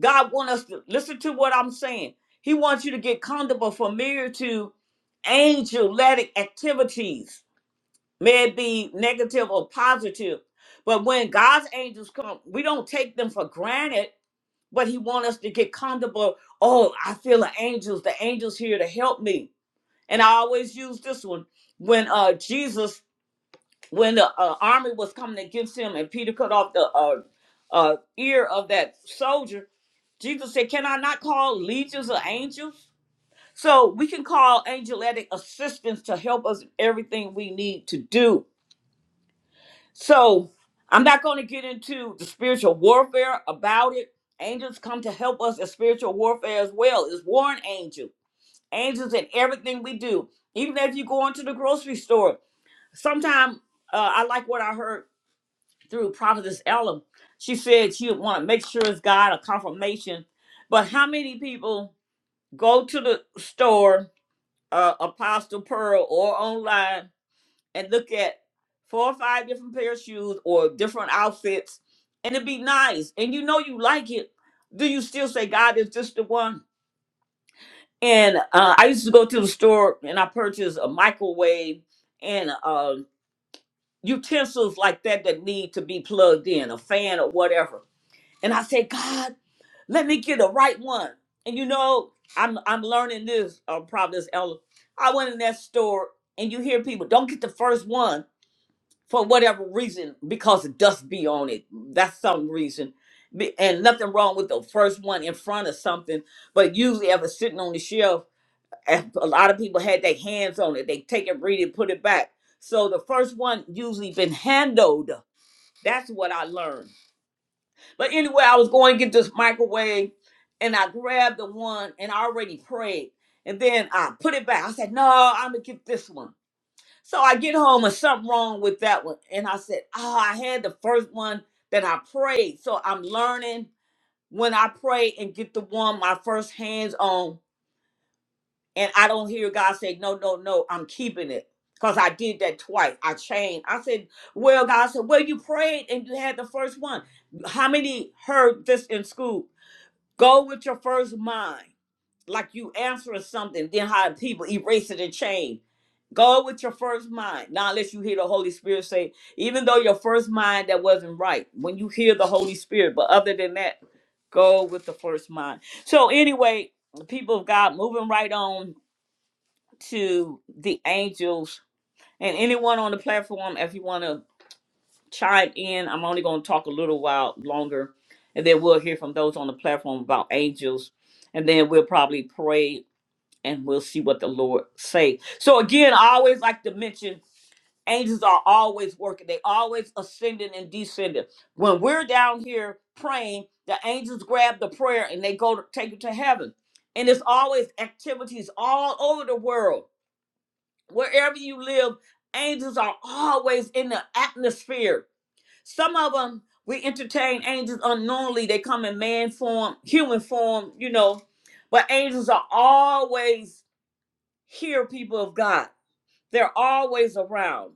[SPEAKER 1] God wants us to listen to what I'm saying. He wants you to get comfortable, familiar to angelic activities, may it be negative or positive. But when God's angels come, we don't take them for granted, but He wants us to get comfortable. Oh, I feel the angels, the angels here to help me. And I always use this one. When uh Jesus, when the uh, army was coming against him and Peter cut off the uh, uh, ear of that soldier, Jesus said, Can I not call legions of angels? So we can call angelic assistance to help us in everything we need to do. So I'm not going to get into the spiritual warfare about it. Angels come to help us in spiritual warfare as well. It's warring angel. Angels in everything we do. Even if you go into the grocery store, sometimes uh, I like what I heard through Prophetess Ellen. She said she would want to make sure it's God a confirmation. But how many people? Go to the store, uh, Apostle Pearl, or online and look at four or five different pair of shoes or different outfits, and it'd be nice. And you know you like it. Do you still say, God, is this the one? And uh, I used to go to the store and I purchased a microwave and uh, utensils like that that need to be plugged in, a fan or whatever. And I said, God. Let me get the right one. And you know, I'm I'm learning this, uh, probably this elder. I went in that store and you hear people don't get the first one for whatever reason because the dust be on it. That's some reason. Be- And nothing wrong with the first one in front of something, but usually ever sitting on the shelf, and a lot of people had their hands on it. They take it, read it, put it back. So the first one usually been handled. That's what I learned but anyway, I was going to get this microwave and I grabbed the one and I already prayed. And then I put it back. I said, no, I'm going to get this one. So I get home and something wrong with that one. And I said, oh, I had the first one that I prayed. So I'm learning when I pray and get the one my first hands on and I don't hear God say, no, no, no, I'm keeping it. Because I did that twice. I changed. I said, well, God I said, well, you prayed and you had the first one. How many heard this in school? Go with your first mind, like you answering something, then how people erase it and change. Go with your first mind. Now, unless you hear the Holy Spirit say, even though your first mind that wasn't right, when you hear the Holy Spirit, but other than that, go with the first mind. So, anyway, the people of God, moving right on to the angels and anyone on the platform, if you want to chime in. I'm only going to talk a little while longer, and then we'll hear from those on the platform about angels, and then we'll probably pray and we'll see what the Lord say. So again, I always like to mention angels are always working. They always ascending and descending. When we're down here praying, the angels grab the prayer and they go to take it to heaven. And it's always activities all over the world. Wherever you live, angels are always in the atmosphere some of them we entertain angels unknowingly. They come in man form, human form, you know. But angels are always here, people of God. They're always around.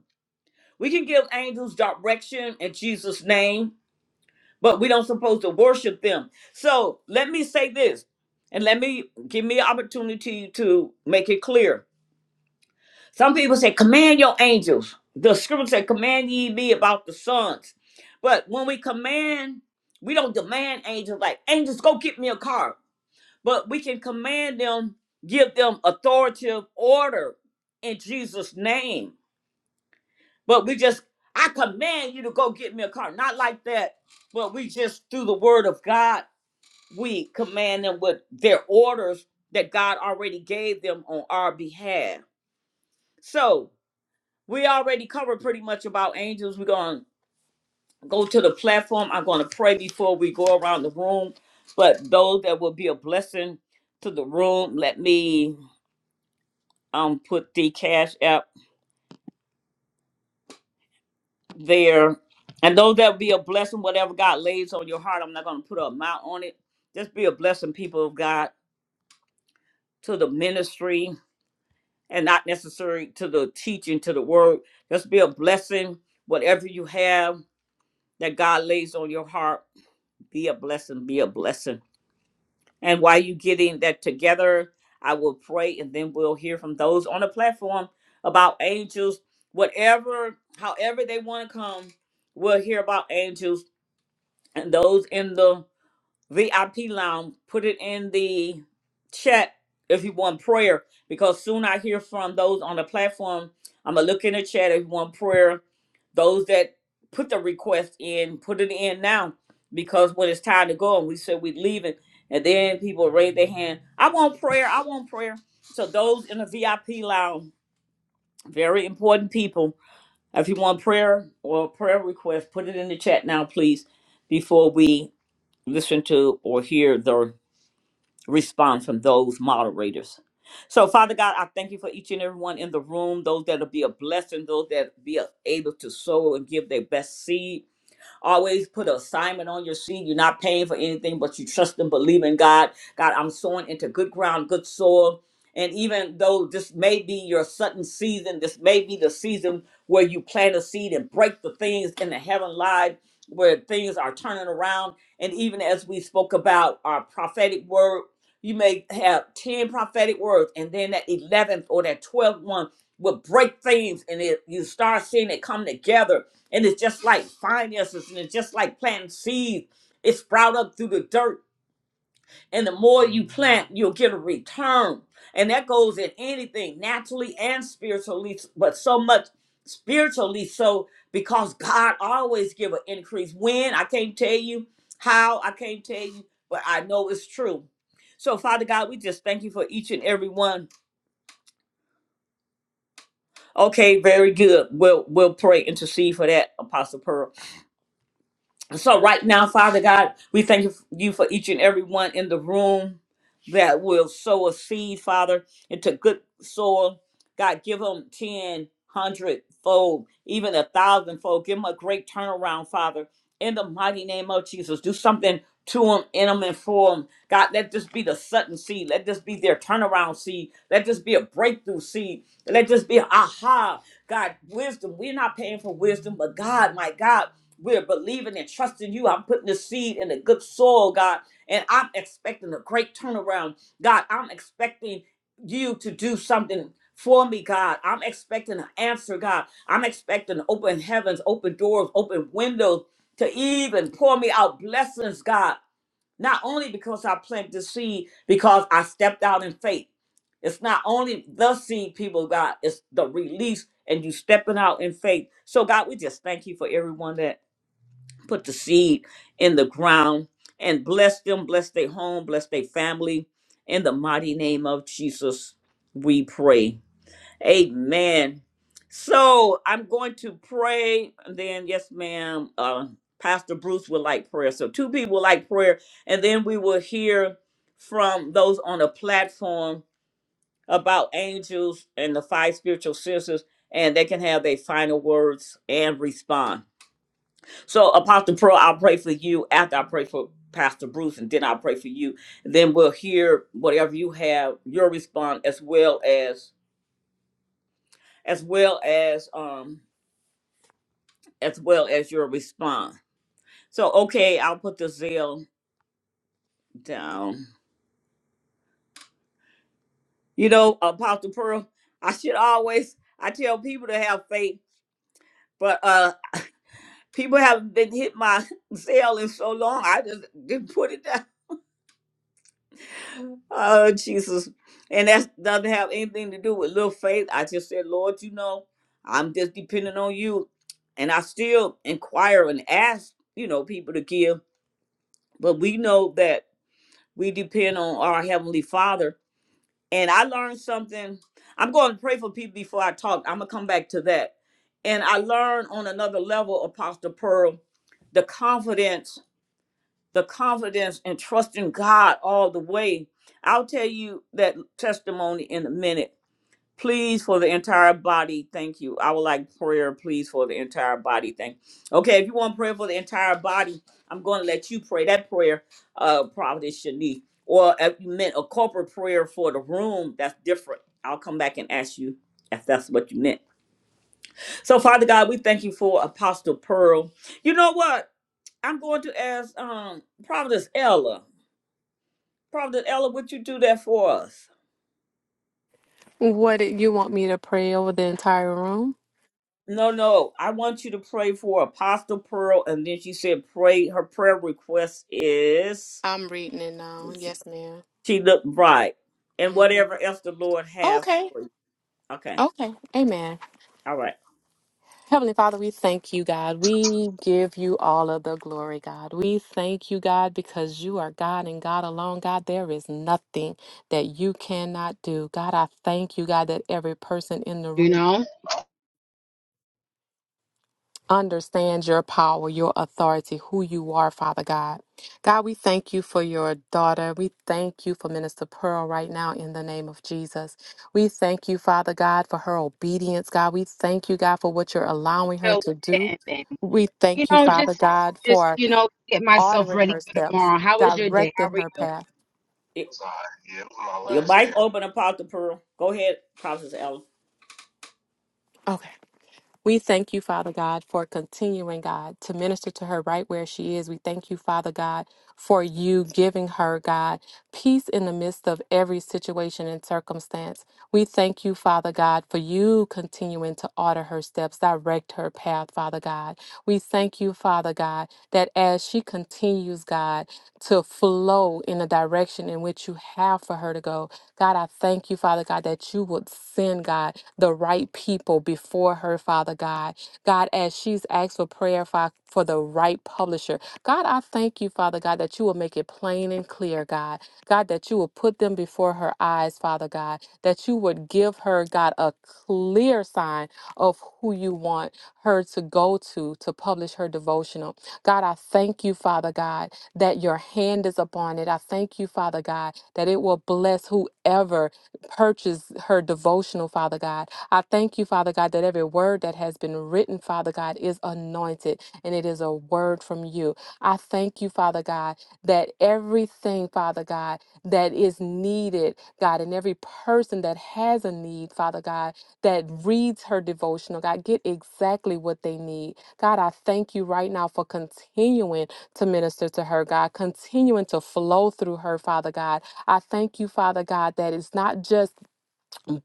[SPEAKER 1] We can give angels direction in Jesus' name, but we don't supposed to worship them. So let me say this, and let me give me an opportunity to make it clear Some people say, command your angels. The scripture said, command ye me about the sons. But when we command, we don't demand angels like, angels, go get me a car. But we can command them, give them authoritative order in Jesus' name. But we just, I command you to go get me a car. Not like that, but we just, through the word of God, we command them with their orders that God already gave them on our behalf. So, We already covered pretty much about angels. We're going to go to the platform. I'm going to pray before we go around the room. But those that will be a blessing to the room, let me um put the cash app there. And those that will be a blessing, whatever God lays on your heart, I'm not going to put an amount on it. Just be a blessing, people of God, to the ministry and not necessarily to the teaching, to the word. Just be a blessing, whatever you have that God lays on your heart Be a blessing, be a blessing. And while you getting that together, I will pray and then we'll hear from those on the platform about angels, whatever, however they want to come, we'll hear about angels and those in the VIP lounge. Put it in the chat if you want prayer, because soon I hear from those on the platform. I'm gonna look in the chat if you want prayer. Those that put the request in, put it in now, because when it's time to go, and we said we leaving, and then people raise their hand. I want prayer. I want prayer. So those in the VIP lounge, very important people. If you want prayer or prayer request, put it in the chat now, please, before we listen to or hear the response from those moderators. So, Father God, I thank you for each and every one in the room, those that'll be a blessing, those that be able to sow and give their best seed. Always put an assignment on your seed. You're not paying for anything, but you trust and believe in God. God, I'm sowing into good ground, good soil. And even though this may be your sudden season, this may be the season where you plant a seed and break the things in the heaven live, where things are turning around. And even as we spoke about our prophetic word, you may have 10 prophetic words, and then that 11th or that 12th one will break things, and it, you start seeing it come together and it's just like finances and it's just like planting seeds. It sprout up through the dirt. And the more you plant, you'll get a return. And that goes in anything, naturally and spiritually, but so much spiritually so because God always give an increase. When I can't tell you how, I can't tell you, but I know it's true. So Father God, we just thank you for each and every one. Okay, very good. We'll we'll pray intercede for that, Apostle Pearl. So right now, Father God, we thank you you for each and every one in the room that will sow a seed, Father, into good soil. God, give them 10, 100 fold, even a thousand fold. Give them a great turnaround, Father. In the mighty name of Jesus, do something to them, in them, and for them. God, let this be the sudden seed. Let this be their turnaround seed. Let this be a breakthrough seed. Let this be a aha. God, wisdom. We're not paying for wisdom, but God, my God. We're believing and trusting you. I'm putting the seed in a good soil, God, and I'm expecting a great turnaround. God, I'm expecting you to do something for me, God. I'm expecting an answer, God. I'm expecting open heavens, open doors, open windows to even pour me out blessings, God. Not only because I planted the seed, because I stepped out in faith. It's not only the seed, people, God, it's the release and you stepping out in faith. So, God, we just thank you for everyone that put the seed in the ground and bless them, bless their home, bless their family. In the mighty name of Jesus, we pray. Amen. So I'm going to pray, and then yes, ma'am. Uh, Pastor Bruce would like prayer. So two people would like prayer, and then we will hear from those on the platform about angels and the five spiritual sisters, and they can have their final words and respond. So, Apostle Pearl, I'll pray for you after I pray for Pastor Bruce, and then I'll pray for you. Then we'll hear whatever you have, your response, as well as as well as um as well as your response. So, okay, I'll put the zeal down. You know, Apostle Pearl, I should always I tell people to have faith, but uh people haven't been hit my zeal in so long. I just didn't put it down. Oh, Jesus. And that doesn't have anything to do with little faith. I just said, Lord, you know, I'm just depending on you. And I still inquire and ask, you know, people to give. But we know that we depend on our Heavenly Father. And I learned something. I'm going to pray for people before I talk. I'm going to come back to that. And I learned on another level, Apostle Pearl, the confidence the confidence and trusting God all the way. I'll tell you that testimony in a minute. Please, for the entire body, thank you. I would like prayer, please, for the entire body. Thank you. Okay, if you want prayer for the entire body, I'm going to let you pray that prayer, uh, Providence Shanice. Or if you meant a corporate prayer for the room, that's different. I'll come back and ask you if that's what you meant. So, Father God, we thank you for Apostle Pearl. You know what? I'm going to ask um, Providence Ella. Prophet Ella, would you do that for us?
[SPEAKER 5] What did you want me to pray over the entire room?
[SPEAKER 1] No, no. I want you to pray for Apostle Pearl. And then she said, pray. Her prayer request is
[SPEAKER 5] I'm reading it now. Yes, ma'am.
[SPEAKER 1] she looked bright. And
[SPEAKER 5] Mhm.
[SPEAKER 1] whatever else the Lord have
[SPEAKER 5] Okay.
[SPEAKER 1] for you. Okay.
[SPEAKER 5] Okay. Amen.
[SPEAKER 1] All right.
[SPEAKER 5] Heavenly Father, we thank you, God. We give you all of the glory, God. We thank you, God, because you are God and God alone. God, there is nothing that you cannot do. God, I thank you, God, that every person in the
[SPEAKER 7] you
[SPEAKER 5] room
[SPEAKER 7] know.
[SPEAKER 5] understand your power, your authority, who you are, Father God. God, we thank you for your daughter. We thank you for Minister Pearl right now in the name of Jesus. We thank you, Father God, for her obedience. God, we thank you, God, for what you're allowing her
[SPEAKER 7] So
[SPEAKER 5] to do.
[SPEAKER 7] and, and
[SPEAKER 5] We
[SPEAKER 7] you
[SPEAKER 5] thank you,
[SPEAKER 7] know,
[SPEAKER 5] Father
[SPEAKER 7] just
[SPEAKER 5] God,
[SPEAKER 7] just
[SPEAKER 5] for
[SPEAKER 7] you know, get myself
[SPEAKER 5] ordering
[SPEAKER 7] ready
[SPEAKER 5] her
[SPEAKER 7] for
[SPEAKER 5] steps,
[SPEAKER 7] tomorrow. How was your day? How
[SPEAKER 5] directing
[SPEAKER 7] are
[SPEAKER 5] her
[SPEAKER 7] you?
[SPEAKER 5] path.
[SPEAKER 1] Y- Your mic open, Apostle Pearl. Go ahead, Prophet Ella.
[SPEAKER 5] Okay. We thank you, Father God, for continuing, God, to minister to her right where she is. We thank you, Father God, for you giving her, God, peace in the midst of every situation and circumstance. We thank you, Father God, for you continuing to order her steps, direct her path, Father God. We thank you, Father God, that as she continues, God, to flow in the direction in which you have for her to go, God, I thank you, Father God, that you would send, God, the right people before her, Father God. God, as she's asked for prayer for, for the right publisher, God, I thank you, Father God, that you will make it plain and clear, God. God, that you will put them before her eyes, Father God, that you would give her, God, a clear sign of who you want her to go to to publish her devotional. God, I thank you, Father God, that your hand is upon it. I thank you, Father God, that it will bless whoever purchase her devotional, Father God. I thank you, Father God, that every word that has been written, Father God, is anointed and it is a word from you. I thank you, Father God, that everything, Father God, that is needed, God, and every person that has a need, Father God, that reads her devotional, God, get exactly what they need. God, I thank you right now for continuing to minister to her, God, continuing to flow through her, Father God I thank you, Father God, that it's not just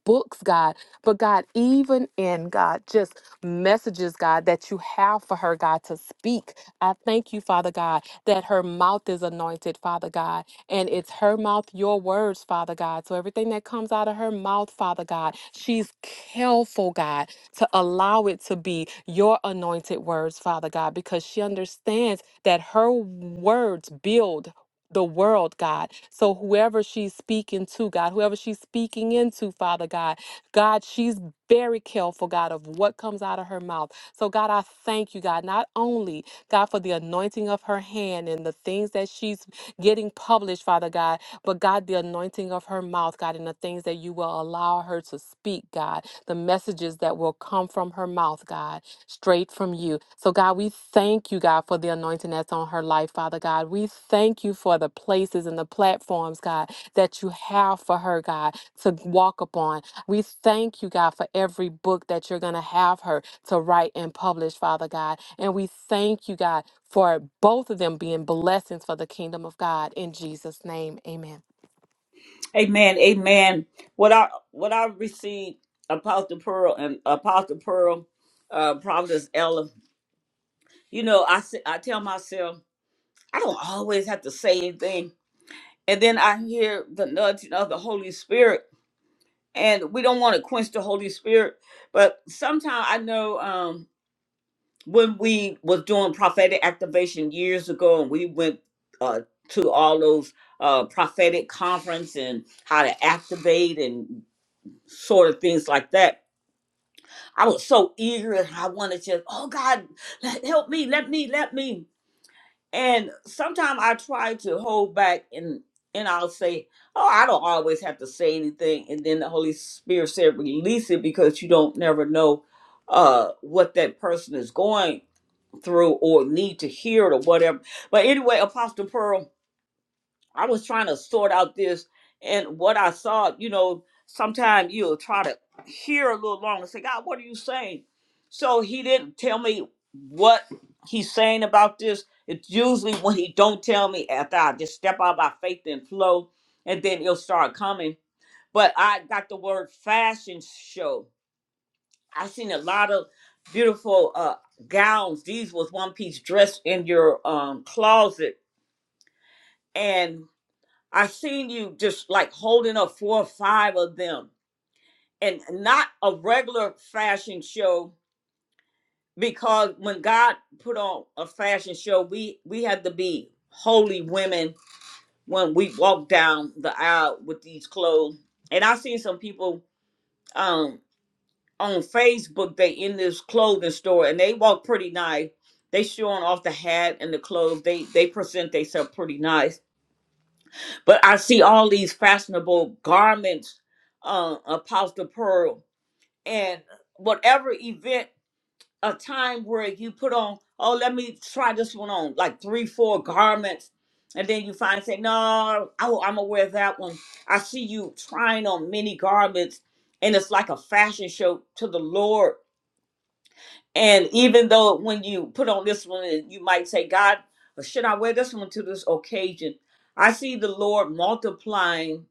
[SPEAKER 5] books, God, but God, even in God, just messages, God, that you have for her, God, to speak. I thank you, Father God, that her mouth is anointed, Father God, and it's her mouth, your words, Father God. So everything that comes out of her mouth, Father God, she's careful, God, to allow it to be your anointed words, Father God, because she understands that her words build the world, God. So whoever she's speaking to, God, whoever she's speaking into, Father God, God, she's very careful, God, of what comes out of her mouth. So, God, I thank you, God, not only, God, for the anointing of her hand and the things that she's getting published, Father God, but God, the anointing of her mouth, God, and the things that you will allow her to speak, God, the messages that will come from her mouth, God straight from you. So, God, we thank you, God, for the anointing that's on her life, Father God. We thank you for the places and the platforms, God, that you have for her, God, to walk upon. We thank you, God, for every book that you're going to have her to write and publish, Father God. And we thank you, God, for both of them being blessings for the kingdom of God. In Jesus' name, amen.
[SPEAKER 1] Amen. Amen. What I what I received, Apostle Pearl and Apostle Pearl, uh, Providence Ella. You know, I s- I tell myself I don't always have to say anything And then I hear the nudging of the Holy Spirit. And we don't want to quench the Holy Spirit. But sometimes I know um, when we was doing prophetic activation years ago and we went uh, to all those uh, prophetic conference and how to activate and sort of things like that. I was so eager and I wanted to, oh God, let, help me, let me, let me. And sometimes I try to hold back and and I'll say, Oh, I don't always have to say anything. And then the Holy Spirit said, release it because you don't never know uh what that person is going through or need to hear it or whatever. But anyway, Apostle Pearl, I was trying to sort out this and what I saw, you know, sometimes you'll try to hear a little longer, and say, God, what are you saying? So he didn't tell me what he's saying about this. It's usually when he don't tell me after I just step out by faith and flow, and then it'll start coming. But I got the word fashion show. I seen a lot of beautiful uh gowns. These was one piece dress in your um closet. and I seen you just like holding up four or five of them and not a regular fashion show because when God put on a fashion show, we we had to be holy women when we walk down the aisle with these clothes. And I seen some people um on Facebook they in this clothing store and they walk pretty nice. They showing off the hat and the clothes. They they present themselves pretty nice But I see all these fashionable garments, uh, Apostle Pearl, and whatever event, a time where you put on, oh, let me try this one on, like three, four garments. And then you find, say, no, oh, I'm going to wear that one. I see you trying on many garments, and it's like a fashion show to the Lord and even though when you put on this one, you might say, God, should I wear this one to this occasion? I see the Lord multiplying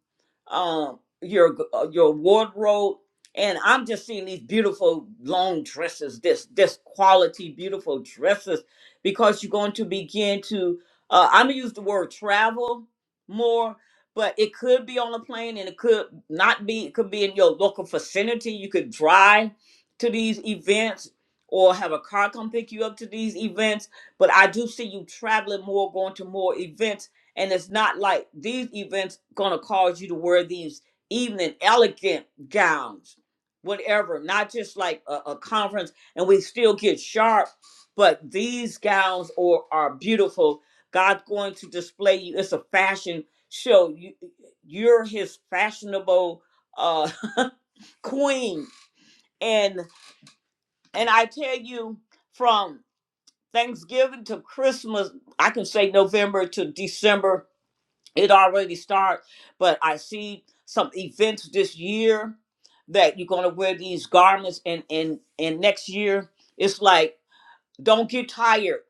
[SPEAKER 1] um, your uh, your wardrobe, and I'm just seeing these beautiful long dresses, this this quality beautiful dresses, because you're going to begin to. Uh, I'm gonna use the word travel more, but it could be on a plane, and it could not be. It could be in your local vicinity. You could drive to these events or have a car come pick you up to these events. But I do see you traveling more, going to more events, and it's not like these events gonna cause you to wear these evening elegant gowns, whatever. Not just like a, a conference, and we still get sharp. But these gowns or are beautiful. God's going to display you. It's a fashion show. You, you're His fashionable uh, queen, and and I tell you from Thanksgiving to Christmas, I can say November to December, it already starts, but I see some events this year that you're gonna wear these garments and and and next year it's like don't get tired.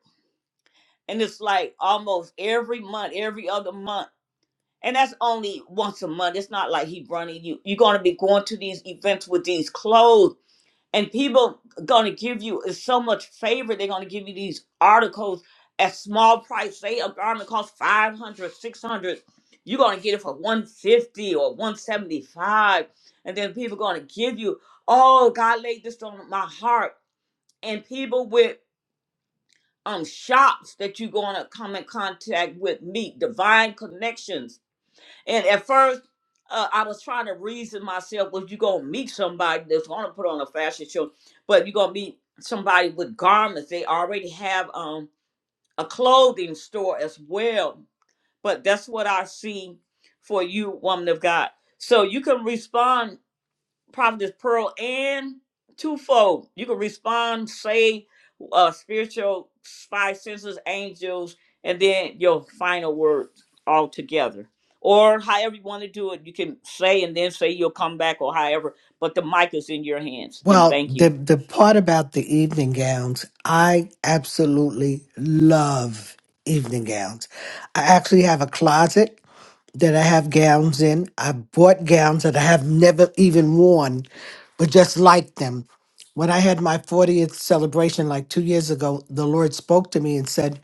[SPEAKER 1] And it's like almost every month, every other month. And that's only once a month. It's not like he running you. You're gonna be going to these events with these clothes and people gonna give you is so much favor they're gonna give you these articles at small price say a garment costs five hundred, six hundred. you're gonna get it for 150 or 175 and then people gonna give you oh god laid this on my heart and people with um shops that you're gonna come in contact with meet divine connections and at first, uh, I was trying to reason myself, well, you're going to meet somebody that's going to put on a fashion show, but you're going to meet somebody with garments. They already have um, a clothing store as well. But that's what I see for you, woman of God. So you can respond Prophetess Pearl and twofold. You can respond, say uh spiritual five senses, angels, and then your final words all together. Or however you want to do it, you can say and then say you'll come back or however, but the mic is in your hands. And
[SPEAKER 7] Well,
[SPEAKER 1] thank
[SPEAKER 7] the
[SPEAKER 1] you.
[SPEAKER 7] the part about the evening gowns, I absolutely love evening gowns. I actually have a closet that I have gowns in. I bought gowns that I have never even worn, but just like them. When I had my 40th celebration like 2 years ago, the Lord spoke to me and said,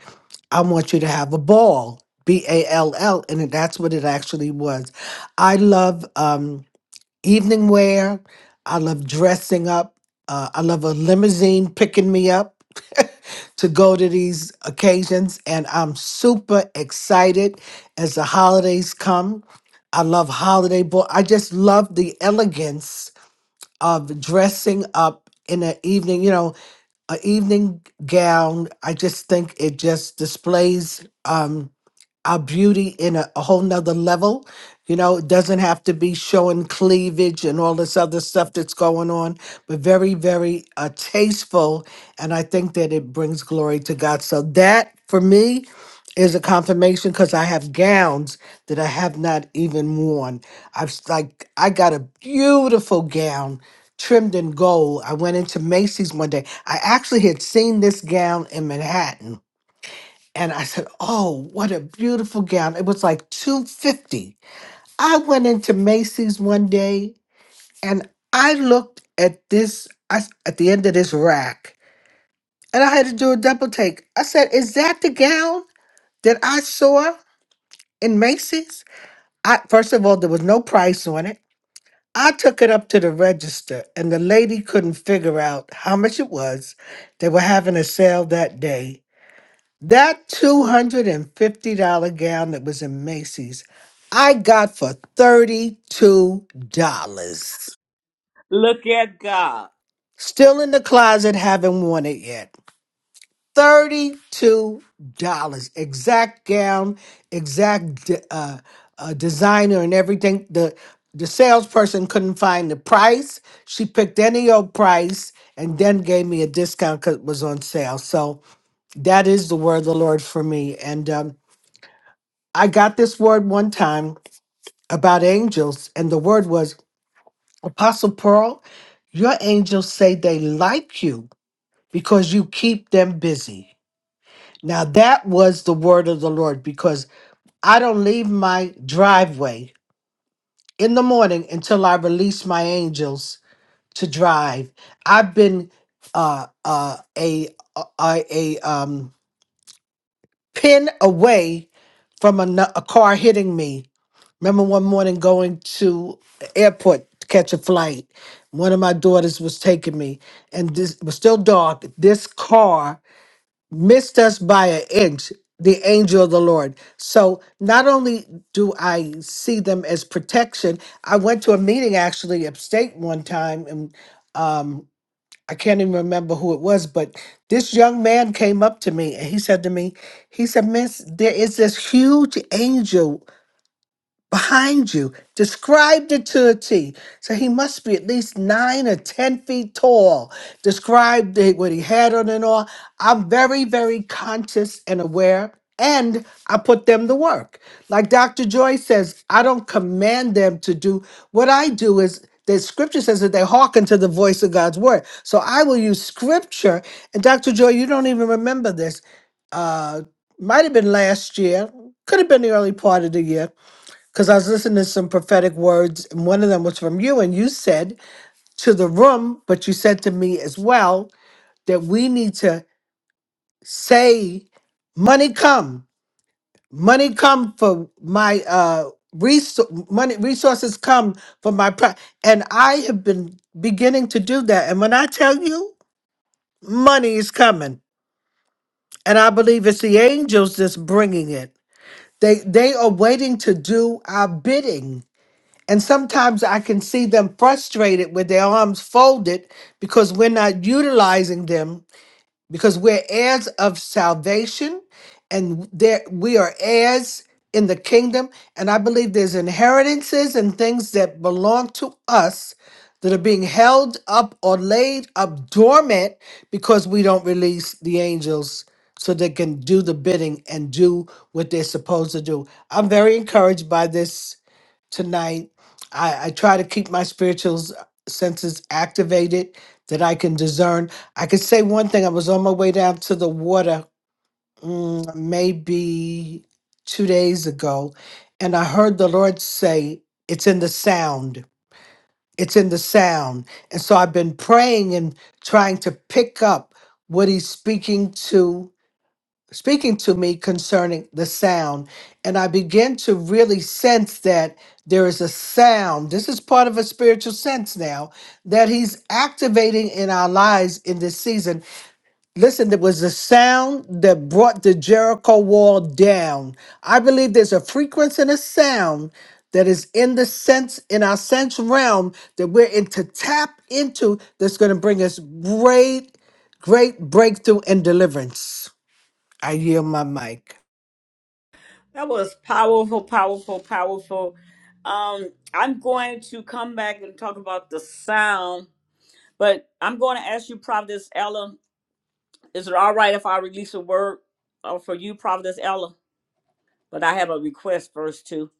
[SPEAKER 7] "I want you to have a ball." B A L L and that's what it actually was. I love um evening wear. I love dressing up. Uh, I love a limousine picking me up to go to these occasions. And I'm super excited as the holidays come. I love holiday boy. I just love the elegance of dressing up in an evening, you know, an evening gown. I just think it just displays. Um, our beauty in a, a whole nother level. You know, it doesn't have to be showing cleavage and all this other stuff that's going on, but very, very uh, tasteful. And I think that it brings glory to God. So that for me is a confirmation because I have gowns that I have not even worn. I've s- like, I got a beautiful gown trimmed in gold. I went into Macy's one day. I actually had seen this gown in Manhattan and I said, "Oh, what a beautiful gown!" It was like two fifty. I went into Macy's one day, and I looked at this I, s- at the end of this rack, and I had to do a double take. I said, "Is that the gown that I saw in Macy's?" I first of all, there was no price on it. I took it up to the register, and the lady couldn't figure out how much it was. They were having a sale that day, That $250 gown that was in Macy's, I got for $32.
[SPEAKER 1] Look at God.
[SPEAKER 7] Still in the closet, haven't worn it yet. $32. Exact gown, exact de- uh, uh, designer, and everything. The, the salesperson couldn't find the price. She picked any old price and then gave me a discount because it was on sale. So that is the word of the Lord for me. And um, I got this word one time about angels, and the word was Apostle Pearl, your angels say they like you because you keep them busy. Now, that was the word of the Lord because I don't leave my driveway in the morning until I release my angels to drive. I've been uh, uh, a, uh, a, a um, pin away from a, nu- a car hitting me Remember one morning going to the airport to catch a flight. One of my daughters was taking me, and this it was still dark. This car missed us by an inch. The angel of the Lord. So not only do I see them as protection, I went to a meeting actually upstate one time, and um, I can't even remember who it was, but this young man came up to me and he said to me, he said, "Miss, there is this huge angel." behind you, described it to a T. So he must be at least nine or 10 feet tall. Described it, what he had on and all. I'm very, very conscious and aware, and I put them to work. Like Dr. Joy says, I don't command them to do. What I do is, the scripture says that they hearken to the voice of God's word. So I will use scripture. And Dr. Joy, you don't even remember this. Uh, might have been last year, could have been the early part of the year because I was listening to some prophetic words, and one of them was from you, and you said to the room, but you said to me as well that we need to say, "Money come, money come for my uh resou- money resources come for my pro." And I have been beginning to do that, and when I tell you, money is coming, and I believe it's the angels that's bringing it. They they are waiting to do our bidding And sometimes I can see them frustrated with their arms folded because we're not utilizing them because we're heirs of salvation and there we are heirs in the kingdom and I believe there's inheritances and things that belong to us that are being held up or laid up dormant because we don't release the angels so they can do the bidding and do what they're supposed to do. I'm very encouraged by this tonight. I, I try to keep my spiritual senses activated that I can discern. I could say one thing. I was on my way down to the water mm, maybe two days ago, and I heard the Lord say, It's in the sound. It's in the sound. And so I've been praying and trying to pick up what He's speaking to speaking to me concerning the sound. And I begin to really sense that there is a sound. This is part of a spiritual sense now that he's activating in our lives in this season. Listen, there was a sound that brought the Jericho wall down. I believe there's a frequency and a sound that is in the sense in our sense realm that we're in to tap into that's going to bring us great great breakthrough and deliverance I yield my mic.
[SPEAKER 1] That was powerful, powerful, powerful. Um, I'm going to come back and talk about the sound, but I'm going to ask you, Providence Ella, Is it all right if I release a word uh, for you, Providence Ella? But I have a request first, too.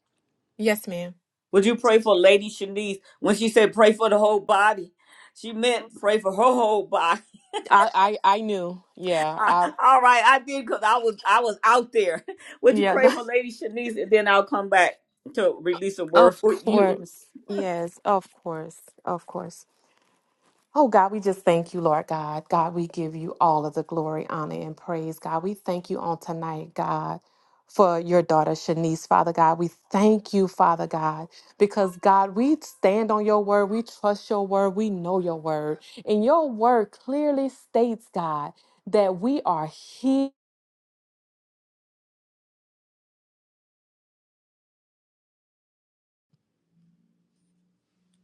[SPEAKER 5] Yes, ma'am.
[SPEAKER 1] Would you pray for Lady Shanice? When she said pray for the whole body, she meant pray for her whole body.
[SPEAKER 5] I, I, I knew. Yeah.
[SPEAKER 1] I-
[SPEAKER 5] I,
[SPEAKER 1] all right, I did because I was I was out there. Would you
[SPEAKER 5] yeah.
[SPEAKER 1] pray for Lady Shanice, and then I'll come back to release a word
[SPEAKER 5] Of
[SPEAKER 1] for you.
[SPEAKER 5] course. Yes, of course. Of course. Oh God, we just thank you, Lord God. God, we give you all of the glory, honor, and praise. God, we thank you on tonight, God, for your daughter Shanice, Father God. We thank you, Father God, because God, we stand on your word. We trust your word. We know your word. And your word clearly states, God, that we are here.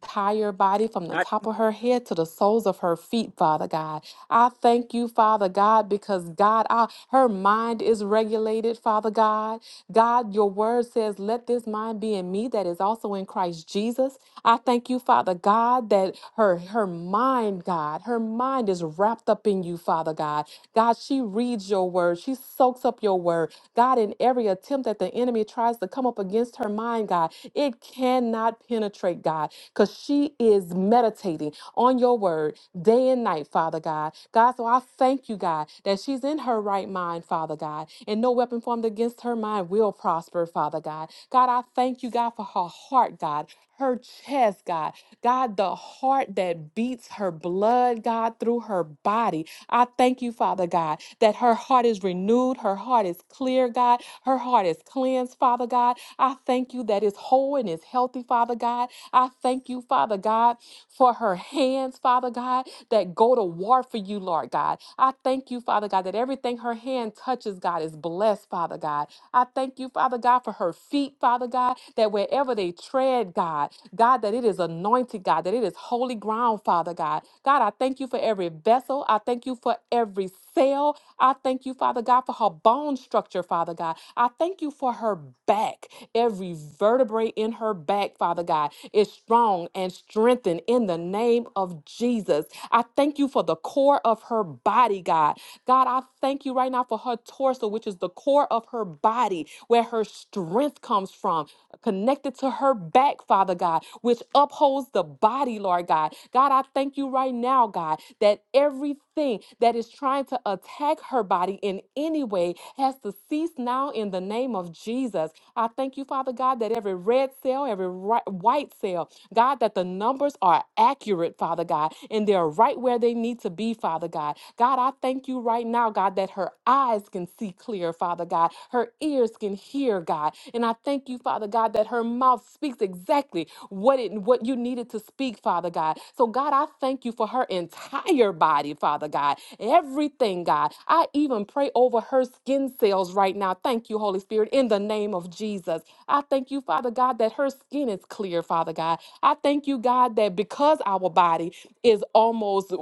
[SPEAKER 5] entire body from the
[SPEAKER 1] All right.
[SPEAKER 5] top of her head to the soles of her feet, Father God. I thank you, Father God, because God, I, her mind is regulated, Father God. God, your word says, let this mind be in me that is also in Christ Jesus. I thank you, Father God, that her her mind, God, her mind is wrapped up in you, Father God. God, she reads your word. She soaks up your word. God, in every attempt that the enemy tries to come up against her mind, God, it cannot penetrate, God, because she is meditating on your word day and night, Father God. God, so I thank you, God, that she's in her right mind, Father God, and no weapon formed against her mind will prosper, Father God. God, I thank you, God, for her heart, God her chest, God. God, the heart that beats her blood, God, through her body. I thank you, Father God, that her heart is renewed, her heart is clear, God, her heart is cleansed, Father God. I thank you that it's whole and it's healthy, Father God. I thank you, Father God for her hands, Father God, that go to war for you, Lord God. I thank you, Father God, that everything her hand touches, God, is blessed, Father God. I thank you, Father God, for her feet, Father God, that wherever they tread, God, God, that it is anointed, God, that it is holy ground, Father God. God, I thank you you for every vessel. I thank you for every cell. I thank you, Father God, for her bone structure, Father God. I thank you for her back. Every vertebrae in her back, Father God, is strong and strengthened in the name of Jesus. I thank you for the core of her body, God. God, I thank you right now for her torso, which is the core of her body, where her strength comes from connected to her back, Father God, which upholds the body, Lord God. God, I thank you right now, God, that everything that is trying to attack her body in any way has to cease now in the name of Jesus. I thank you, Father God, that every red cell, every ri- white cell, God, that the numbers are accurate, Father God, and they're right where they need to be, Father God. God, I thank you right now, God, that her eyes can see clear, Father God. Her ears can hear, God. And I thank you, Father God, that her mouth speaks exactly what it what you needed to speak, Father God. So, God, I thank you for her entire body, Father God. Everything, God. I even pray over her skin cells right now. Thank you, Holy Spirit, in the name of Jesus. I thank you, Father God, that her skin is clear, Father God. I thank you, God, that because our body is almost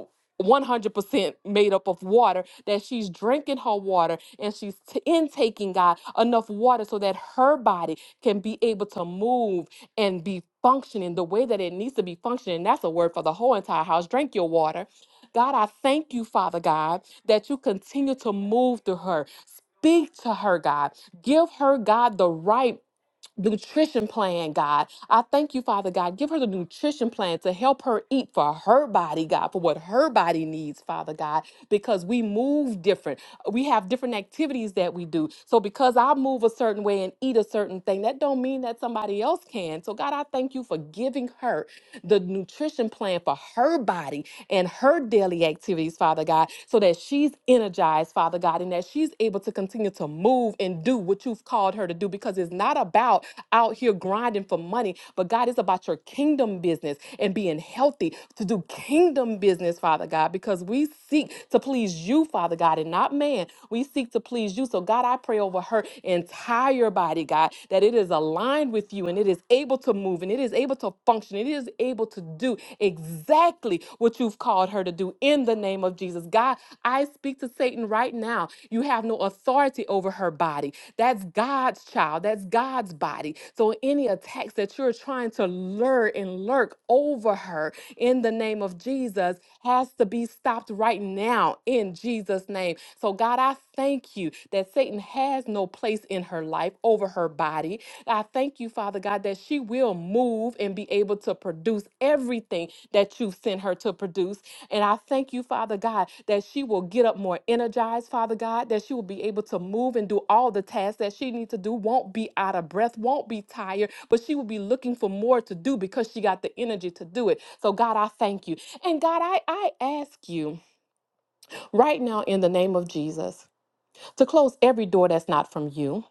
[SPEAKER 5] 100% made up of water, that she's drinking her water and she's t- intaking, God, enough water so that her body can be able to move and be functioning the way that it needs to be functioning. That's a word for the whole entire house. Drink your water. God, I thank you, Father God, that you continue to move through her. Speak to her, God. Give her, God, the right nutrition plan, God. I thank you, Father God. Give her the nutrition plan to help her eat for her body, God, for what her body needs, Father God, because we move different. We have different activities that we do. So because I move a certain way and eat a certain thing, that don't mean that somebody else can. So God, I thank you for giving her the nutrition plan for her body and her daily activities, Father God, so that she she's energized, Father God, and that she's able to continue to move and do what you've called her to do because it's not about out here grinding for money, but God, it's about your kingdom business and being healthy to do kingdom business, Father God, because we seek to please you, Father God, and not man. We seek to please you. So, God, I pray over her entire body, God, that it is aligned with you and it is able to move and it is able to function. It is able to do exactly what you've called her to do in the name of Jesus. God, I speak to Satan right now. You have no authority over her body. That's God's child, that's God's body. So any attacks that you're trying to lure and lurk over her in the name of Jesus has to be stopped right now in Jesus' name. So, God, I thank you that Satan has no place in her life over her body. I thank you, Father God, that she will move and be able to produce everything that you've sent her to produce. And I thank you, Father God, that she will get up more energized, Father God, that she will be able to move and do all the tasks that she needs to do, won't be out of breath, won't be tired, but she will be looking for more to do because she got the energy to do it. So, God, I thank you. And God, I, I ask you right now in the name of Jesus to close every door that's not from you.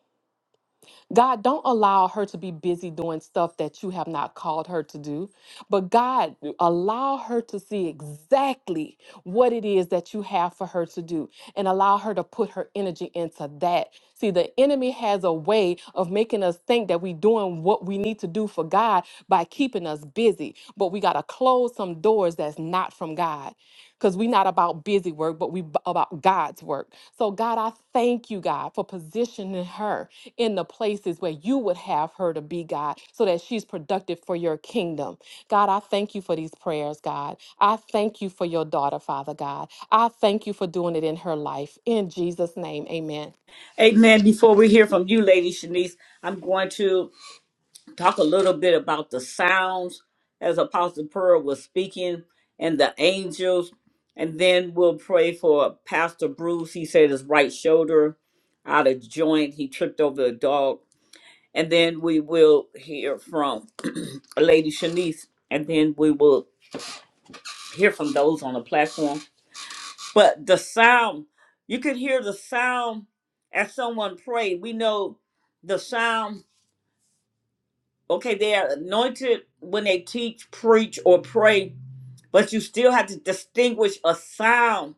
[SPEAKER 5] God, don't allow her to be busy doing stuff that you have not called her to do. But God, allow her to see exactly what it is that you have for her to do and allow her to put her energy into that. See, the enemy has a way of making us think that we're doing what we need to do for God by keeping us busy. But we got to close some doors that's not from God because we're not about busy work, but we b- about God's work. So, God, I thank you, God, for positioning her in the places where you would have her to be, God, so that she's productive for your kingdom. God, I thank you for these prayers, God. I thank you for your daughter, Father God. I thank you for doing it in her life. In Jesus' name, amen.
[SPEAKER 1] Amen. Before we hear from you, Lady Shanice, I'm going to. talk a little bit about the sounds as Apostle Pearl was speaking and the angels. And then we'll pray for Pastor Bruce. He said his right shoulder out of joint. He tripped over a dog. And then we will hear from Lady Shanice. And then we will hear from those on the platform. But the sound, you could hear the sound as someone prayed. We know the sound Okay, they are anointed when they teach, preach, or pray, but you still have to distinguish a sound.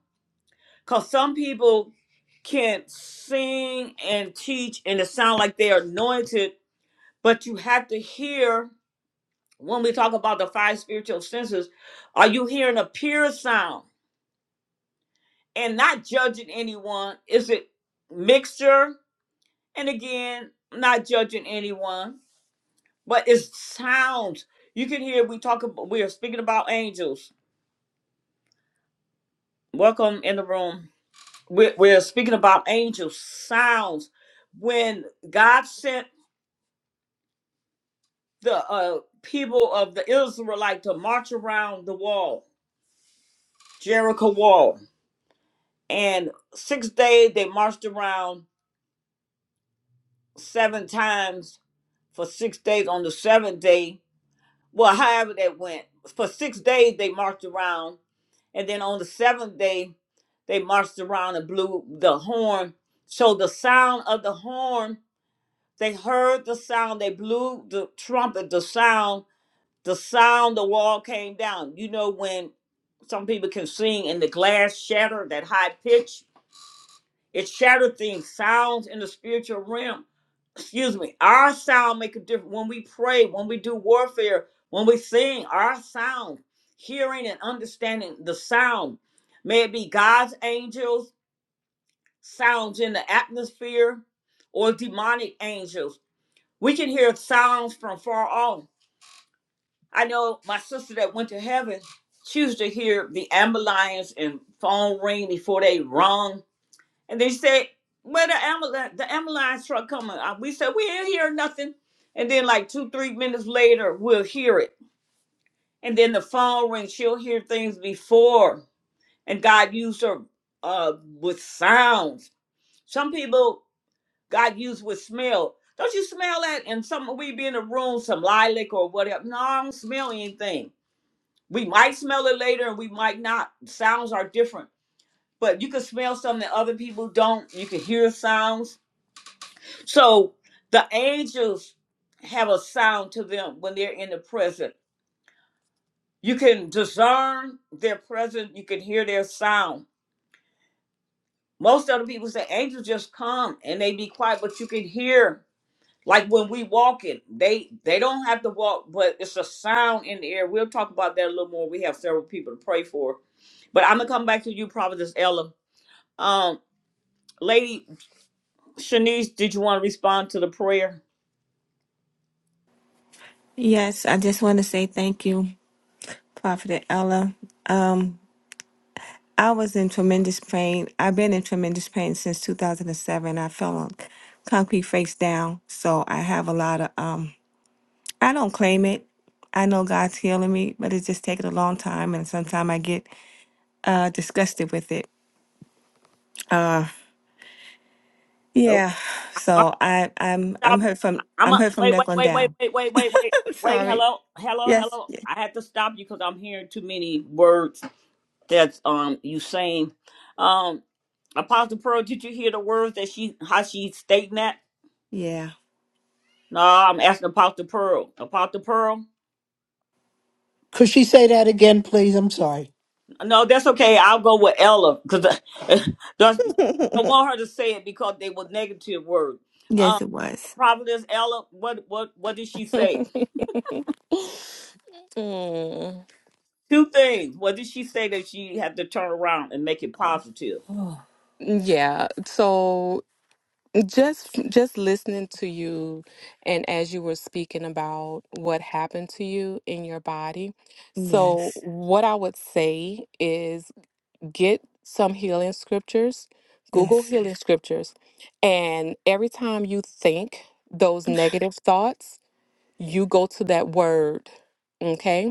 [SPEAKER 1] Because some people can sing and teach and it sound like they are anointed, but you have to hear when we talk about the five spiritual senses, are you hearing a pure sound and not judging anyone? Is it mixture? And again, not judging anyone, but it's sounds. You can hear we talk about we are speaking about angels Welcome in the room. We're, we're speaking about angel sounds. When God sent the uh, people of the Israelite to march around the wall, Jericho wall, and six days they marched around seven times for six days. On the seventh day, well, however that went, for six days they marched around, and then on the seventh day they marched around and blew the horn. So the sound of the horn They heard the sound. They blew the trumpet, the sound, the sound, the wall came down. You know, when some people can sing and the glass shattered, that high pitch, it shattered things, sounds in the spiritual realm. Excuse me. Our sound make a difference when we pray, when we do warfare, when we sing, our sound, hearing and understanding the sound. May it be God's angels, sounds in the atmosphere, or demonic angels we can hear sounds from far off. I know my sister that went to heaven, she used to hear the ambulance and phone ring before they rung. And they said, Where the ambulance the ambulance truck coming? Uh, We said, We ain't hear nothing. And then like two, three minutes later, we'll hear it. And then the phone ring, she'll hear things before. And God used her uh with sounds. Some people God used with smell. Don't you smell that? And some we be in a room, some lilac or whatever. No, I don't smell anything. We might smell it later and we might not. Sounds are different. But you can smell something that other people don't. You can hear sounds. So the angels have a sound to them when they're in the present. You can discern their presence. You can hear their sound. Most other people say angels just come and they be quiet, but you can hear Like when we walking, they they don't have to walk, but it's a sound in the air. We'll talk about that a little more. We have several people to pray for, but I'm gonna come back to you, Providence Ella. Um, Lady Shanice, did you want to respond to the prayer?
[SPEAKER 8] Yes, I just want to say thank you, Prophet Ella. Um, I was in tremendous pain. I've been in tremendous pain since 2007. I fell on concrete face down. So I have a lot of, um, I don't claim it. I know God's healing me, but it's just taking a long time. And sometimes I get uh disgusted with it. Uh
[SPEAKER 1] Okay,
[SPEAKER 8] yeah.
[SPEAKER 1] I'm
[SPEAKER 8] So I I'm
[SPEAKER 1] gonna
[SPEAKER 8] I'm
[SPEAKER 1] stop.
[SPEAKER 8] hurt from
[SPEAKER 1] I'm
[SPEAKER 8] I'm
[SPEAKER 1] a,
[SPEAKER 8] hurt from
[SPEAKER 1] wait,
[SPEAKER 8] neck
[SPEAKER 1] wait,
[SPEAKER 8] on
[SPEAKER 1] wait, wait,
[SPEAKER 8] down.
[SPEAKER 1] wait, wait, wait, wait,
[SPEAKER 8] I'm
[SPEAKER 1] wait.
[SPEAKER 8] sorry.
[SPEAKER 1] Hello, hello,
[SPEAKER 8] Yes.
[SPEAKER 1] hello. I had to stop you because I'm hearing too many words that's um you saying. Um, Apostle Pearl, did you hear the words that she how she's stating that?
[SPEAKER 8] Yeah.
[SPEAKER 1] No, I'm asking Apostle Pearl. Apostle Pearl?
[SPEAKER 7] Could she say that again, please? I'm sorry.
[SPEAKER 1] No, that's okay. I'll go with Ella because I want her to say it because they were negative words. Um,
[SPEAKER 8] yes it was.
[SPEAKER 1] Providence Ella, what what what did she say?
[SPEAKER 5] Mm,
[SPEAKER 1] Two things. What did she say that she had to turn around and make it positive?
[SPEAKER 8] Oh,
[SPEAKER 5] Yeah. So Just just listening to you and as you were speaking about what happened to you in your body. So
[SPEAKER 8] Yes.
[SPEAKER 5] what I would say is get some healing scriptures, Google
[SPEAKER 8] Yes.
[SPEAKER 5] healing scriptures, and every time you think those negative thoughts, you go to that word. Okay?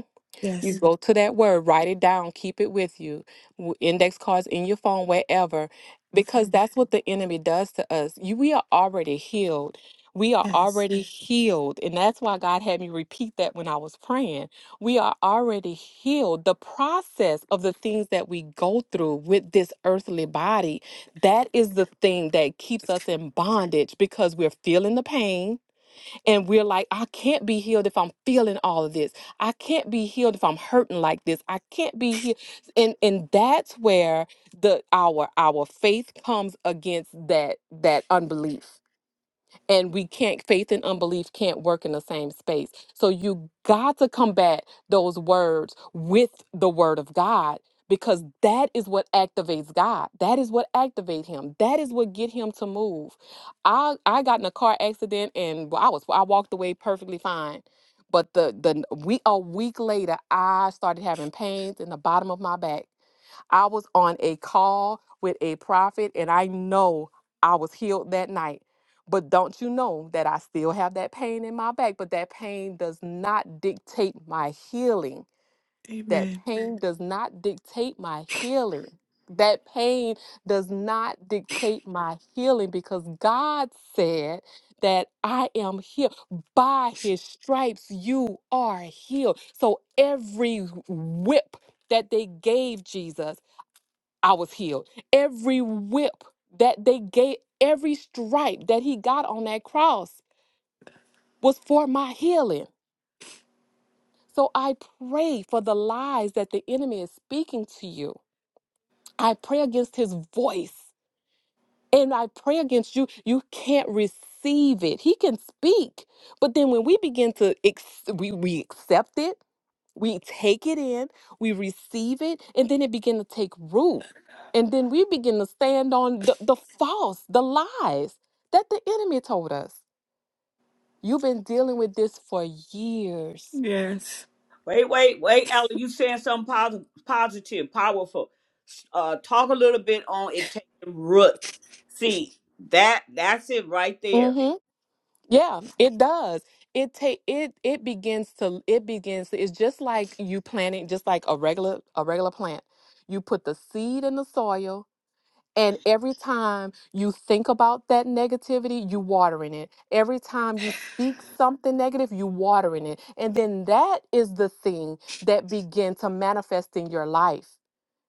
[SPEAKER 5] You
[SPEAKER 8] Yes.
[SPEAKER 5] go to that word, write it down, keep it with you, w- index cards in your phone, wherever,
[SPEAKER 8] Okay.
[SPEAKER 5] because that's what the enemy does to us. You, we are already healed. We are
[SPEAKER 8] Yes.
[SPEAKER 5] already healed. And that's why God had me repeat that when I was praying. We are already healed. The process of the things that we go through with this earthly body, that is the thing that keeps us in bondage because we're feeling the pain and we're like, I can't be healed if I'm feeling all of this. I can't be healed if I'm hurting like this. I can't be healed. And and that's where the our our faith comes against that that unbelief and we can't faith and unbelief can't work in the same space so you got to combat those words with the word of god because that is what activates god that is what activates him that is what get him to move i i got in a car accident and well, i was i walked away perfectly fine but the the we a week later i started having pains in the bottom of my back I was on a call with a prophet and I know I was healed that night. But don't you know that I still have that pain in my back? But that pain does not dictate my healing. That Mm.
[SPEAKER 8] Amen.
[SPEAKER 5] pain does not dictate my healing. That pain does not dictate my healing because God said that I am healed. By his stripes, you are healed. So every whip that they gave Jesus, I was healed. Every whip that they gave, every stripe that he got on that cross was for my healing. So I pray for the lies that the enemy is speaking to you. I pray against his voice and I pray against you. You can't receive it. He can speak, but then when we begin to ex- we, we accept it We take it in, we receive it, and then it begin to take root. And then we begin to stand on the, the false, the lies that the enemy told us. You've been dealing with this for years.
[SPEAKER 8] Yes.
[SPEAKER 1] Wait, wait, wait, Ella. You saying something positive, positive, powerful. Uh, talk a little bit on it taking root. See that? That's it right there.
[SPEAKER 5] Mm-hmm. Yeah, it does. It take it it begins to it begins to, it's just like you planting just like a regular a regular plant. You put the seed in the soil, And every time you think about that negativity, you watering it. Every time you speak something negative, you watering it. And then that is the thing that begin to manifest in your life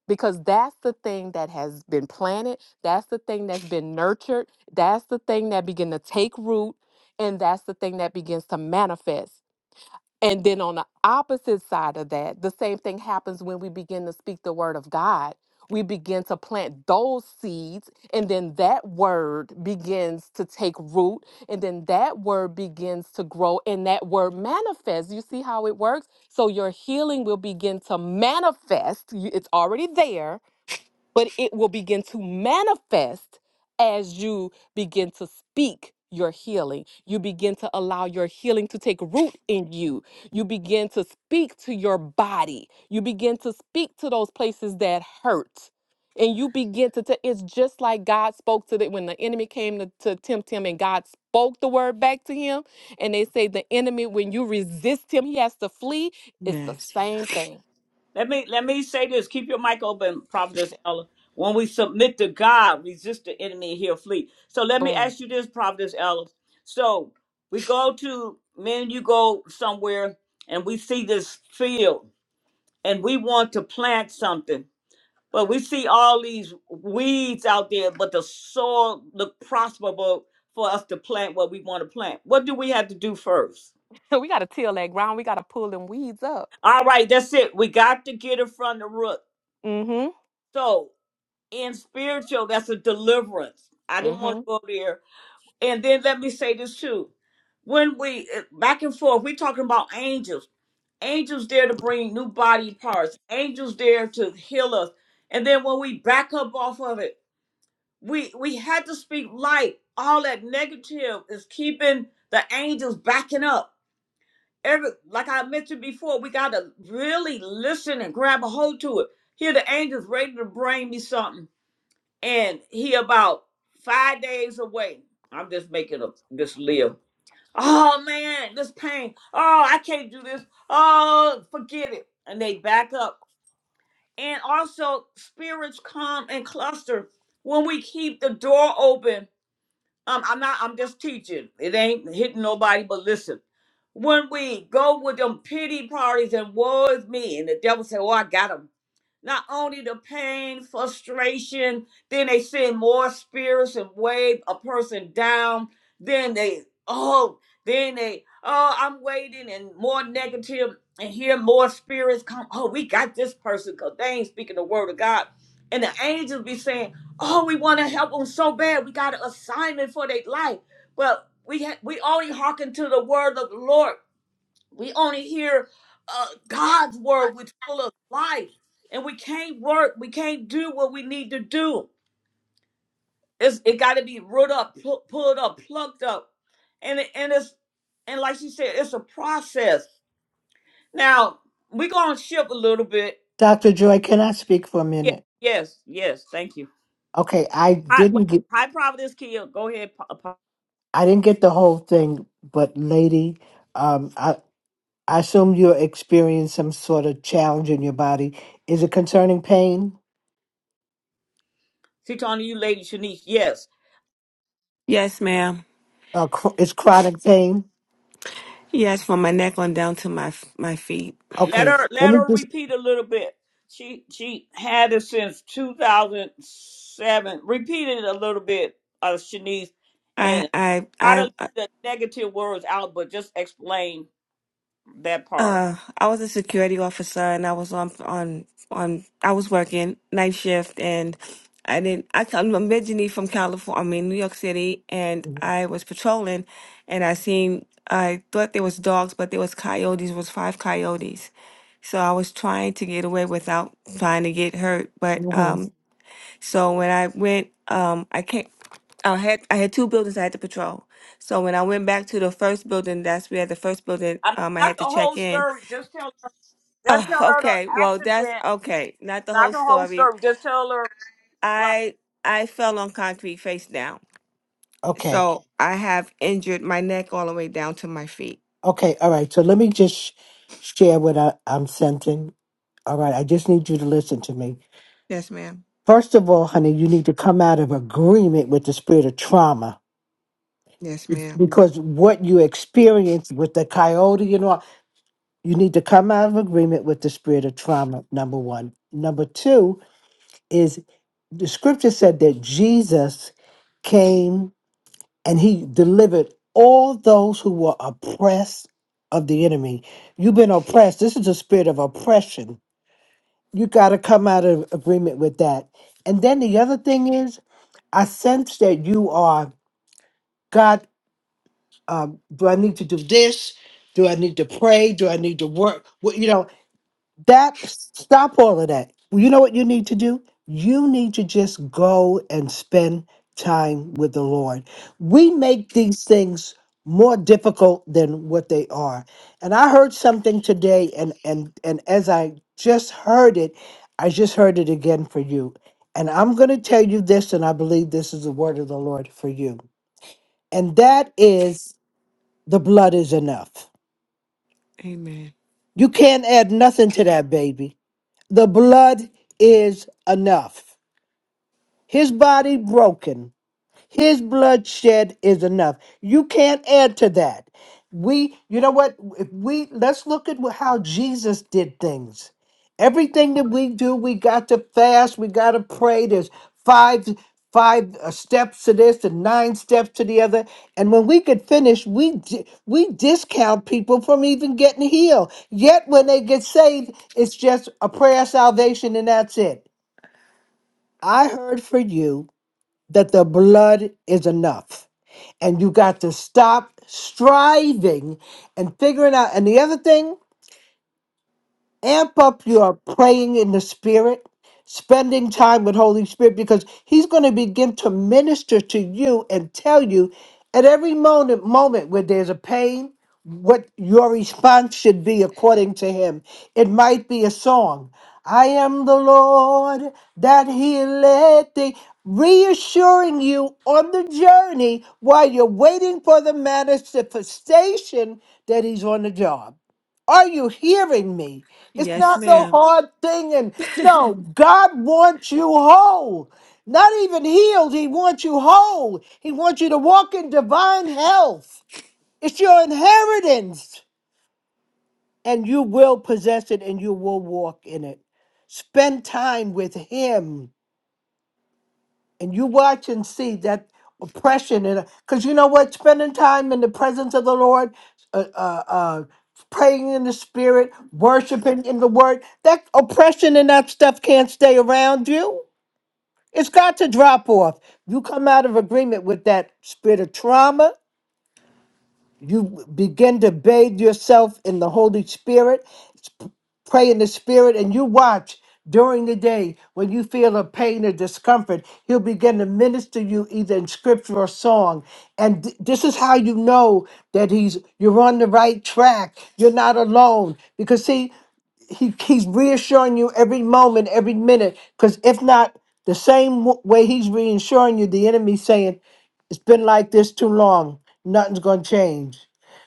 [SPEAKER 5] because that's the thing that has been planted, that's the thing that's been nurtured, that's the thing that begin to take root and that's the thing that begins to manifest. And then on the opposite side of that, the same thing happens when we begin to speak the word of God. We begin to plant those seeds, and then that word begins to take root, and then that word begins to grow, and that word manifests. You see how it works? So your healing will begin to manifest. You- It's already there but it will begin to manifest as you begin to speak your healing. You begin to allow your healing to take root in you. You begin to speak to your body. You begin to speak to those places that hurt. And you begin to, tell it's just like God spoke to the, when the enemy came to, to tempt him and God spoke the word back to him. And they say the enemy, when you resist him, he has to flee. It's the
[SPEAKER 8] Yes.
[SPEAKER 5] same thing.
[SPEAKER 1] Let me let me say this. Keep your mic open, Prophetess Ella. When we submit to God, resist the enemy, and he'll flee. So let me
[SPEAKER 5] Boom.
[SPEAKER 1] ask you this, Prophetess Ella. So we go to men. You go somewhere, and we see this field, and we want to plant something But we see all these weeds out there, but the soil look prosperable for us to plant what we want to plant. What do we have to do first?
[SPEAKER 5] we got to till that ground. We got to pull them weeds up.
[SPEAKER 1] All right, that's it. We got to get it from the root.
[SPEAKER 5] Mm-hmm.
[SPEAKER 1] So in spiritual, that's a deliverance. I didn't want
[SPEAKER 5] Mm-hmm.
[SPEAKER 1] to go there. And then let me say this too. When we eh, back and forth, we talking about angels. Angels there to bring new body parts. Angels there to heal us. And then when we back up off of it, we we had to speak light. All that negative is keeping the angels backing up. Every like I mentioned before, we gotta really listen and grab a hold to it. Here the angels ready to bring me something, and he about five days away. I'm just making up this live. Oh man, this pain. Oh, I can't do this. Oh, forget it. And they back up. And also spirits come and cluster when we keep the door open um, I'm not. I'm just teaching. It ain't hitting nobody. But listen, when we go with them pity parties and woe is me, and the devil say, "Oh, I got 'em. Not only the pain, frustration, then they send more spirits and wave a person down. Then they, oh, then they, oh, I'm waiting and more negative and hear more spirits come. Oh, we got this person because they ain't speaking the word of God. And the angels be saying, oh, we want to help them so bad. We got an assignment for their life. But we, ha- we only hearken to the word of the Lord we only hear uh, God's word, which is full of life, and we can't work. We can't do what we need to do. It's, it got to be root up, pu- pulled up, plucked up, and it, and it's and like she said, it's a process. Now we're gonna shift a little bit.
[SPEAKER 7] Dr. Joy, can I speak for a
[SPEAKER 1] Yeah,
[SPEAKER 7] minute?
[SPEAKER 1] yes, yes. Thank you.
[SPEAKER 7] Okay, I
[SPEAKER 1] Hi, wait,
[SPEAKER 7] didn't get
[SPEAKER 1] hi, Providence Kia. Go ahead. Pa- Pa-
[SPEAKER 7] I didn't get the whole thing, but lady, um I I assume you're experiencing some sort of challenge in your body. Is it concerning pain?
[SPEAKER 1] She talking to you, Lady Shanice. Yes.
[SPEAKER 8] Yes, ma'am.
[SPEAKER 7] Uh, chr- it's chronic pain.
[SPEAKER 8] Yes, from my neck on down to my my feet.
[SPEAKER 1] Let
[SPEAKER 7] Okay,
[SPEAKER 1] her
[SPEAKER 7] let
[SPEAKER 1] let
[SPEAKER 7] me
[SPEAKER 1] her
[SPEAKER 7] just
[SPEAKER 1] repeat a little bit. She she had it since 2007. Repeat it a little bit, uh, Shanice,
[SPEAKER 8] I
[SPEAKER 1] and
[SPEAKER 8] I
[SPEAKER 1] try to leave
[SPEAKER 8] I
[SPEAKER 1] the negative words out, but just explain that part.
[SPEAKER 8] Uh, I was a security officer and I was on on on I was working night shift and I didn't I come- I'm originally from California, I mean New York City and
[SPEAKER 7] Mhm.
[SPEAKER 8] I was patrolling and I seen I thought there was dogs but there was coyotes, was five coyotes. So I was trying to get away without trying to get hurt, but
[SPEAKER 7] Mhm.
[SPEAKER 8] um so when I went um I can't I had I had two buildings I had to patrol. So when I went back to the first building, that's where the first building
[SPEAKER 1] I mean,
[SPEAKER 8] um I
[SPEAKER 1] not
[SPEAKER 8] had
[SPEAKER 1] the
[SPEAKER 8] to check
[SPEAKER 1] whole
[SPEAKER 8] in
[SPEAKER 1] story. Just tell just
[SPEAKER 8] Oh,
[SPEAKER 1] tell her the
[SPEAKER 8] okay. Well, that's
[SPEAKER 1] accident.
[SPEAKER 8] okay. Not the
[SPEAKER 1] Not
[SPEAKER 8] whole
[SPEAKER 1] the whole
[SPEAKER 8] story.
[SPEAKER 1] story. Just tell her. Well,
[SPEAKER 8] I I fell on concrete face down.
[SPEAKER 7] Okay.
[SPEAKER 8] So I have injured my neck all the way down to my feet.
[SPEAKER 7] Okay. All right. So let me just sh- share what I, I'm sensing. All right. I just need you to listen to me.
[SPEAKER 8] Yes, ma'am.
[SPEAKER 7] First of all, honey, you need to come out of agreement with the spirit of trauma
[SPEAKER 8] Yes,
[SPEAKER 7] It's-
[SPEAKER 8] ma'am.
[SPEAKER 7] because what you experienced with the coyote and all. You need to come out of agreement with the spirit of trauma, number one. Number two is the scripture said that Jesus came and he delivered all those who were oppressed of the enemy. You've been oppressed. This is a spirit of oppression. You got to come out of agreement with that. And then the other thing is, I sense that you are God. Um, do I need to do this? Do I need to pray? Do I need to work? What you know? That stop all of that. Well, You know what you need to do? You need to just go and spend time with the Lord. We make these things more difficult than what they are. And I heard something today and and and as I just heard it, I just heard it again for you. And I'm going to tell you this and I believe this is the word of the Lord for you. And that is the blood is enough.
[SPEAKER 8] Amen.
[SPEAKER 7] You can't add nothing to that baby. The blood is enough. His body broken, his bloodshed is enough. You can't add to that. We, you know what? If we let's look at how Jesus did things. Everything that we do, we got to fast. We got to pray. There's five five uh, steps to this and nine steps to the other. And when we get finished, we di- we discount people from even getting healed. Yet when they get saved, it's just a prayer of salvation and that's it. I heard for you that the blood is enough and you got to stop striving and figuring out. And the other thing, amp up your praying in the spirit spending time with holy spirit because he's going to begin to minister to you and tell you at every moment moment where there's a pain what your response should be according to him it might be a song i am the lord that healeth thee reassuring you on the journey while you're waiting for the manifestation that he's on the job are you hearing me it's
[SPEAKER 8] Yes,
[SPEAKER 7] not no
[SPEAKER 8] ma'am.
[SPEAKER 7] hard thing. And no, God wants you whole. Not even healed. He wants you whole. He wants you to walk in divine health. It's your inheritance. And you will possess it and you will walk in it. Spend time with Him and you watch and see that oppression and because you know what spending time in the presence of the lord uh, uh, uh, praying in the spirit worshiping in the word that oppression and that stuff can't stay around you it's got to drop off you come out of agreement with that spirit of trauma you begin to bathe yourself in the holy spirit Pray in the spirit and you watch during the day when you feel a pain or discomfort. He'll begin to minister you either in scripture or song. And th- this is how you know that he's you're on the right track. You're not alone. Because see, he he's reassuring you every moment, every minute. Because if not, the same w- way he's reassuring you, the enemy's saying, "It's been like this too long. Nothing's gonna change.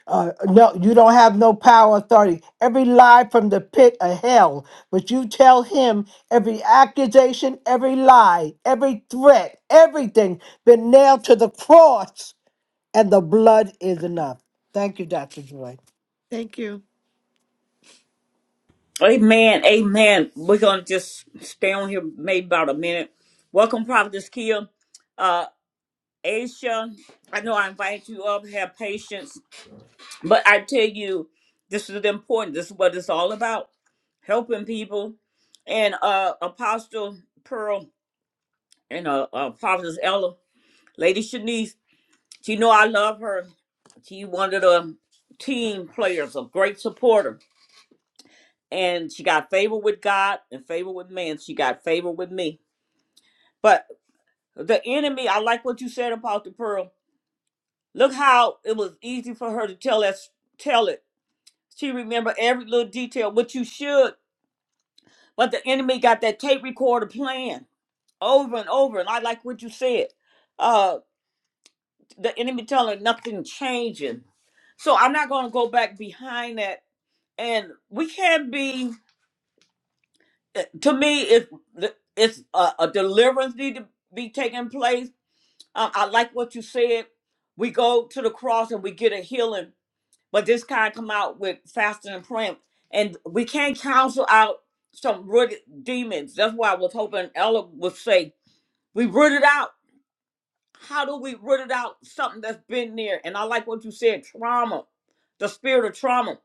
[SPEAKER 7] Uh, no, you don't have no power, authority. Every lie from the pit of hell. But you tell him every accusation, every lie, every threat, everything been nailed to the cross, and the blood is enough." Thank you, Doctor Joy.
[SPEAKER 8] Thank you.
[SPEAKER 1] amen, amen. We're gonna just stay on here maybe about a minute. Welcome, Prophetess Kia. Aisha, I know I invited you up, have patience, but I tell you, this is important. This is what it's all about helping people. And uh, Apostle Pearl and uh, uh, Prophetess Ella, Lady Shanice, she know I love her. She one of the team players, a great supporter. And she got favor with God and favor with man. She got favor with me. But the enemy, I like what you said, about the Pearl. Look how it was easy for her to tell us, tell it She remember every little detail, which you should. But the enemy got that tape recorder playing over and over. And I like what you said. Uh, the enemy telling her nothing changing. So I'm not going to go back behind that. And we can't be. eh, To me, if the- it's a, a deliverance need to be taking place, um, I like what you said. We go to the cross and we get a healing But this kind come out with fasting and praying, and we can't counsel out some rooted demons. That's why I was hoping Ella would say we root it out. How do we root it out? Something that's been there, and I like what you said, trauma, the spirit of trauma.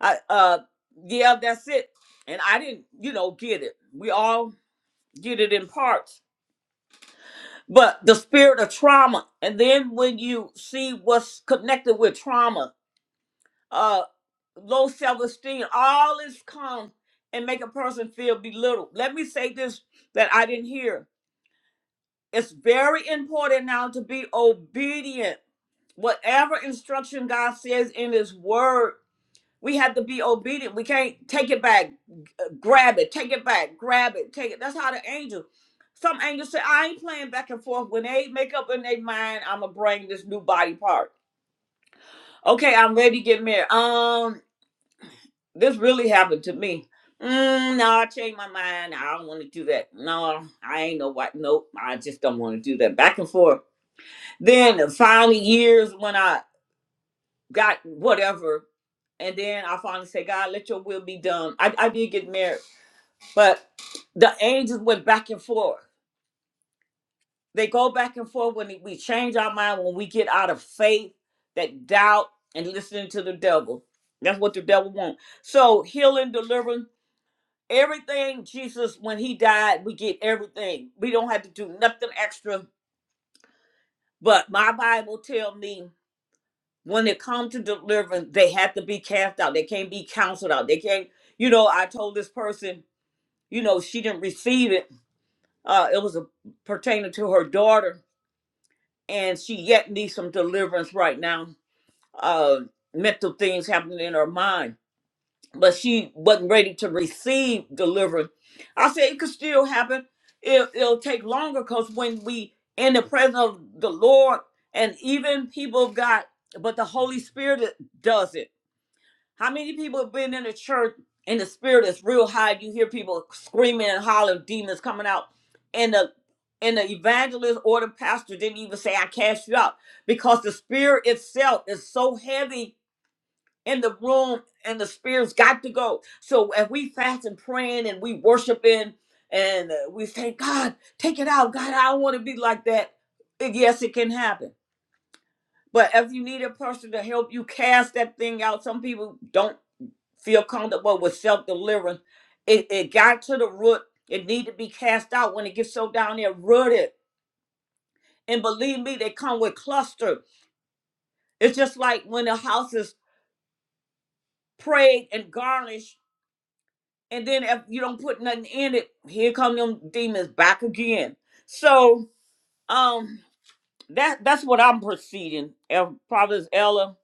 [SPEAKER 1] I, uh, yeah, that's it. And I didn't, you know, get it. We all get it in parts, but the spirit of trauma, and then when you see what's connected with trauma, uh low self-esteem all this come and make a person feel belittled let me say this that i didn't hear it's very important now to be obedient whatever instruction god says in his word we have to be obedient we can't take it back uh, grab it take it back grab it take it that's how the angel some angels say i ain't playing back and forth when they make up in their mind i'ma bring this new body part okay i'm ready to get married um This really happened to me. Mm, no, I changed my mind. I don't want to do that. No, I ain't no white. Nope, I just don't want to do that. Back and forth. Then finally, years when I got whatever, and then I finally say, God, let your will be done. I, I did get married, but the angels went back and forth. They go back and forth when we change our mind, when we get out of faith, that doubt, and listening to the devil. That's what the devil wants. So healing, deliverance Everything Jesus, when he died, we get everything. We don't have to do nothing extra. But my Bible tell me when it come to deliverance, they have to be cast out. They can't be counseled out. They can't, you know, I told this person, you know, she didn't receive it. Uh, it was a, pertaining to her daughter, and she yet needs some deliverance right now. Uh, mental things happening in her mind but she wasn't ready to receive deliverance. I said it could still happen. It, it'll take longer because when we in the presence of the Lord, and even people got, but the Holy Spirit does it. How many people have been in the church and the spirit is real high? You hear people screaming and hollering, demons coming out, and the and the evangelist or the pastor didn't even say, "I cast you out," because the spirit itself is so heavy in the room and the spirits got to go. So if we fast and praying and we worshiping and uh, we say, God, take it out. God, I don't want to be like that. Yes, it can happen. But if you need a person to help you cast that thing out, some people don't feel comfortable with self deliverance. It, it got to the root. It need to be cast out when it gets so down there rooted. And believe me, they come with cluster. It's just like when the house is prayed and garnished And then if you don't put nothing in it, here come them demons back again. So um that that's what I'm proceeding. If Providence Ella,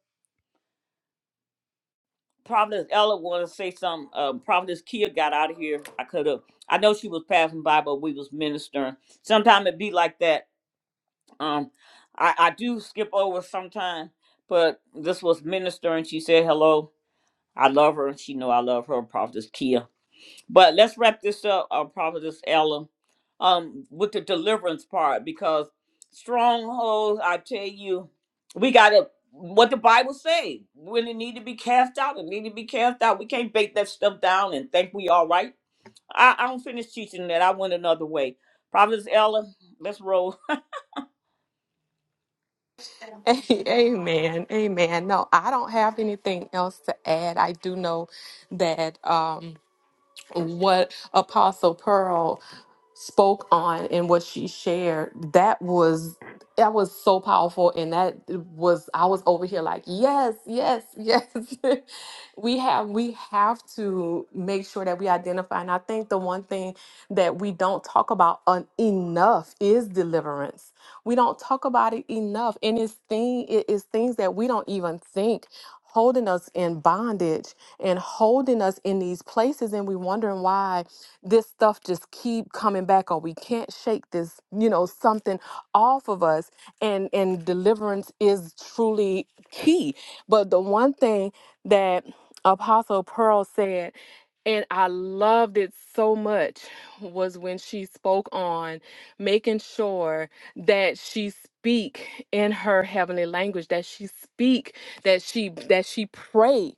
[SPEAKER 1] Providence Ella wanna say something, um Providence Kia got out of here. I could have I know she was passing by, but we was ministering. Sometimes it be like that. Um I, I do skip over sometime, but this was ministering. She said hello. I love her and she know I love her, Providence Kia. But let's wrap this up, uh, Prophetess Ella, um, with the deliverance part because strongholds, I tell you, we got to, what the Bible say, when it need to be cast out, it need to be cast out. We can't bake that stuff down and think we all right. I, I don't finish teaching that. I went another way. Prophetess Ella, let's roll.
[SPEAKER 5] A- Amen. Amen. No, I don't have anything else to add. I do know that. Um, what Apostle Pearl spoke on and what she shared, that was that was so powerful and that was I was over here like, yes, yes, yes. we have we have to make sure that we identify and I think the one thing that we don't talk about un- enough is deliverance. We don't talk about it enough and it's thing it is things that we don't even think holding us in bondage and holding us in these places and we wondering why this stuff just keep coming back or we can't shake this you know something off of us and and deliverance is truly key but the one thing that apostle pearl said and I loved it so much was when she spoke on making sure that she speak in her heavenly language that she speak that she that she pray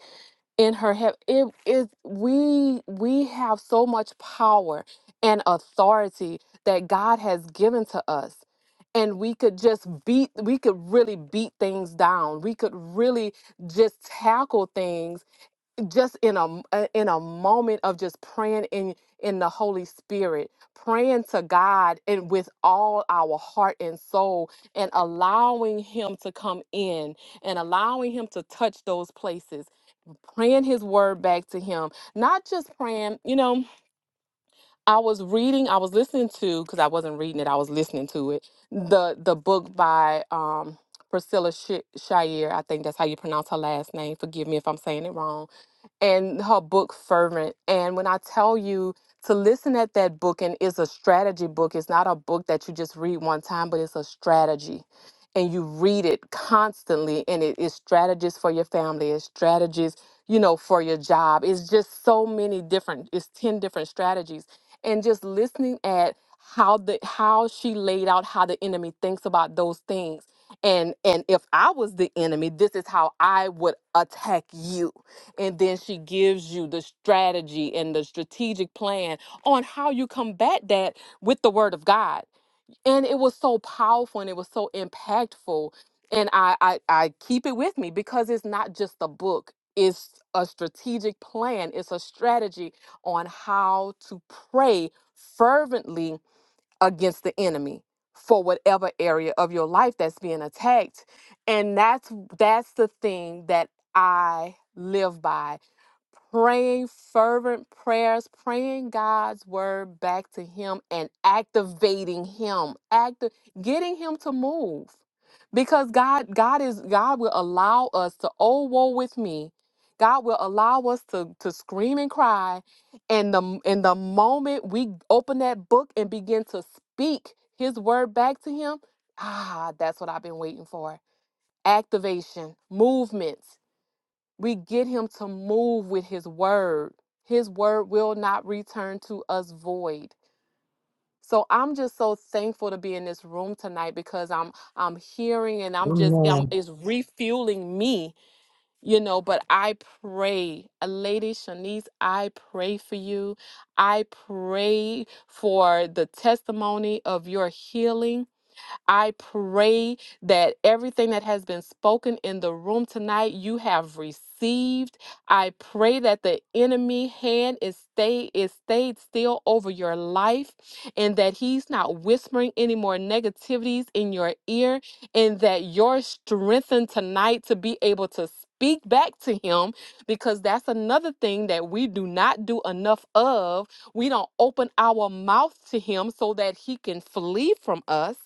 [SPEAKER 5] in her head it is we we have so much power and authority that god has given to us and we could just beat we could really beat things down we could really just tackle things just in a uh, in a moment of just praying in in the holy spirit praying to god and with all our heart and soul and allowing him to come in and allowing him to touch those places praying his word back to him not just praying you know i was reading i was listening to because i wasn't reading it i was listening to it the the book by um priscilla Sh- shire i think that's how you pronounce her last name forgive me if i'm saying it wrong and her book fervent and when i tell you to listen at that book and it's a strategy book it's not a book that you just read one time but it's a strategy and you read it constantly and it is strategies for your family it's strategies you know for your job it's just so many different it's 10 different strategies and just listening at how the how she laid out how the enemy thinks about those things and and if i was the enemy this is how i would attack you and then she gives you the strategy and the strategic plan on how you combat that with the word of god and it was so powerful and it was so impactful and i i, I keep it with me because it's not just a book it's a strategic plan it's a strategy on how to pray fervently against the enemy for whatever area of your life that's being attacked and that's that's the thing that i live by praying fervent prayers, praying God's word back to him and activating him, act getting him to move. Because God God is God will allow us to oh woe with me. God will allow us to to scream and cry and the in the moment we open that book and begin to speak his word back to him, ah, that's what I've been waiting for. Activation, movement. We get him to move with his word. His word will not return to us void. So I'm just so thankful to be in this room tonight because I'm I'm hearing and I'm just I'm,
[SPEAKER 7] Amen.
[SPEAKER 5] it's refueling me, you know. But I pray, uh, Lady Shanice, I pray for you. I pray for the testimony of your healing. I pray that everything that has been spoken in the room tonight, you have received. I pray that the enemy hand is stay is stayed still over your life and that he's not whispering any more negativities in your ear and that you're strengthened tonight to be able to speak back to him because that's another thing that we do not do enough of. We don't open our mouth to him so that he can flee from us.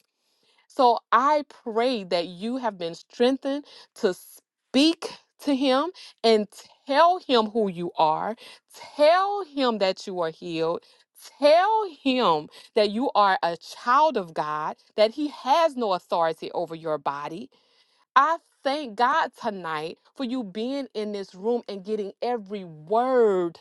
[SPEAKER 5] So I pray that you have been strengthened to speak to him and tell him who you are, tell him that you are healed. Tell him that you are a child of God, that he has no authority over your body, I thank God tonight for you being in this room and getting every word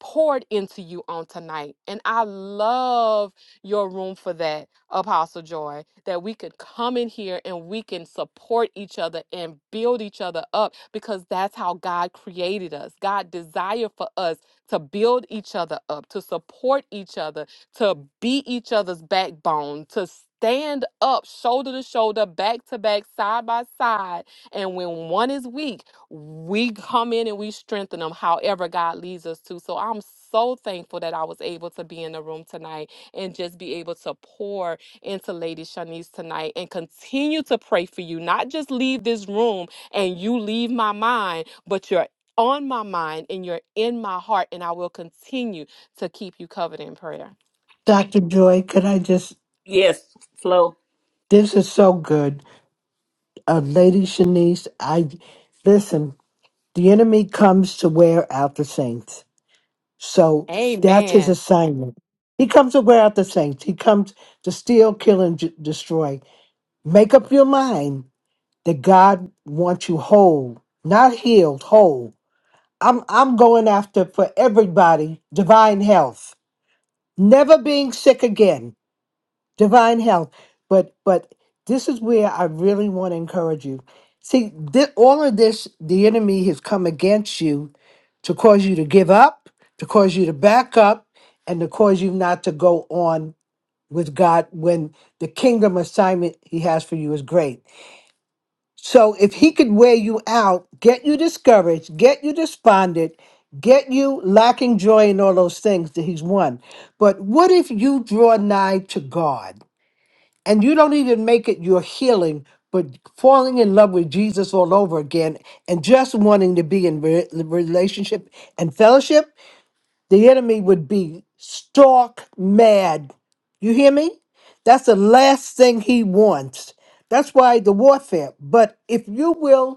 [SPEAKER 5] poured into you on tonight. And I love your room for that, Apostle Joy, that we could come in here and we can support each other and build each other up because that's how God created us. God desired for us to build each other up, to support each other to beat each other's backbone, to stand up shoulder to shoulder, back to back, side by side. And when one is weak, we come in and we strengthen them however God leads us to. So I'm so thankful that I was able to be in the room tonight and just be able to pour into Lady Shanice tonight and continue to pray for you, not just leave this room and you leave my mind, but you're on my mind and you're in my heart, and I will continue to keep you covered in prayer.
[SPEAKER 7] Doctor Joy, could I just?
[SPEAKER 1] Yes, flow.
[SPEAKER 7] This is so good. Uh, Lady Shanice, I listen, the enemy comes to wear out the saints. So that's his
[SPEAKER 5] Amen.
[SPEAKER 7] assignment. He comes to wear out the saints. He comes to steal, kill, and j- destroy. Make up your mind that God wants you whole, not healed, whole. I'm I'm going after for everybody divine health, never being sick again. divine health but but this is where i really want to encourage you see thi- all of this the enemy has come against you to cause you to give up to cause you to back up and to cause you not to go on with god when the kingdom assignment he has for you is great so if he could wear you out get you discouraged get you despondent get you lacking joy in all those things that he's won but what if you draw nigh to god and you don't even make it your healing, but falling in love with Jesus all over again and just wanting to be in re- relationship and fellowship, the enemy would be stark mad. You hear me? That's the last thing he wants. That's why the warfare. But if you will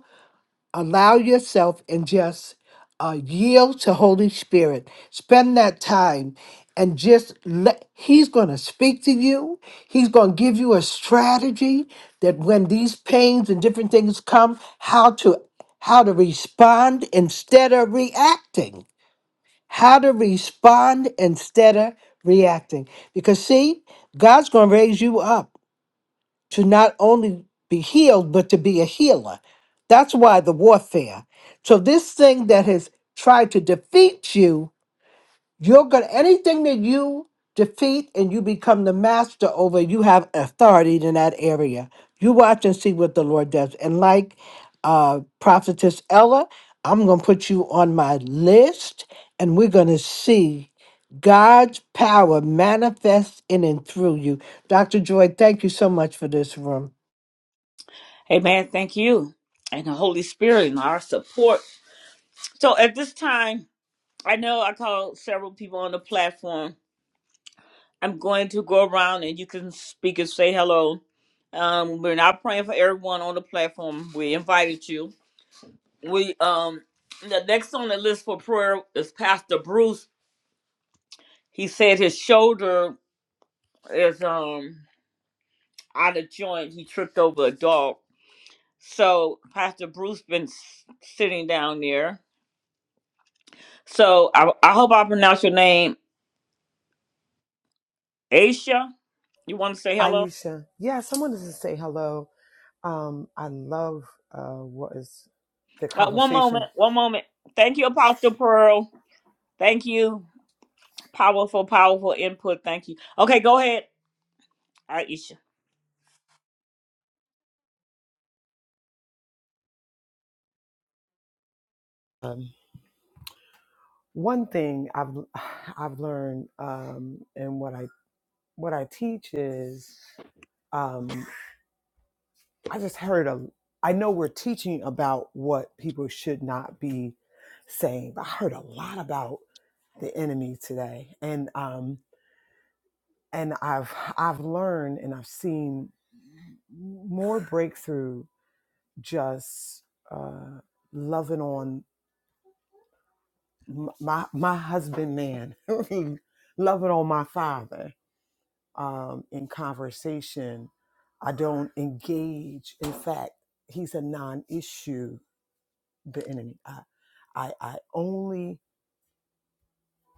[SPEAKER 7] allow yourself and just uh, yield to holy spirit spend that time and just let he's going to speak to you he's going to give you a strategy that when these pains and different things come how to how to respond instead of reacting how to respond instead of reacting because see god's going to raise you up to not only be healed, but to be a healer. That's why the warfare. So this thing that has tried to defeat you, you're gonna anything that you defeat and you become the master over, you have authority in that area. You watch and see what the Lord does. And like uh prophetess Ella, I'm gonna put you on my list and we're gonna see God's power manifest in and through you. Dr. Joy, thank you so much for this room.
[SPEAKER 1] Amen. Thank you. And the Holy Spirit and our support. So at this time, I know I called several people on the platform I'm going to go around and you can speak and say hello. Um, we're not praying for everyone on the platform. We invited you. We um the next on the list for prayer is Pastor Bruce. He said his shoulder is um out of joint. He tripped over a dog. So Pastor Bruce been s- sitting down there. So I, I hope I pronounce your name, Aisha. You want to say hello?
[SPEAKER 9] Aisha. yeah, someone doesn't say hello. Um, I love uh, what is the
[SPEAKER 1] Uh, one moment,
[SPEAKER 9] conversation.
[SPEAKER 1] one moment. Thank you, Apostle Pearl. Thank you. Powerful, powerful input. Thank you. Okay, go ahead, Aisha.
[SPEAKER 9] Um, one thing I've I've learned um, and what I what I teach is um, I just heard a. I know we're teaching about what people should not be saying, but I heard a lot about the enemy today, and um, and I've I've learned and I've seen more breakthrough just uh, loving on m- my my husband man, loving on my father um, in conversation. I don't engage. In fact, he's a non-issue the enemy. I, I, I only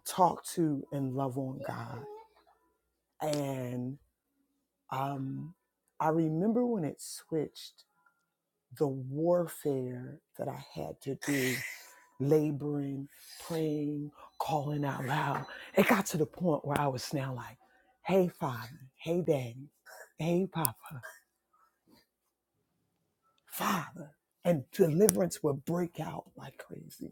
[SPEAKER 9] talk to and love on God. And um, I remember when it switched, the warfare that I had to do, laboring, praying, calling out loud. It got to the point where I was now like, hey, Father, hey, Daddy, hey, Papa, Father. And deliverance would break out like crazy.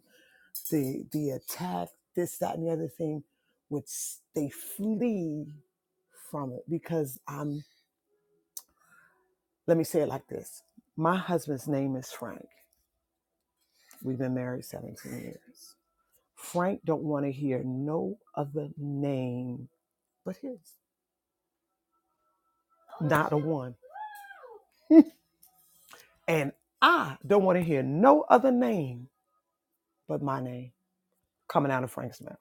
[SPEAKER 9] the the attack, this, that, and the other thing, which they flee from it because I'm. Let me say it like this: My husband's name is Frank. We've been married 17 years. Frank don't want to hear no other name but his, not a one. And I don't want to hear no other name but my name coming out of Frank's mouth.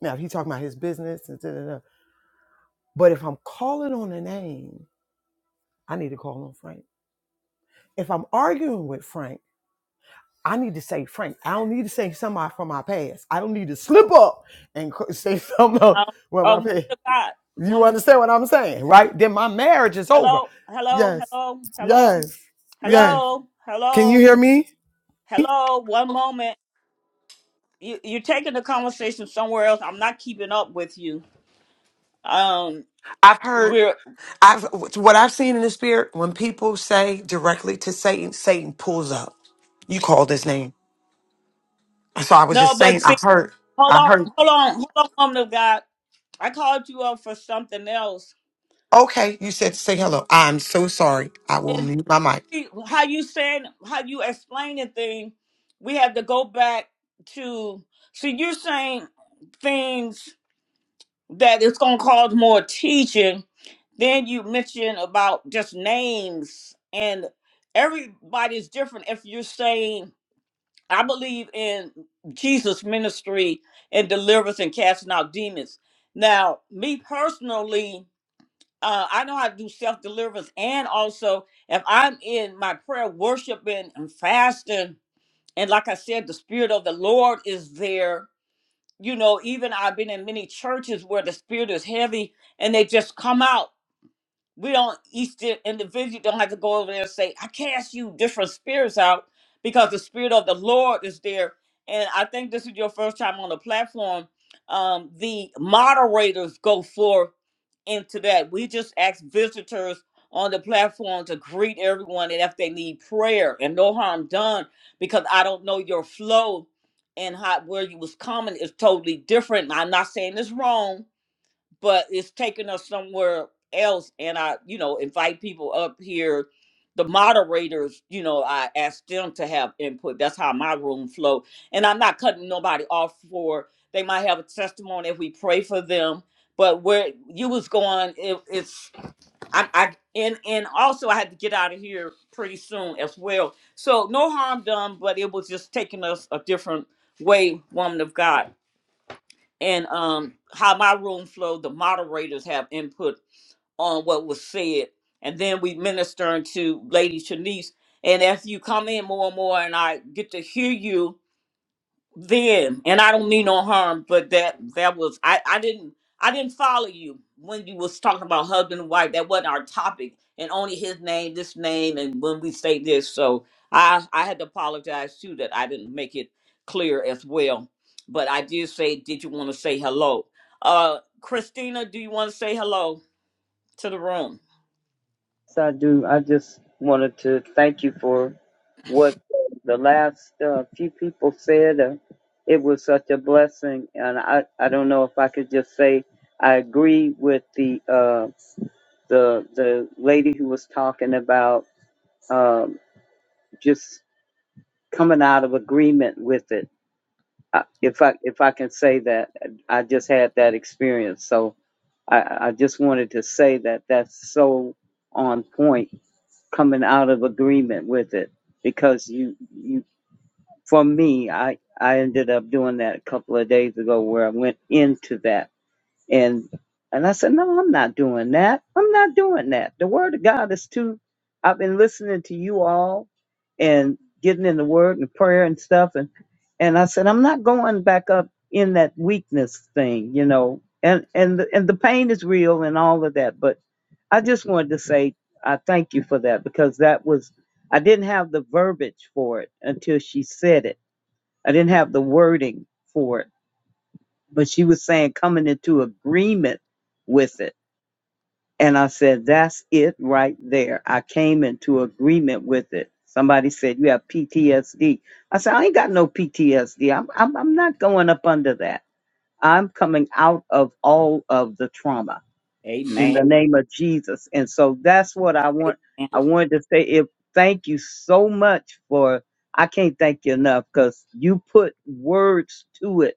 [SPEAKER 9] Now, if he talking about his business, and da, da, da, but if I'm calling on a name, I need to call on Frank if I'm arguing with Frank, I need to say Frank. I don't need to say somebody from my past. I don't need to slip up and co- say something else
[SPEAKER 1] Um,
[SPEAKER 9] from
[SPEAKER 1] oh,
[SPEAKER 9] my
[SPEAKER 1] woman
[SPEAKER 9] past.
[SPEAKER 1] of God,
[SPEAKER 9] You
[SPEAKER 1] woman.
[SPEAKER 9] understand what I'm saying, right? Then my marriage is over.
[SPEAKER 1] Hello, hello,
[SPEAKER 9] Yes,
[SPEAKER 1] hello, hello,
[SPEAKER 9] yes, yes.
[SPEAKER 1] hello,
[SPEAKER 9] Can you
[SPEAKER 1] hello,
[SPEAKER 9] hear me?
[SPEAKER 1] hello. One moment. You, you're taking the conversation somewhere else. I'm not keeping up with you. Um,
[SPEAKER 9] I've heard
[SPEAKER 1] we're
[SPEAKER 9] I've what I've seen in the spirit when people say directly to Satan, Satan pulls up. You called his name. So I was
[SPEAKER 1] no,
[SPEAKER 9] just
[SPEAKER 1] but
[SPEAKER 9] saying I
[SPEAKER 1] see,
[SPEAKER 9] heard
[SPEAKER 1] hold
[SPEAKER 9] I
[SPEAKER 1] on,
[SPEAKER 9] heard
[SPEAKER 1] hold on, hold on, woman of God. I called you up for something else.
[SPEAKER 9] okay, you said to say hello. I'm so sorry. I will mute my mic.
[SPEAKER 1] how you saying how you explaining thing we have to go back to see you're saying things that it's going to cause more teaching then you mention about just names and everybody's different if you're saying i believe in jesus ministry and deliverance and casting out demons now me personally uh, I know how to do self deliverance, and also if I'm in my prayer, worshiping and fasting, and like I said, the spirit of the Lord is there. You know, even I've been in many churches where the spirit is heavy, and they just come out. We don't each di- individual don't have to go over there and say, "I cast you different spirits out," because the spirit of the Lord is there. And I think this is your first time on the platform. Um, the moderators go forth into that. We just ask visitors on the platform to greet everyone and if they need prayer and no harm done because I don't know your flow and how where you was coming is totally different. I'm not saying it's wrong, but it's taking us somewhere else and i you know invite people up here the moderators you know i ask them to have input that's how my room flow and i'm not cutting nobody off for they might have a testimony if we pray for them but where you was going it, it's I, I and and also i had to get out of here pretty soon as well so no harm done but it was just taking us a different way woman of god and um how my room flowed the moderators have input on what was said and then we ministering to lady shanice and as you come in more and more and i get to hear you then and i don't mean no harm but that that was i i didn't i didn't follow you when you was talking about husband and wife that wasn't our topic and only his name this name and when we say this so i i had to apologize too that i didn't make it clear as well but i did say did you want to say hello uh christina do you want to say hello to the room
[SPEAKER 10] Sadu, I just wanted to thank you for what the last uh, few people said. Uh, it was such a blessing, and I, I don't know if I could just say I agree with the uh, the the lady who was talking about um, just coming out of agreement with it. I, if I if I can say that, I just had that experience, so I, I just wanted to say that that's so on point coming out of agreement with it because you you for me I I ended up doing that a couple of days ago where I went into that and and I said no I'm not doing that I'm not doing that the word of God is too I've been listening to you all and getting in the word and prayer and stuff and and I said I'm not going back up in that weakness thing you know and and the, and the pain is real and all of that but I just wanted to say I thank you for that because that was I didn't have the verbiage for it until she said it. I didn't have the wording for it, but she was saying coming into agreement with it. And I said, that's it right there. I came into agreement with it. Somebody said, you have PTSD. I said, I ain't got no PTSD. I'm, I'm, I'm not going up under that. I'm coming out of all of the trauma in
[SPEAKER 1] amen
[SPEAKER 10] the name of Jesus. And so that's what I want.
[SPEAKER 1] amen
[SPEAKER 10] I wanted to say if thank you so much for I can't thank you enough because you put words to it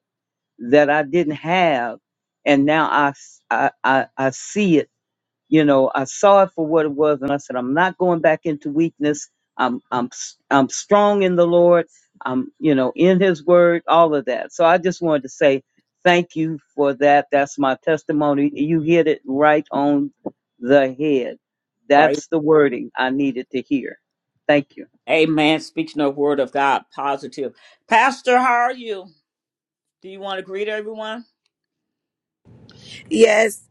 [SPEAKER 10] that I didn't have. And now I, s- I, I, I see it you know i saw it for what it was and i said i'm not going back into weakness i'm i'm am i i'm strong in the lord i'm you know in his word all of that so i just wanted to say thank you for that that's my testimony you hit it right on the head
[SPEAKER 1] Praise-
[SPEAKER 10] that's the wording i needed to hear thank you
[SPEAKER 1] amen speaking the word of god positive pastor how are you do you want to greet everyone
[SPEAKER 11] Yes.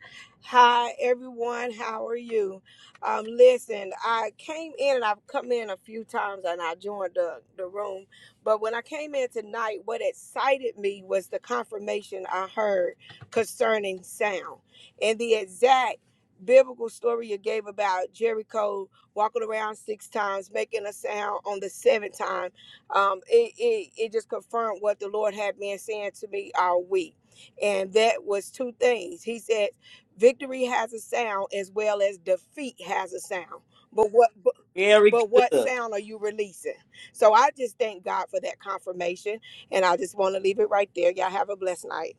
[SPEAKER 11] Hi, everyone. How are you? Um, listen, I came in and I've come in a few times and I joined the, the room. But when I came in tonight, what excited me was the confirmation I heard concerning sound and the exact biblical story you gave about Jericho walking around six times, making a sound on the seventh time. Um, it, it, it just confirmed what the Lord had been saying to me all week and that was two things. He said, "Victory has a sound as well as defeat has a sound." But what but,
[SPEAKER 1] Very
[SPEAKER 11] but what
[SPEAKER 1] good.
[SPEAKER 11] sound are you releasing? So I just thank God for that confirmation, and I just want to leave it right there. Y'all have a blessed night.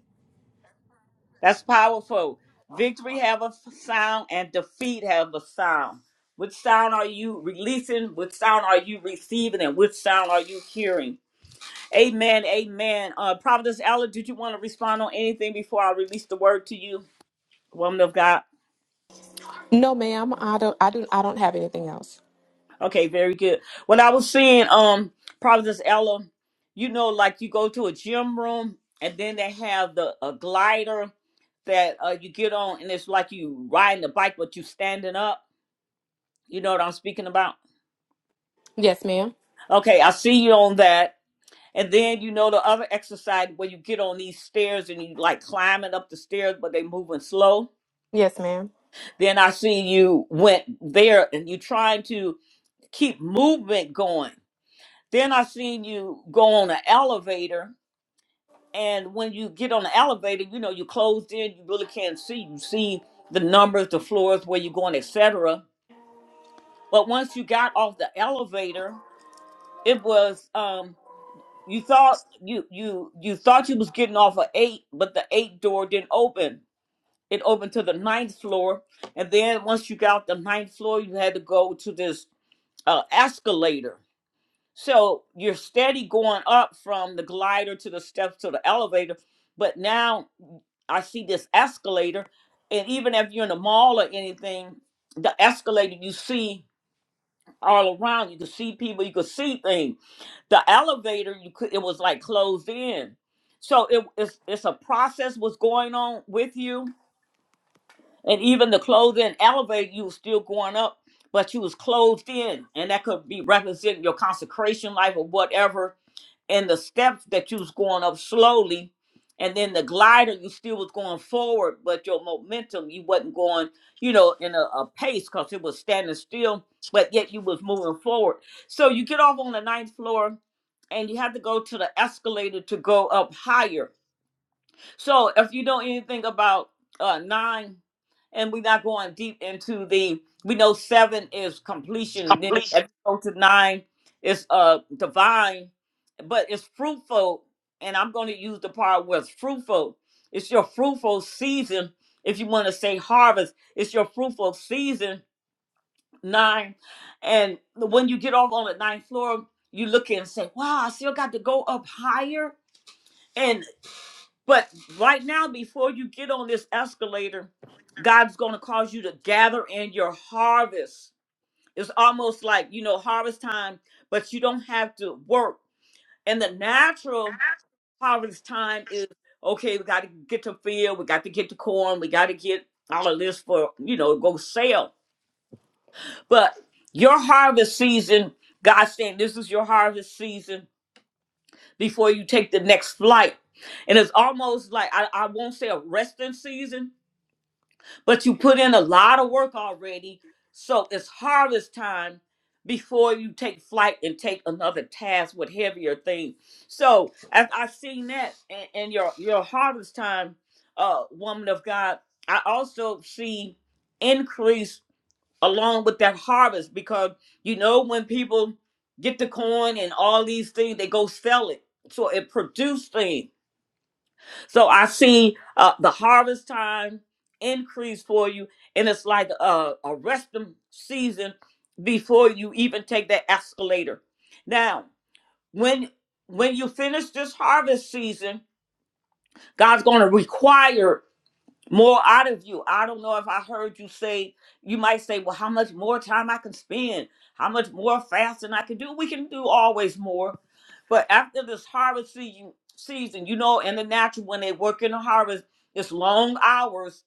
[SPEAKER 1] That's powerful. Victory have a f- sound and defeat have a sound. Which sound are you releasing? Which sound are you receiving? And which sound are you hearing? Amen. Amen. Uh, Providence Ella, did you want to respond on anything before I release the word to you, woman of God?
[SPEAKER 5] No, ma'am. I don't. I do. I don't have anything else.
[SPEAKER 1] Okay, very good. When I was seeing um Providence Ella, you know, like you go to a gym room and then they have the a glider that uh, you get on and it's like you riding the bike but you standing up. You know what I'm speaking about?
[SPEAKER 5] Yes, ma'am.
[SPEAKER 1] Okay, I see you on that. And then you know the other exercise where you get on these stairs and you like climbing up the stairs but they moving slow.
[SPEAKER 5] Yes, ma'am.
[SPEAKER 1] Then I see you went there and you trying to keep movement going Then I seen you go on an elevator, and when you get on the elevator, you know you are closed in, you really can't see. You see the numbers, the floors where you're going, etc. But once you got off the elevator, it was um you thought you you you thought you was getting off of eight, but the eight door didn't open. It opened to the ninth floor, and then once you got the ninth floor, you had to go to this uh, escalator So you're steady going up from the glider to the steps to the elevator, but now I see this escalator, and even if you're in a mall or anything, the escalator you see all around. You could see people, you could see things. The elevator, you could it was like closed in. So it, it's it's a process was going on with you, and even the closed in elevator, you were still going up, but you was closed in, and that could be representing your consecration life or whatever and the steps that you was going up slowly and then the glider you still was going forward but your momentum you wasn't going you know in a, a pace because it was standing still but yet you was moving forward so you get off on the ninth floor and you have to go to the escalator to go up higher so if you know anything about uh nine, and we're not going deep into the we know seven is completion, then if you go to nine, it's uh divine, but it's fruitful, and I'm gonna use the part where it's fruitful. It's your fruitful season, if you want to say harvest, it's your fruitful season, nine. And when you get off on the ninth floor, you look and say, Wow, I still got to go up higher And but right now, before you get on this escalator, God's going to cause you to gather in your harvest. It's almost like, you know, harvest time, but you don't have to work. And the natural harvest time is okay, we got to get to field, we got to get to corn, we got to get all of this for, you know, go sell. But your harvest season, God's saying this is your harvest season before you take the next flight. And it's almost like, I, I won't say a resting season, but you put in a lot of work already. So it's harvest time before you take flight and take another task with heavier things. So as I seen that and, and your your harvest time, uh, woman of God, I also see increase along with that harvest because you know when people get the corn and all these things, they go sell it. So it produces things so I see uh, the harvest time increase for you, and it's like a, a resting season before you even take that escalator. Now, when when you finish this harvest season, God's going to require more out of you. I don't know if I heard you say, you might say, well, how much more time I can spend, how much more fasting I can do. We can do always more. But after this harvest season, season, you know, in the natural, when they work in the harvest, it's long hours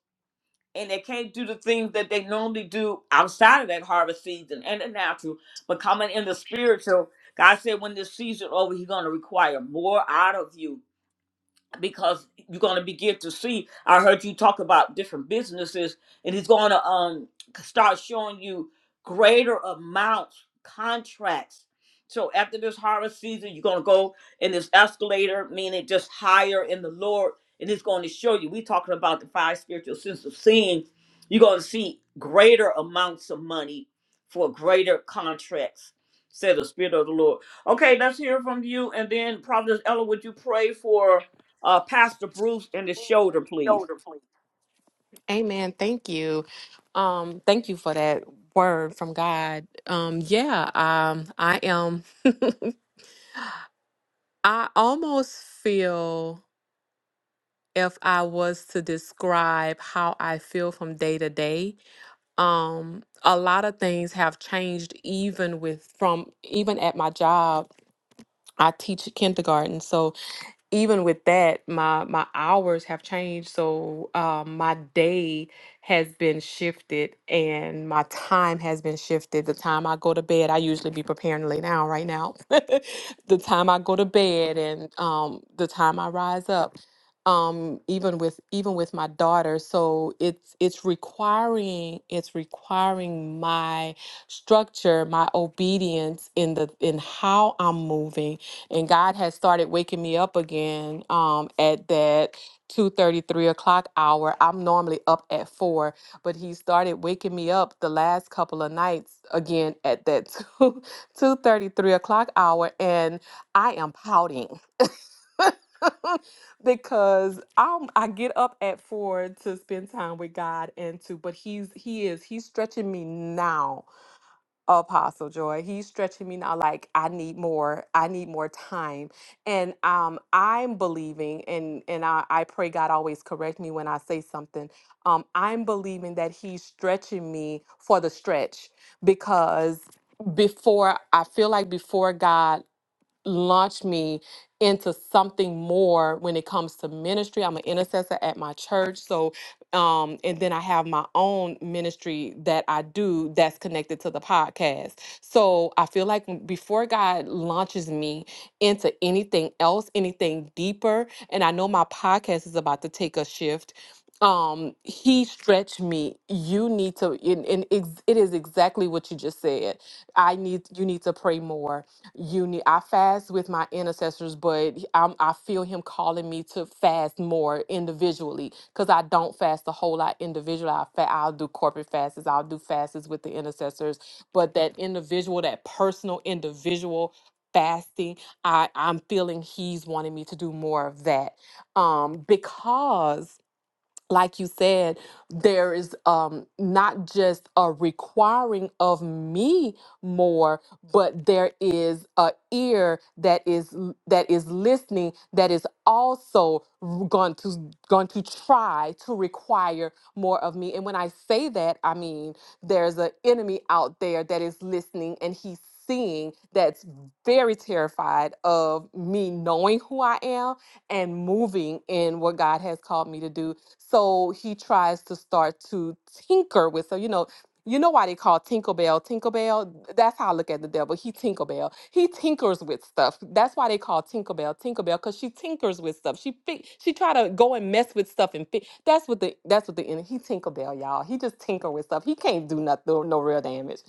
[SPEAKER 1] and they can't do the things that they normally do outside of that harvest season and the natural. But coming in the spiritual, God said, when this season over, He's going to require more out of you because you're going to begin to see i heard you talk about different businesses and he's going to um start showing you greater amounts contracts so after this harvest season you're going to go in this escalator meaning just higher in the lord and he's going to show you we talking about the five spiritual senses of seeing you're going to see greater amounts of money for greater contracts said the spirit of the lord okay let's hear from you and then prophet ella would you pray for uh, Pastor Bruce in the shoulder, please.
[SPEAKER 5] Amen. Thank you. Um, thank you for that word from God. Um, yeah, um, I am I almost feel if I was to describe how I feel from day to day, um, a lot of things have changed even with from even at my job. I teach kindergarten, so. even with that, my my hours have changed. So um, my day has been shifted, and my time has been shifted. The time I go to bed, I usually be preparing to lay down right now. the time I go to bed, and um, the time I rise up. Um, even with even with my daughter, so it's it's requiring it's requiring my structure, my obedience in the in how I'm moving and God has started waking me up again um, at that two thirty, three o'clock hour. I'm normally up at 4, but He started waking me up the last couple of nights again at that two two thirty, three o'clock hour, and I am pouting. because I'm I get up at four to spend time with God and to but he's he is he's stretching me now Apostle Joy. He's stretching me now like I need more. I need more time. And um I'm believing and and I, I pray God always correct me when I say something. Um I'm believing that he's stretching me for the stretch because before I feel like before God Launch me into something more when it comes to ministry. I'm an intercessor at my church. So, um, and then I have my own ministry that I do that's connected to the podcast. So I feel like when- before God launches me into anything else, anything deeper, and I know my podcast is about to take a shift. Um, he stretched me. You need to, and, and ex- it is exactly what you just said. I need, you need to pray more you need i fast with my intercessors but I'm, i feel him calling me to fast more individually because i don't fast a whole lot individually I fa- i'll do corporate fasts i'll do fasts with the intercessors but that individual that personal individual fasting i i'm feeling he's wanting me to do more of that um because like you said, there is um, not just a requiring of me more, but there is a ear that is l- that is listening that is also r- going to going to try to require more of me. And when I say that, I mean there's an enemy out there that is listening and he's seeing that's very terrified of me knowing who I am and moving in what God has called me to do so he tries to start to tinker with her. You know, you know why they call Tinkerbell Tinkerbell? That's how I look at the devil. He Tinkerbell. He tinkers with stuff. That's why they call Tinkerbell Tinkerbell because she tinkers with stuff. She fi- she try to go and mess with stuff and fi- that's what the that's what the enemy. He Tinkerbell, y'all. He just tinker with stuff. He can't do nothing, no no real damage.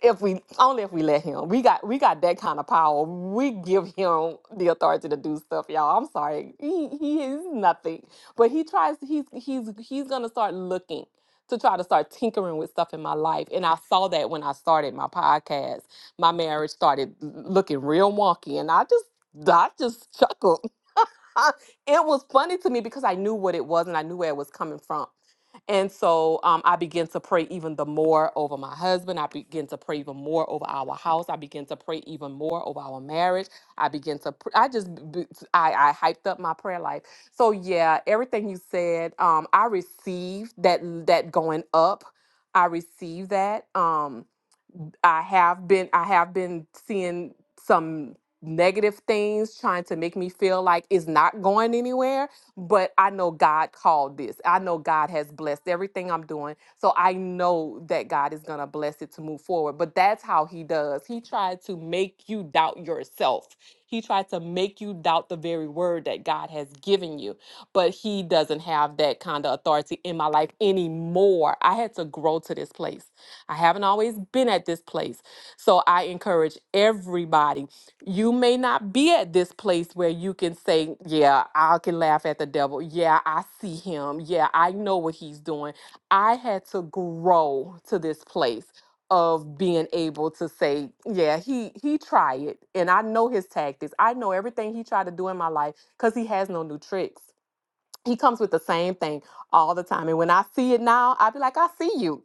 [SPEAKER 5] If we only if we let him. We got we got that kind of power. We give him the authority to do stuff, y'all. I'm sorry. He he is nothing. But he tries he's he's he's gonna start looking to try to start tinkering with stuff in my life. And I saw that when I started my podcast. My marriage started looking real wonky and I just I just chuckled it was funny to me because I knew what it was and I knew where it was coming from. And so um, I began to pray even the more over my husband. I began to pray even more over our house. I began to pray even more over our marriage. I began to, pr- I just, b- b- I, I hyped up my prayer life. So yeah, everything you said, um, I received that, that going up. I received that. Um. I have been I have been seeing some negative things trying to make me feel like it's not going anywhere, but I know God called this. I know God has blessed everything I'm doing. So I know that God is going to bless it to move forward. But that's how he does. He tried to make you doubt yourself. He tried to make you doubt the very word that God has given you. But he doesn't have that kind of authority in my life anymore. I had to grow to this place. I haven't always been at this place. So I encourage everybody. You may not be at this place where you can say, Yeah, I can laugh at the devil. Yeah, I see him. Yeah, I know what he's doing. I had to grow to this place of being able to say, Yeah, he he tried it. And I know his tactics. I know everything he tried to do in my life because he has no new tricks. He comes with the same thing all the time. And when I see it now, i be like, I see you.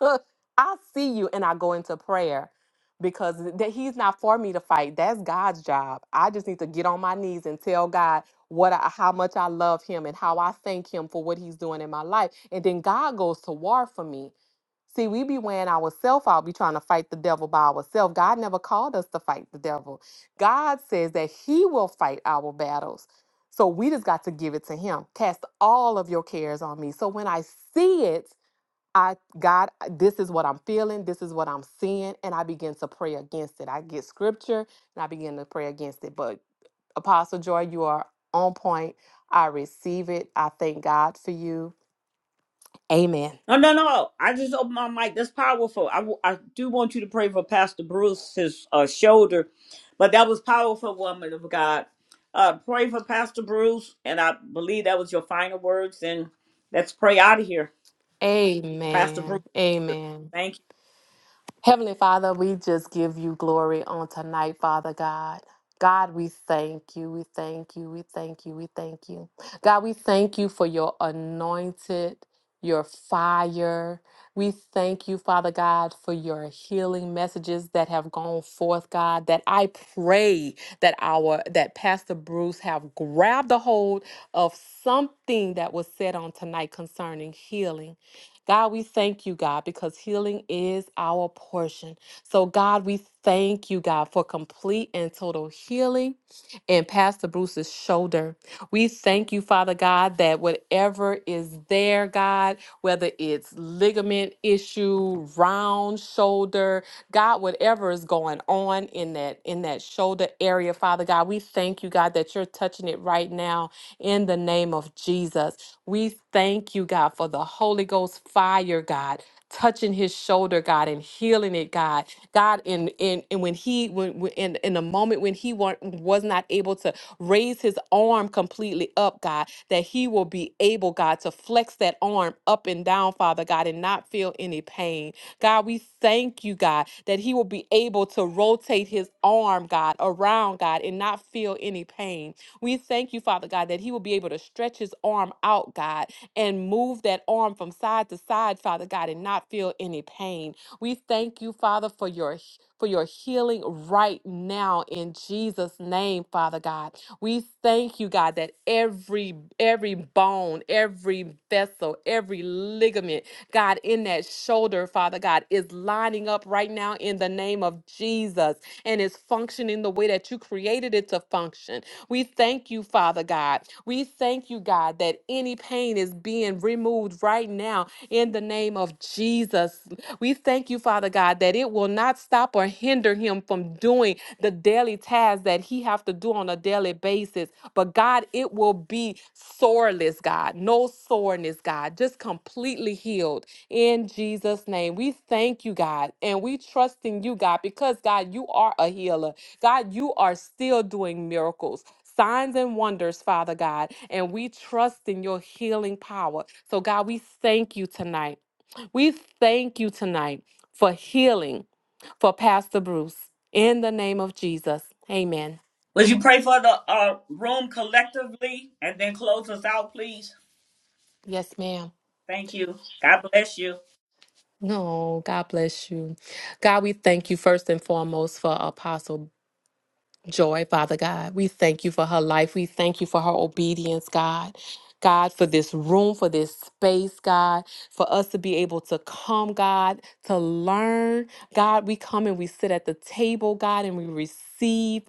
[SPEAKER 5] I see you and I go into prayer because that he's not for me to fight. That's God's job. I just need to get on my knees and tell God what I, how much I love him and how I thank him for what he's doing in my life. And then God goes to war for me. See, we be weighing ourselves out, be trying to fight the devil by ourselves. God never called us to fight the devil. God says that he will fight our battles. So we just got to give it to him. Cast all of your cares on me. So when I see it, I God, this is what I'm feeling, this is what I'm seeing, and I begin to pray against it. I get scripture and I begin to pray against it. But Apostle Joy, you are on point. I receive it. I thank God for you. Amen.
[SPEAKER 1] No, no, no. I just opened my mic. That's powerful. I, w- I do want you to pray for Pastor Bruce's uh, shoulder, but that was powerful, woman of God. Uh, pray for Pastor Bruce, and I believe that was your final words. And let's pray out of here, Pastor Bruce.
[SPEAKER 5] Amen. Amen.
[SPEAKER 1] Thank you.
[SPEAKER 5] Heavenly Father, we just give you glory on tonight, Father God. God, we thank you. We thank you. We thank you. We thank you. God, we thank you for your anointed, your fire. We thank you, Father God, for your healing messages that have gone forth, God, that I pray that our that Pastor Bruce have grabbed a hold of something that was said on tonight concerning healing. God, we thank you, God, because healing is our portion. So, God, we thank you, God, for complete and total healing in Pastor Bruce's shoulder. We thank you, Father God, that whatever is there, God, whether it's ligament issue, round shoulder, God, whatever is going on in that in that shoulder area, Father God, we thank you, God, that you're touching it right now in the name of Jesus. We thank you, God, for the Holy Ghost fire, God, touching his shoulder, God, and healing it, God. God, in in and when he when, when in, in the moment when he wa- was not able to raise his arm completely up, God, that he will be able, God, to flex that arm up and down, Father God, and not feel any pain. God, we thank you, God, that he will be able to rotate his arm, God, around, God, and not feel any pain. We thank you, Father God, that he will be able to stretch his arm out, God, and move that arm from side to side, Father God, and not feel any pain. We thank you, Father, for your for your healing right now in Jesus name, Father God. We thank you, God, that every every bone, every vessel, every ligament, God, in that shoulder, Father God, is lining up right now in the name of Jesus and is functioning the way that you created it to function. We thank you, Father God. We thank you, God, that any pain is being removed right now in the name of Jesus. We thank you, Father God, that it will not stop or hinder him from doing the daily tasks that he have to do on a daily basis. But God, it will be soreless, God. No soreness, God. Just completely healed in Jesus' name. We thank you, God, and we trust in you, God, because God, you are a healer. God, you are still doing miracles, signs and wonders, Father God, and we trust in your healing power. So, God, we thank you tonight. We thank you tonight for healing for Pastor Bruce in the name of Jesus. Amen.
[SPEAKER 1] Would you pray for the uh, room collectively and then close us out, please?
[SPEAKER 5] Yes, ma'am.
[SPEAKER 1] Thank you. God bless you.
[SPEAKER 5] No, God bless you. God, we thank you first and foremost for Apostle Joy, Father God. We thank you for her life. We thank you for her obedience, God. God, for this room, for this space, God, for us to be able to come, God, to learn. God, we come and we sit at the table, God, and we receive,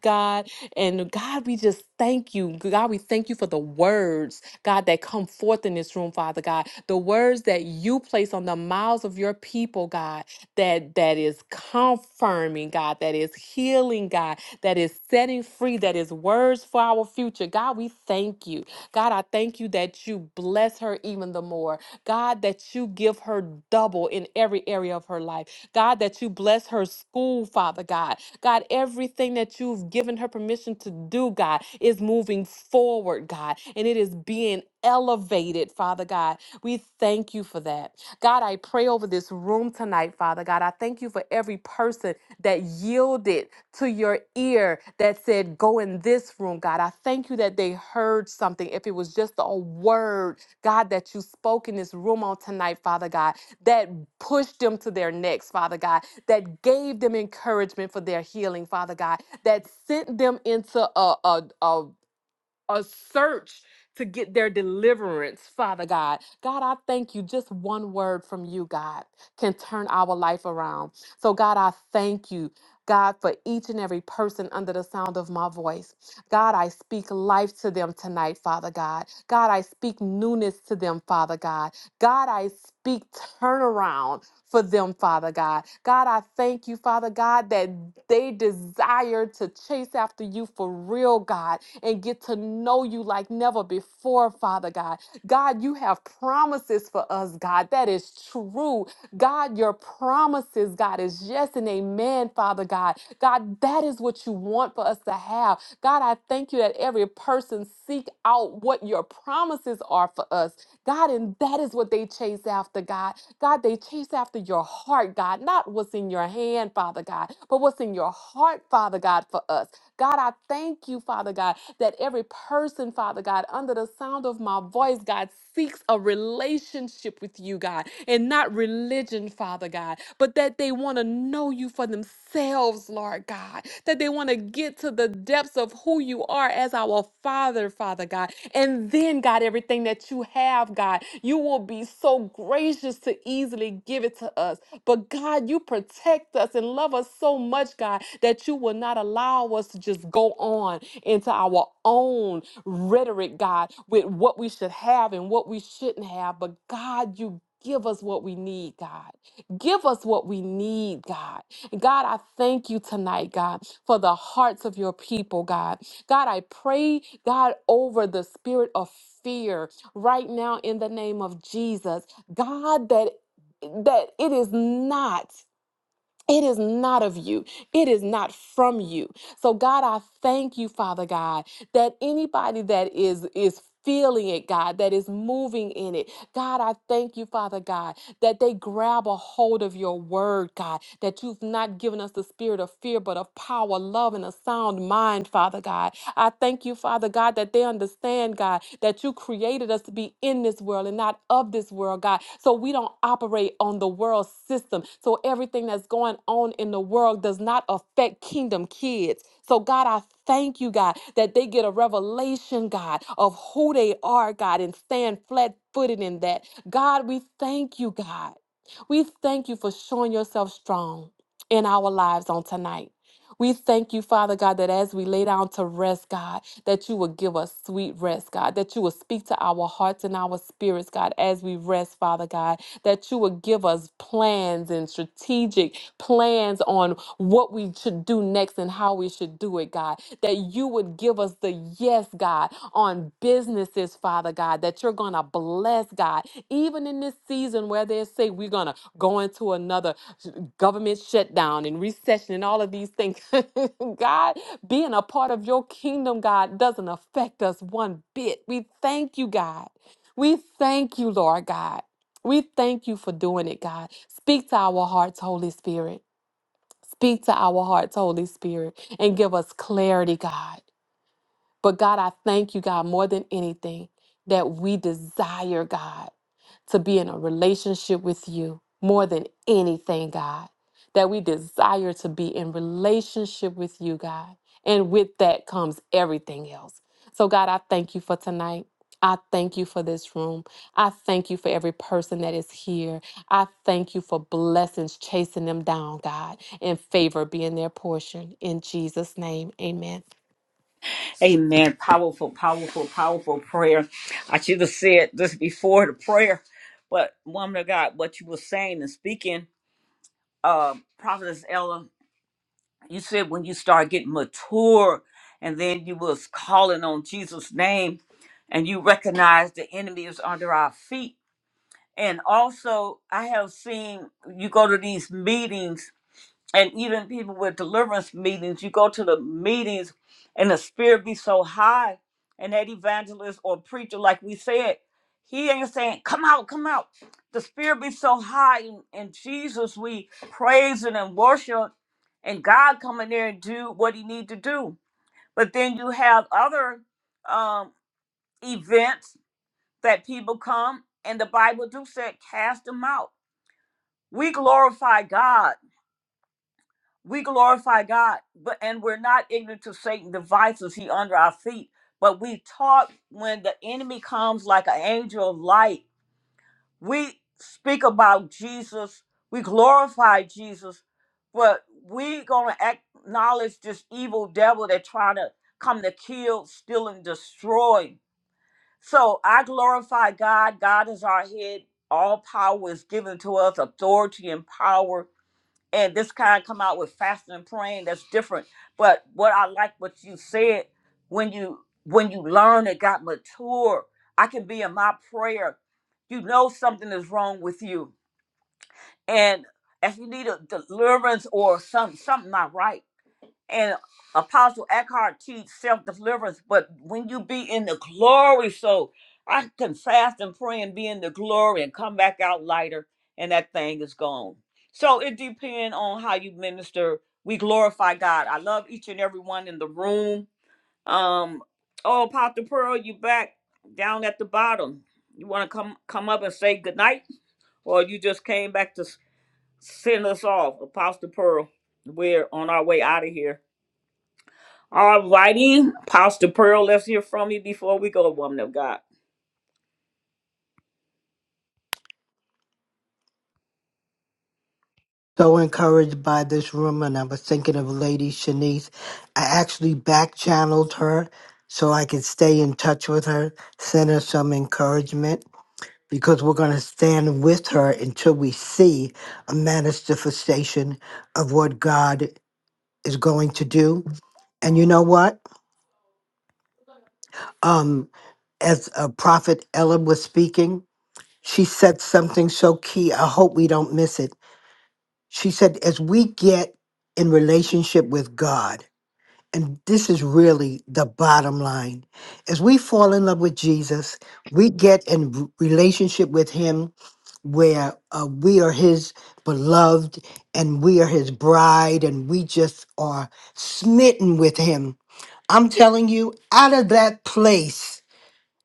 [SPEAKER 5] God. And God, we just thank you. God, we thank you for the words, God, that come forth in this room, Father God. The words that you place on the mouths of your people, God, that that is confirming, God, that is healing, God, that is setting free, that is words for our future. God, we thank you. God, I thank you that you bless her even the more. God, that you give her double in every area of her life. God, that you bless her school, Father God. God, everything that you've given her permission to do, God, is moving forward, God, and it is being elevated, Father God. We thank you for that. God, I pray over this room tonight, Father God. I thank you for every person that yielded to your ear that said, Go in this room, God. I thank you that they heard something. If it was just a word, God, that you spoke in this room on tonight, Father God, that pushed them to their necks, Father God, that gave them encouragement for their healing, Father God, that sent them into a, a, a a search to get their deliverance, Father God. God, I thank you. Just one word from you, God, can turn our life around. So, God, I thank you. God, for each and every person under the sound of my voice. God, I speak life to them tonight, Father God. God, I speak newness to them, Father God. God, I speak turnaround for them, Father God. God, I thank you, Father God, that they desire to chase after you for real, God, and get to know you like never before, Father God. God, you have promises for us, God. That is true. God, your promises, God, is yes and amen, Father God. God, that is what you want for us to have. God, I thank you that every person seek out what your promises are for us. God, and that is what they chase after, God. God, they chase after your heart, God, not what's in your hand, Father God, but what's in your heart, Father God, for us. God, I thank you, Father God, that every person, Father God, under the sound of my voice, God, seeks a relationship with you, God, and not religion, Father God, but that they want to know you for themselves, Lord God, that they want to get to the depths of who you are as our Father, Father God. And then, God, everything that you have, God, you will be so gracious to easily give it to us. But God, you protect us and love us so much, God, that you will not allow us to just go on into our own rhetoric, God, with what we should have and what we shouldn't have. But God, you give us what we need, God. Give us what we need, God. And God, I thank you tonight, God, for the hearts of your people, God. God, I pray, God, over the spirit of fear right now in the name of Jesus. God, that that it is not it is not of you. It is not from you. So God, I thank you, Father God, that anybody that is is feeling it, God, that is moving in it. God, I thank you, Father God, that they grab a hold of your word, God, that you've not given us the spirit of fear, but of power, love, and a sound mind, Father God. I thank you, Father God, that they understand, God, that you created us to be in this world and not of this world, God. So we don't operate on the world system. So everything that's going on in the world does not affect kingdom kids. So, God, I thank you, God, that they get a revelation, God, of who they are, God, and stand flat footed in that. God, we thank you, God. We thank you for showing yourself strong in our lives on tonight. We thank you, Father God, that as we lay down to rest, God, that you will give us sweet rest, God, that you will speak to our hearts and our spirits, God, as we rest, Father God, that you will give us plans and strategic plans on what we should do next and how we should do it, God, that you would give us the yes, God, on businesses, Father God, that you're going to bless, God, even in this season where they say we're going to go into another government shutdown and recession and all of these things. God, being a part of your kingdom, God, doesn't affect us one bit. We thank you, God. We thank you, Lord God. We thank you for doing it, God. Speak to our hearts, Holy Spirit. Speak to our hearts, Holy Spirit, and give us clarity, God. But God, I thank you, God, more than anything, that we desire, God, to be in a relationship with you more than anything, God. That we desire to be in relationship with you, God. And with that comes everything else. So, God, I thank you for tonight. I thank you for this room. I thank you for every person that is here. I thank you for blessings chasing them down, God, and favor being their portion. In Jesus' name, amen.
[SPEAKER 1] Amen. Powerful, powerful, powerful prayer. I should have said this before the prayer, but woman of God, what you were saying and speaking, uh, Prophetess Ella, you said when you start getting mature and then you was calling on Jesus' name and you recognize the enemy is under our feet. And also I have seen you go to these meetings and even people with deliverance meetings, you go to the meetings and the spirit be so high, and that evangelist or preacher, like we said, he ain't saying, Come out, come out. The spirit be so high in, in Jesus, we praise it and worship, and God come in there and do what he need to do. But then you have other um, events that people come, and the Bible do say, cast them out. We glorify God we glorify God, but and we're not ignorant to Satan's devices. He under our feet, but we talk when the enemy comes like an angel of light. We speak about Jesus. We glorify Jesus, but we gonna acknowledge this evil devil that trying to come to kill, steal, and destroy. So I glorify God. God is our head. All power is given to us, authority and power and this kind come out with fasting and praying that's different but what i like what you said when you when you learn and got mature i can be in my prayer you know something is wrong with you and if you need a deliverance or some something not right and Apostle Eckhart teach self deliverance, but when you be in the glory, so I can fast and pray and be in the glory and come back out lighter, and that thing is gone. So it depends on how you minister. We glorify God. I love each and every one in the room. Um, oh, Apostle Pearl, you back down at the bottom. You want to come come up and say goodnight, or you just came back to s- send us off, Apostle Pearl? We're on our way out of here. All righty. Pastor Pearl, let's hear from you before we go, woman of God.
[SPEAKER 7] so encouraged by this room and I was thinking of Lady Shanice. I actually back channeled her so I could stay in touch with her, send her some encouragement because we're going to stand with her until we see a manifestation of what God is going to do. And you know what? Um, as uh, Prophet Ella was speaking, she said something so key. I hope we don't miss it. She said, as we get in relationship with God, and this is really the bottom line as we fall in love with jesus we get in r- relationship with him where uh, we are his beloved and we are his bride and we just are smitten with him i'm telling you out of that place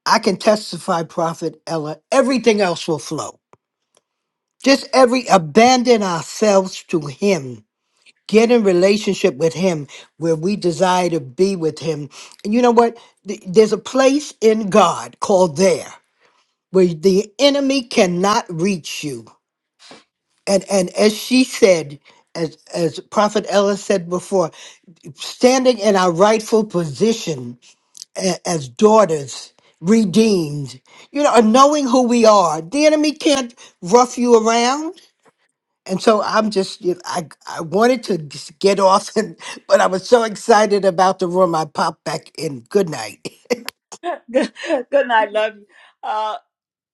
[SPEAKER 7] i can testify prophet ella everything else will flow just every abandon ourselves to him get in relationship with him where we desire to be with him and you know what Th- there's a place in god called there where the enemy cannot reach you and and as she said as as prophet ella said before standing in our rightful position a- as daughters redeemed you know and knowing who we are the enemy can't rough you around and so I'm just, you- I, I wanted to just get off, and, but I was so excited about the room, I popped back in. Good night.
[SPEAKER 1] good, night. Love you. Uh,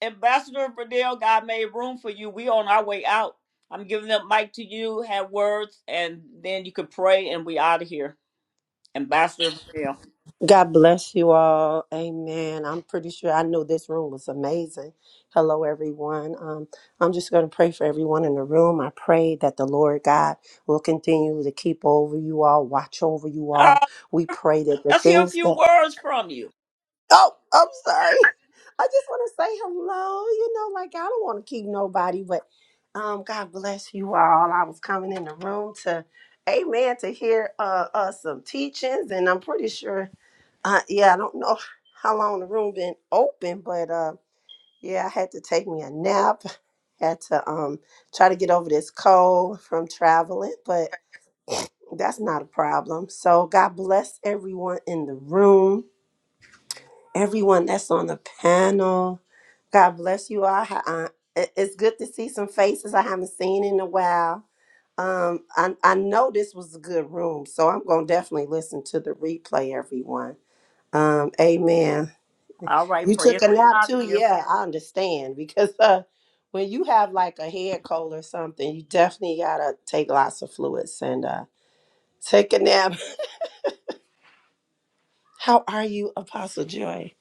[SPEAKER 1] Ambassador Bradell, God made room for you. We on our way out. I'm giving the mic to you, have words, and then you can pray and we out of here. Ambassador Bradell.
[SPEAKER 12] God bless you all. Amen. I'm pretty sure I knew this room was amazing. Hello, everyone. Um, I'm just going to pray for everyone in the room. I pray that the Lord God will continue to keep over you all, watch over you all.
[SPEAKER 1] Uh,
[SPEAKER 12] We pray that the
[SPEAKER 1] let's hear a
[SPEAKER 12] things
[SPEAKER 1] few
[SPEAKER 12] that,
[SPEAKER 1] words from you.
[SPEAKER 12] oh, I'm sorry. I just want to say hello. You know, like I don't want to keep nobody, but um, God bless you all. I was coming in the room to, amen, to hear uh, uh, some teachings, and I'm pretty sure. Uh, yeah, I don't know how long the room been open, but uh, yeah, I had to take me a nap. Had to um try to get over this cold from traveling, but that's not a problem. So God bless everyone in the room, everyone that's on the panel. God bless you all. Ha- uh, it- It's good to see some faces I haven't seen in a while. Um, I, I know this was a good room, so I'm gonna definitely listen to the replay, everyone. Um, amen.
[SPEAKER 1] All right,
[SPEAKER 12] You
[SPEAKER 1] pray
[SPEAKER 12] took
[SPEAKER 1] us
[SPEAKER 12] a nap
[SPEAKER 1] out
[SPEAKER 12] too?
[SPEAKER 1] of here.
[SPEAKER 12] Yeah, I understand because uh, when you have like a head cold or something, you definitely gotta take lots of fluids and uh, take a nap. How are you, Apostle Joy?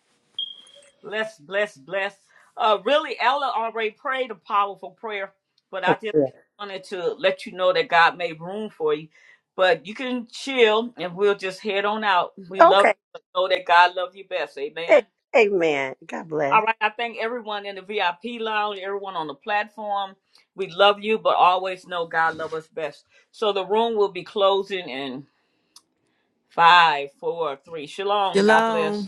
[SPEAKER 1] Bless, bless, bless. Uh, really, Ella already prayed a powerful prayer, but I
[SPEAKER 12] Oh,
[SPEAKER 1] just
[SPEAKER 12] good.
[SPEAKER 1] wanted to let you know that God made room for you. But you can chill and we'll just head on out. We love you.
[SPEAKER 12] Okay.
[SPEAKER 1] but Know that God loves you best.
[SPEAKER 12] Hey,
[SPEAKER 1] Amen.
[SPEAKER 12] amen. God bless.
[SPEAKER 1] All right. I thank everyone in the VIP lounge, everyone on the platform. We love you, but always know God loves us best. So the room will be closing in five, four, three. Shalom. God
[SPEAKER 8] Shalom.
[SPEAKER 1] bless.